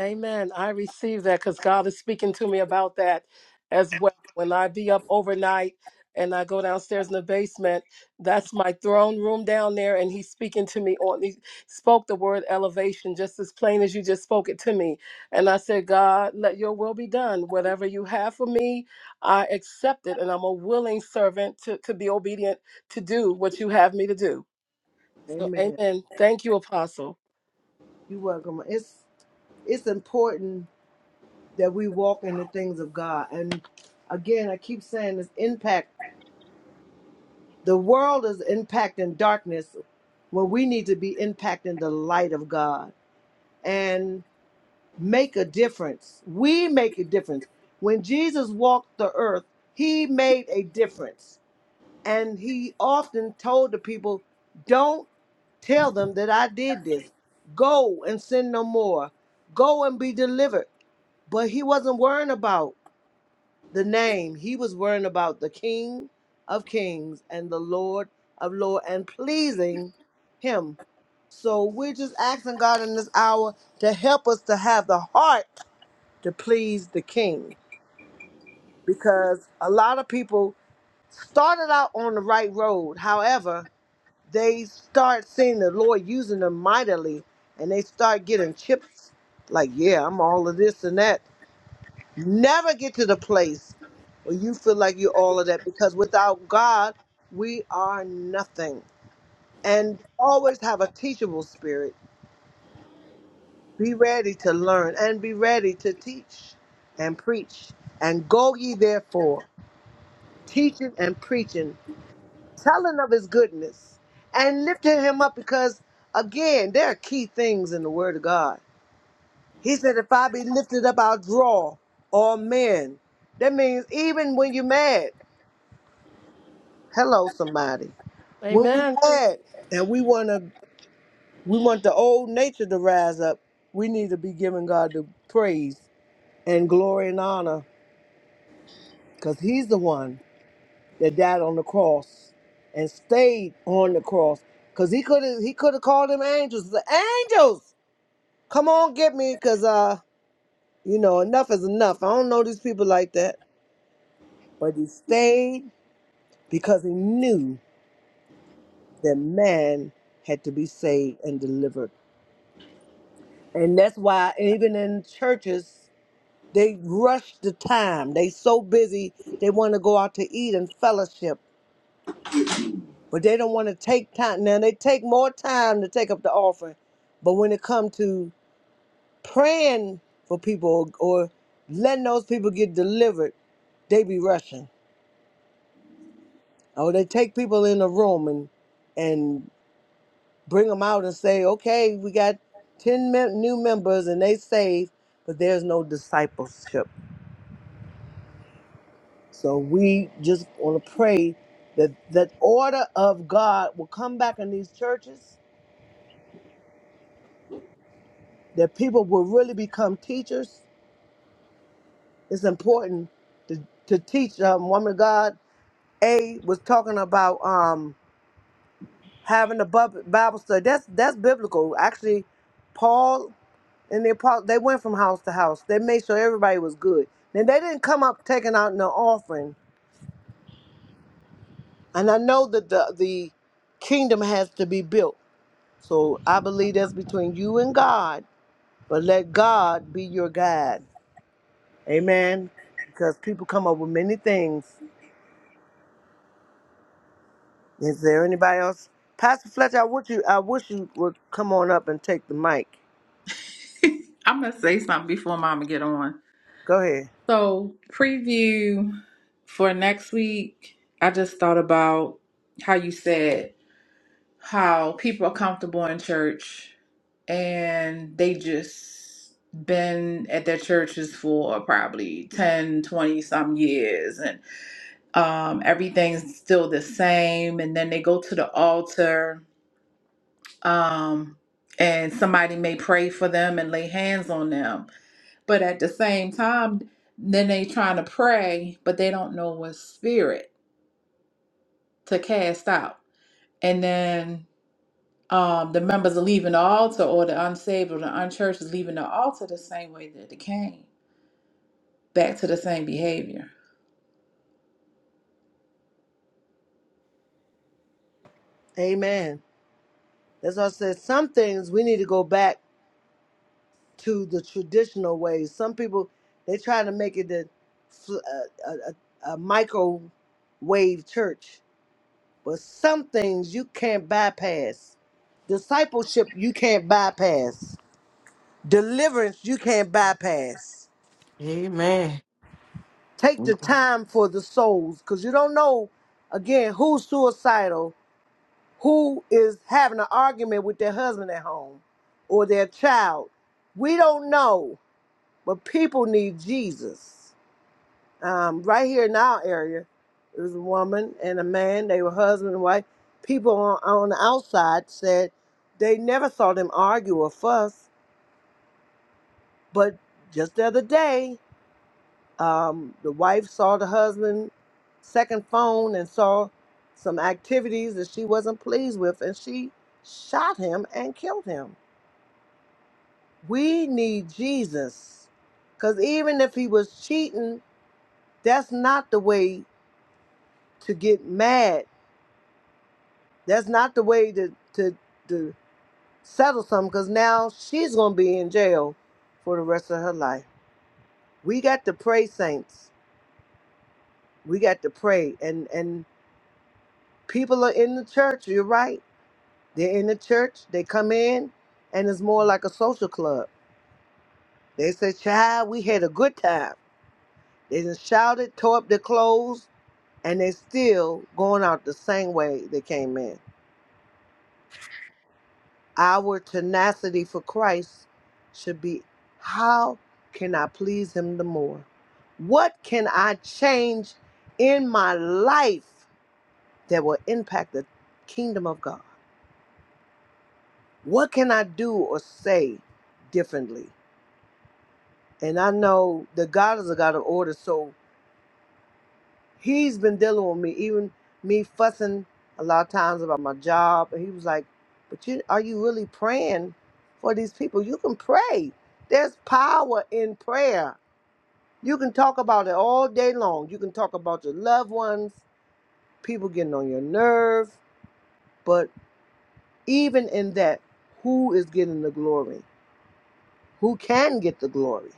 S4: Amen. I receive that because God is speaking to me about that as well. When I be up overnight and I go downstairs in the basement, that's my throne room down there, and He's speaking to me on. He spoke the word elevation just as plain as you just spoke it to me, and I said, God, let Your will be done. Whatever You have for me, I accept it, and I'm a willing servant to to be obedient to do what You have me to do. So,
S1: Amen.
S4: Amen. Thank you, Apostle.
S1: You're welcome. It's it's important that we walk in the things of God. And again, I keep saying this impact. The world is impacting darkness Where we need to be impacting the light of God and make a difference. We make a difference. When Jesus walked the earth, he made a difference. And he often told the people, Don't tell them that I did this. Go and sin no more. Go and be delivered. But he wasn't worrying about the name. He was worrying about the King of Kings and the Lord of Lords and pleasing him so we're just asking God in this hour to help us to have the heart to please the King. Because a lot of people started out on the right road. However, they start seeing the Lord using them mightily and they start getting chips like, yeah, I'm all of this and that. Never get to the place where you feel like you're all of that because without God, we are nothing. And always have a teachable spirit Be ready to learn and be ready to teach and preach. And go ye therefore, teaching and preaching, telling of his goodness and lifting him up because, again, there are key things in the word of God. He said, If I be lifted up, I'll draw all men. That means even when you're mad, hello, somebody. When we're
S4: Amen.
S1: mad and we want to, we want the old nature to rise up, we need to be giving God the praise and glory and honor because he's the one that died on the cross and stayed on the cross because he could have he could have called them angels the angels come on get me because uh you know enough is enough i don't know these people like that but he stayed because he knew that man had to be saved and delivered and that's why even in churches they rush the time they so busy they want to go out to eat and fellowship but they don't want to take time. Now they take more time to take up the offering, but when it comes to praying for people or, or letting those people get delivered, they be rushing. Or they take people in a room and and bring them out and say, "Okay, we got ten mem- new members and they saved, but there's no discipleship." So we just want to pray that that order of God will come back in these churches. That people will really become teachers it's important to, to teach um, woman of God. A was talking about um, having a bub- Bible study. That's that's biblical. Actually, Paul and the apostle they went from house to house. They made sure everybody was good. Then they didn't come up taking out no offering. And I know that the the kingdom has to be built. So I believe that's between you and God. But let God be your guide. Amen. Because people come up with many things Is there anybody else? Pastor Fletcher, I wish you I wish you would come on up and take the mic.
S5: I'm gonna say something before Mama get on.
S1: Go ahead.
S5: So preview for next week. I just thought about how you said how people are comfortable in church and they just been at their churches for probably 10, 20 some years and um, everything's still the same and then they go to the altar um, and somebody may pray for them and lay hands on them But at the same time, then they trying to pray, but they don't know what spirit to cast out. And then um, the members are leaving the altar, or the unsaved or the unchurched is leaving the altar the same way that they came, back to the same behavior.
S1: Amen. That's why I said some things we need to go back to the traditional ways. Some people they try to make it a, a, a, a microwave church, but some things you can't bypass. Discipleship you can't bypass. Deliverance you can't bypass. Take the
S2: Amen.
S1: time for the souls because you don't know, again, who's suicidal, who is having an argument with their husband at home or their child. We don't know, but people need Jesus. Um, right here in our area, there was a woman and a man, they were husband and wife. People on, on the outside said they never saw them argue or fuss, but just the other day, Um, the wife saw the husband second phone and saw some activities that she wasn't pleased with, and she shot him and killed him. We need Jesus, because even if he was cheating, that's not the way to get mad. That's not the way to to to settle something. Because now she's gonna be in jail for the rest of her life. We got to pray, saints. We got to pray, and and people are in the church. You're right They're in the church, they come in, and it's more like a social club. They say, Child, we had a good time. They just shouted, tore up their clothes, and they still going out the same way they came in. Our tenacity for Christ should be how can I please him the more? What can I change in my life that will impact the kingdom of God? What can I do or say differently? and I know the God is a God of order. So He's been dealing with me, even me fussing a lot of times about my job. And He was like, "But you are you really praying for these people? You can pray. There's power in prayer. You can talk about it all day long. You can talk about your loved ones, people getting on your nerves. but even in that, who is getting the glory? Who can get the glory?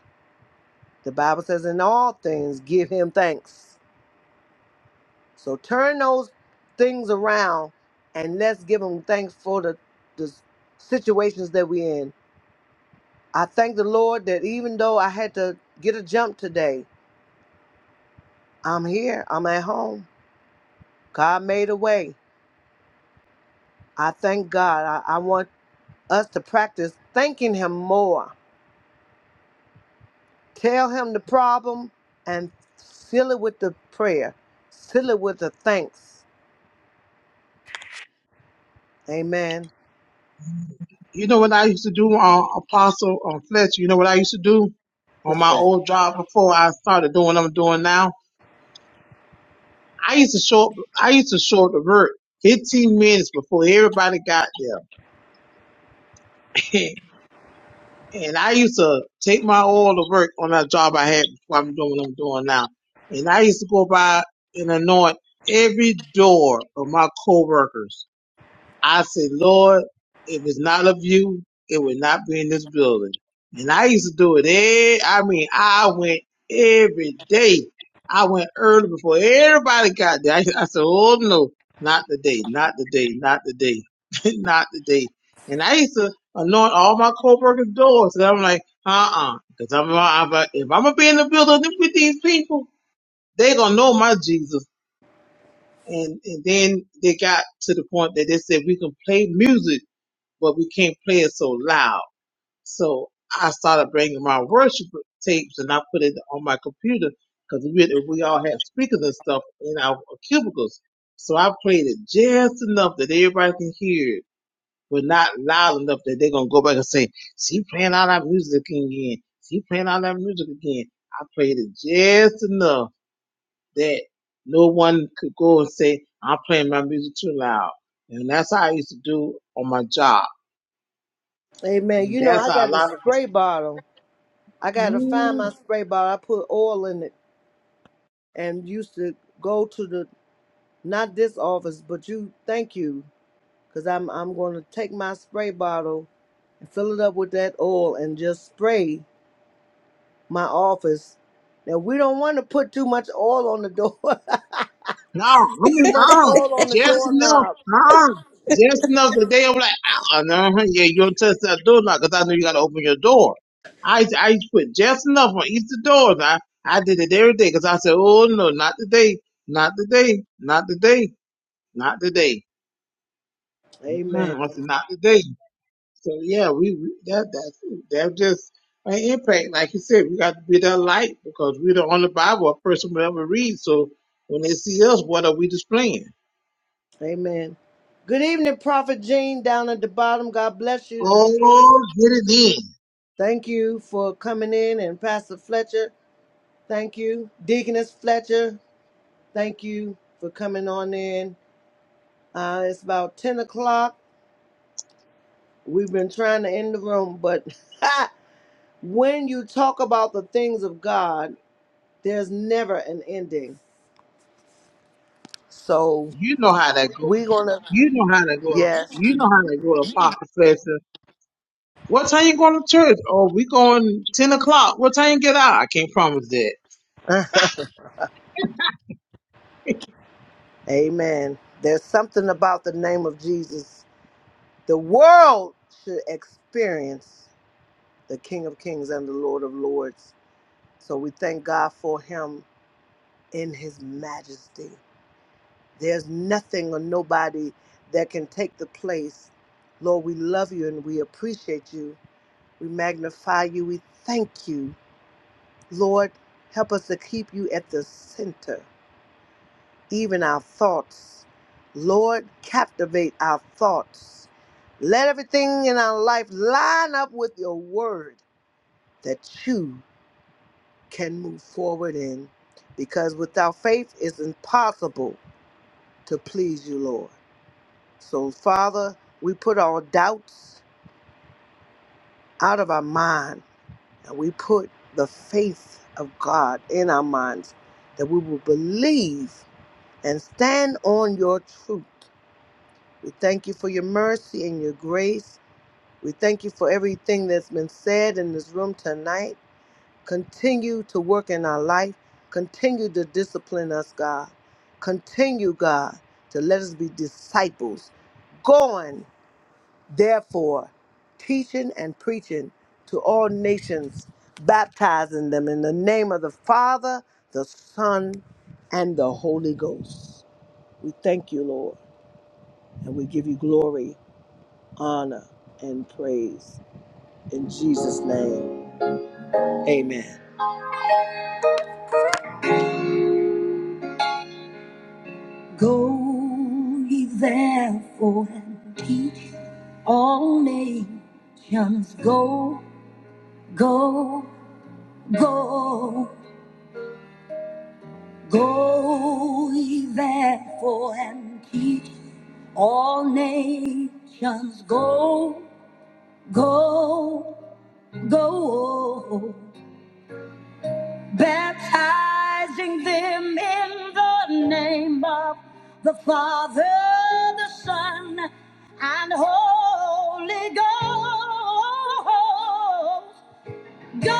S1: The Bible says, "In all things, give Him thanks." So turn those things around and let's give him thanks for the, the situations that we're in. I thank the Lord that even though I had to get a jump today, I'm here, I'm at home. God made a way. I thank God. I, I want us to practice thanking him more. Tell him the problem and fill it with the prayer. Fill it with the thanks. Amen.
S7: you know what I used to do on Apostle on Fletcher? You know what I used to do on
S1: What's
S7: my
S1: that?
S7: old job before I started doing what I'm doing now? I used to show up, I used to show up to work 15 minutes before everybody got there. and I used to take my oil to work on that job I had before I'm doing what I'm doing now. And I used to go by and anoint every door of my coworkers. I said, Lord, if it's not of you, it would not be in this building. And I used to do it. eh, I mean, I went every day. I went early before everybody got there. I, I said, oh no, not today, not today, not today, not today. And I used to anoint all my co-workers' doors. And I'm like, uh-uh. Because I'm, uh, I'm like, if I'm going to be in the building with these people, they going to know my Jesus. And, and then they got to the point that they said, we can play music but we can't play it so loud. So I started bringing my worship tapes and I put it on my computer because we, we all had speakers and stuff in our cubicles. So I played it just enough that everybody can hear it, but not loud enough that they're going to go back and say, she playing all that music again. She playing all that music again. I played it just enough that no one could go and say, I'm playing my music too loud. And that's how I used to do on my job
S1: Amen.
S7: and
S1: You know,
S7: that's
S1: I
S7: how a
S1: got a
S7: lot of us
S1: spray bottle I gotta find
S7: Mm,
S1: my spray bottle. I put oil in it and used to go to the not this office, but you. Thank you, cause I'm I'm gonna take my spray bottle and fill it up with that oil and just spray my office. Now we don't want to put too much oil on the door.
S7: no, I
S1: too
S7: mean
S1: much
S7: no,
S1: oil on the
S7: just enough,
S1: doorknob.
S7: no, just enough that they'll be like, oh, no, yeah, you don't touch that door now because I know you got to open your door. I used- I used to put just enough on each door. the I I did it every day because I said, oh no, not today, not today, not today, not today.
S1: Amen.
S7: Mm-mm. I said, not today. So yeah, we we- that that that just an impact. Like you said, we got to be that light because we are the only Bible. A person will ever read. So when they see us, what are we displaying?
S1: Amen. Good evening, Prophet Jean down at the bottom. God bless you.
S7: Oh, get it in.
S1: Thank you for coming in and Pastor Fletcher. Thank you, Deaconess Fletcher. Thank you for coming on in. Uh, it's about 10 o'clock. We've been trying to end the room, but when you talk about the things of God, there's never an ending. So
S7: You know how that go.
S1: we're going to,
S7: You know how that go.
S1: yes.
S7: You know how that go. Apostle Fletcher. What time you going to church? Oh, we going ten o'clock. What time you get out? I can't promise that.
S1: Amen. There's something about the name of Jesus. The world should experience the King of Kings and the Lord of Lords. So we thank God for him in his majesty. There's nothing or nobody that can take the place. Lord, we love you and we appreciate you. We magnify you. We thank you. Lord, help us to keep you at the center, even our thoughts. Lord, captivate our thoughts. Let everything in our life line up with your word that you can move forward in. Because without faith, it's impossible to please you, Lord. So, Father, we put all doubts out of our mind and we put the faith of God in our minds that we will believe and stand on your truth. We thank you for your mercy and your grace. We thank you for everything that's been said in this room tonight. Continue to work in our life. Continue to discipline us, God. Continue, God, to let us be disciples, going Therefore, teaching and preaching to all nations, baptizing them in the name of the Father, the Son, and the Holy Ghost. We thank you, Lord, and we give you glory, honor, and praise. In Jesus' name, amen. Go ye therefore and teach all nations. Go, go, go. Go ye therefore and teach all nations. Go, go, go. Baptizing them in the name of the Father, the Son, and Holy Ghost. Go,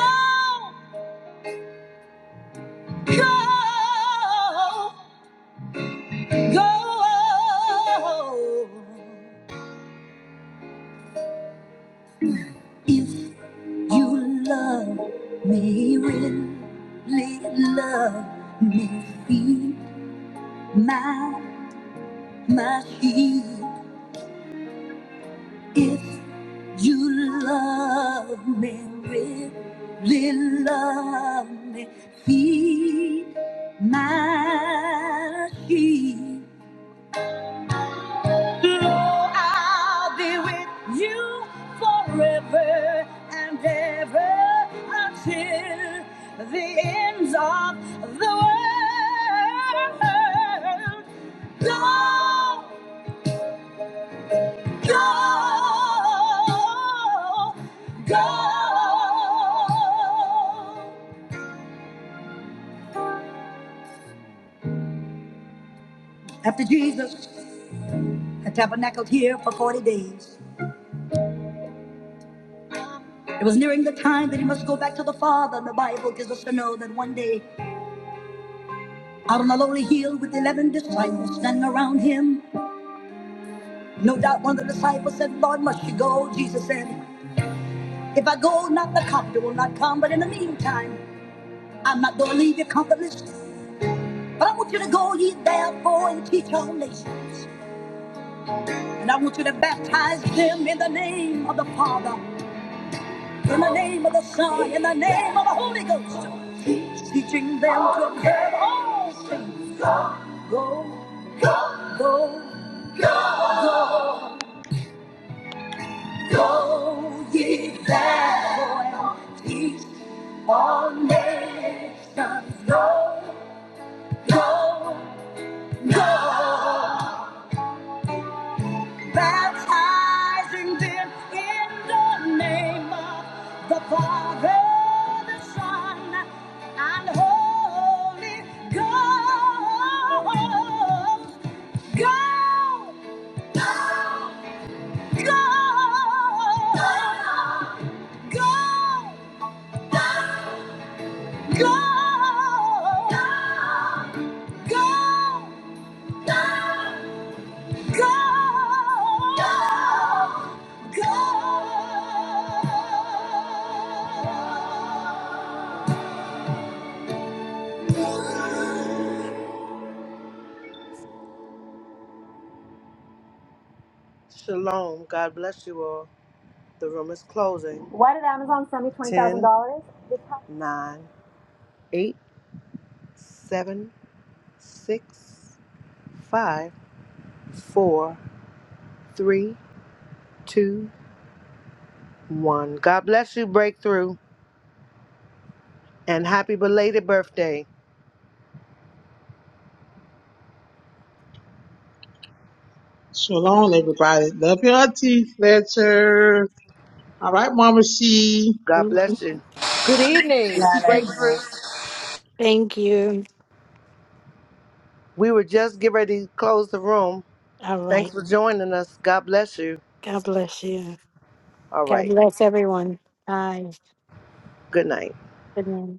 S1: go, go. If you love me, really love me, be my, my sheep. If you love me, really love me, feed my sheep. Lord, I'll be with you forever and ever until the ends of the world. Go, go, go. After Jesus had tabernacled here for 40 days, it was nearing the time that he must go back to the Father, and the Bible gives us to know that one day Out on a lonely hill with eleven disciples standing around him. No doubt one of the disciples said, Lord, must you go? Jesus said, If I go, not the comforter will not come, but in the meantime, I'm not going to leave you comfortless. But I want you to go ye therefore and teach all nations. And I want you to baptize them in the name of the Father, in the name of the Son, in the name of the Holy Ghost. Teaching them to observe all things. Go, go, go. Go ye therefore, teach all nations. Go, go, go. Baptizing them in the name of the Father, the Son, and Holy Ghost. Go, go, go, go, go. Shalom. God bless you all. The room is closing. Why did Amazon send me ten, twenty thousand dollars? 9, eight, seven, six, five, four, three, two, one. God bless you, Breakthrough, and happy belated birthday.
S7: Shalom, everybody. Love your auntie, Fletcher. All right, Mama C.
S1: God bless you. Good evening, Breakthrough.
S8: Thank you.
S1: We were just getting ready to close the room.
S8: All
S1: Thanks
S8: right.
S1: for joining us. God bless you.
S8: God bless you.
S1: All
S8: God
S1: right.
S8: bless everyone. Bye.
S1: Good night.
S8: Good night.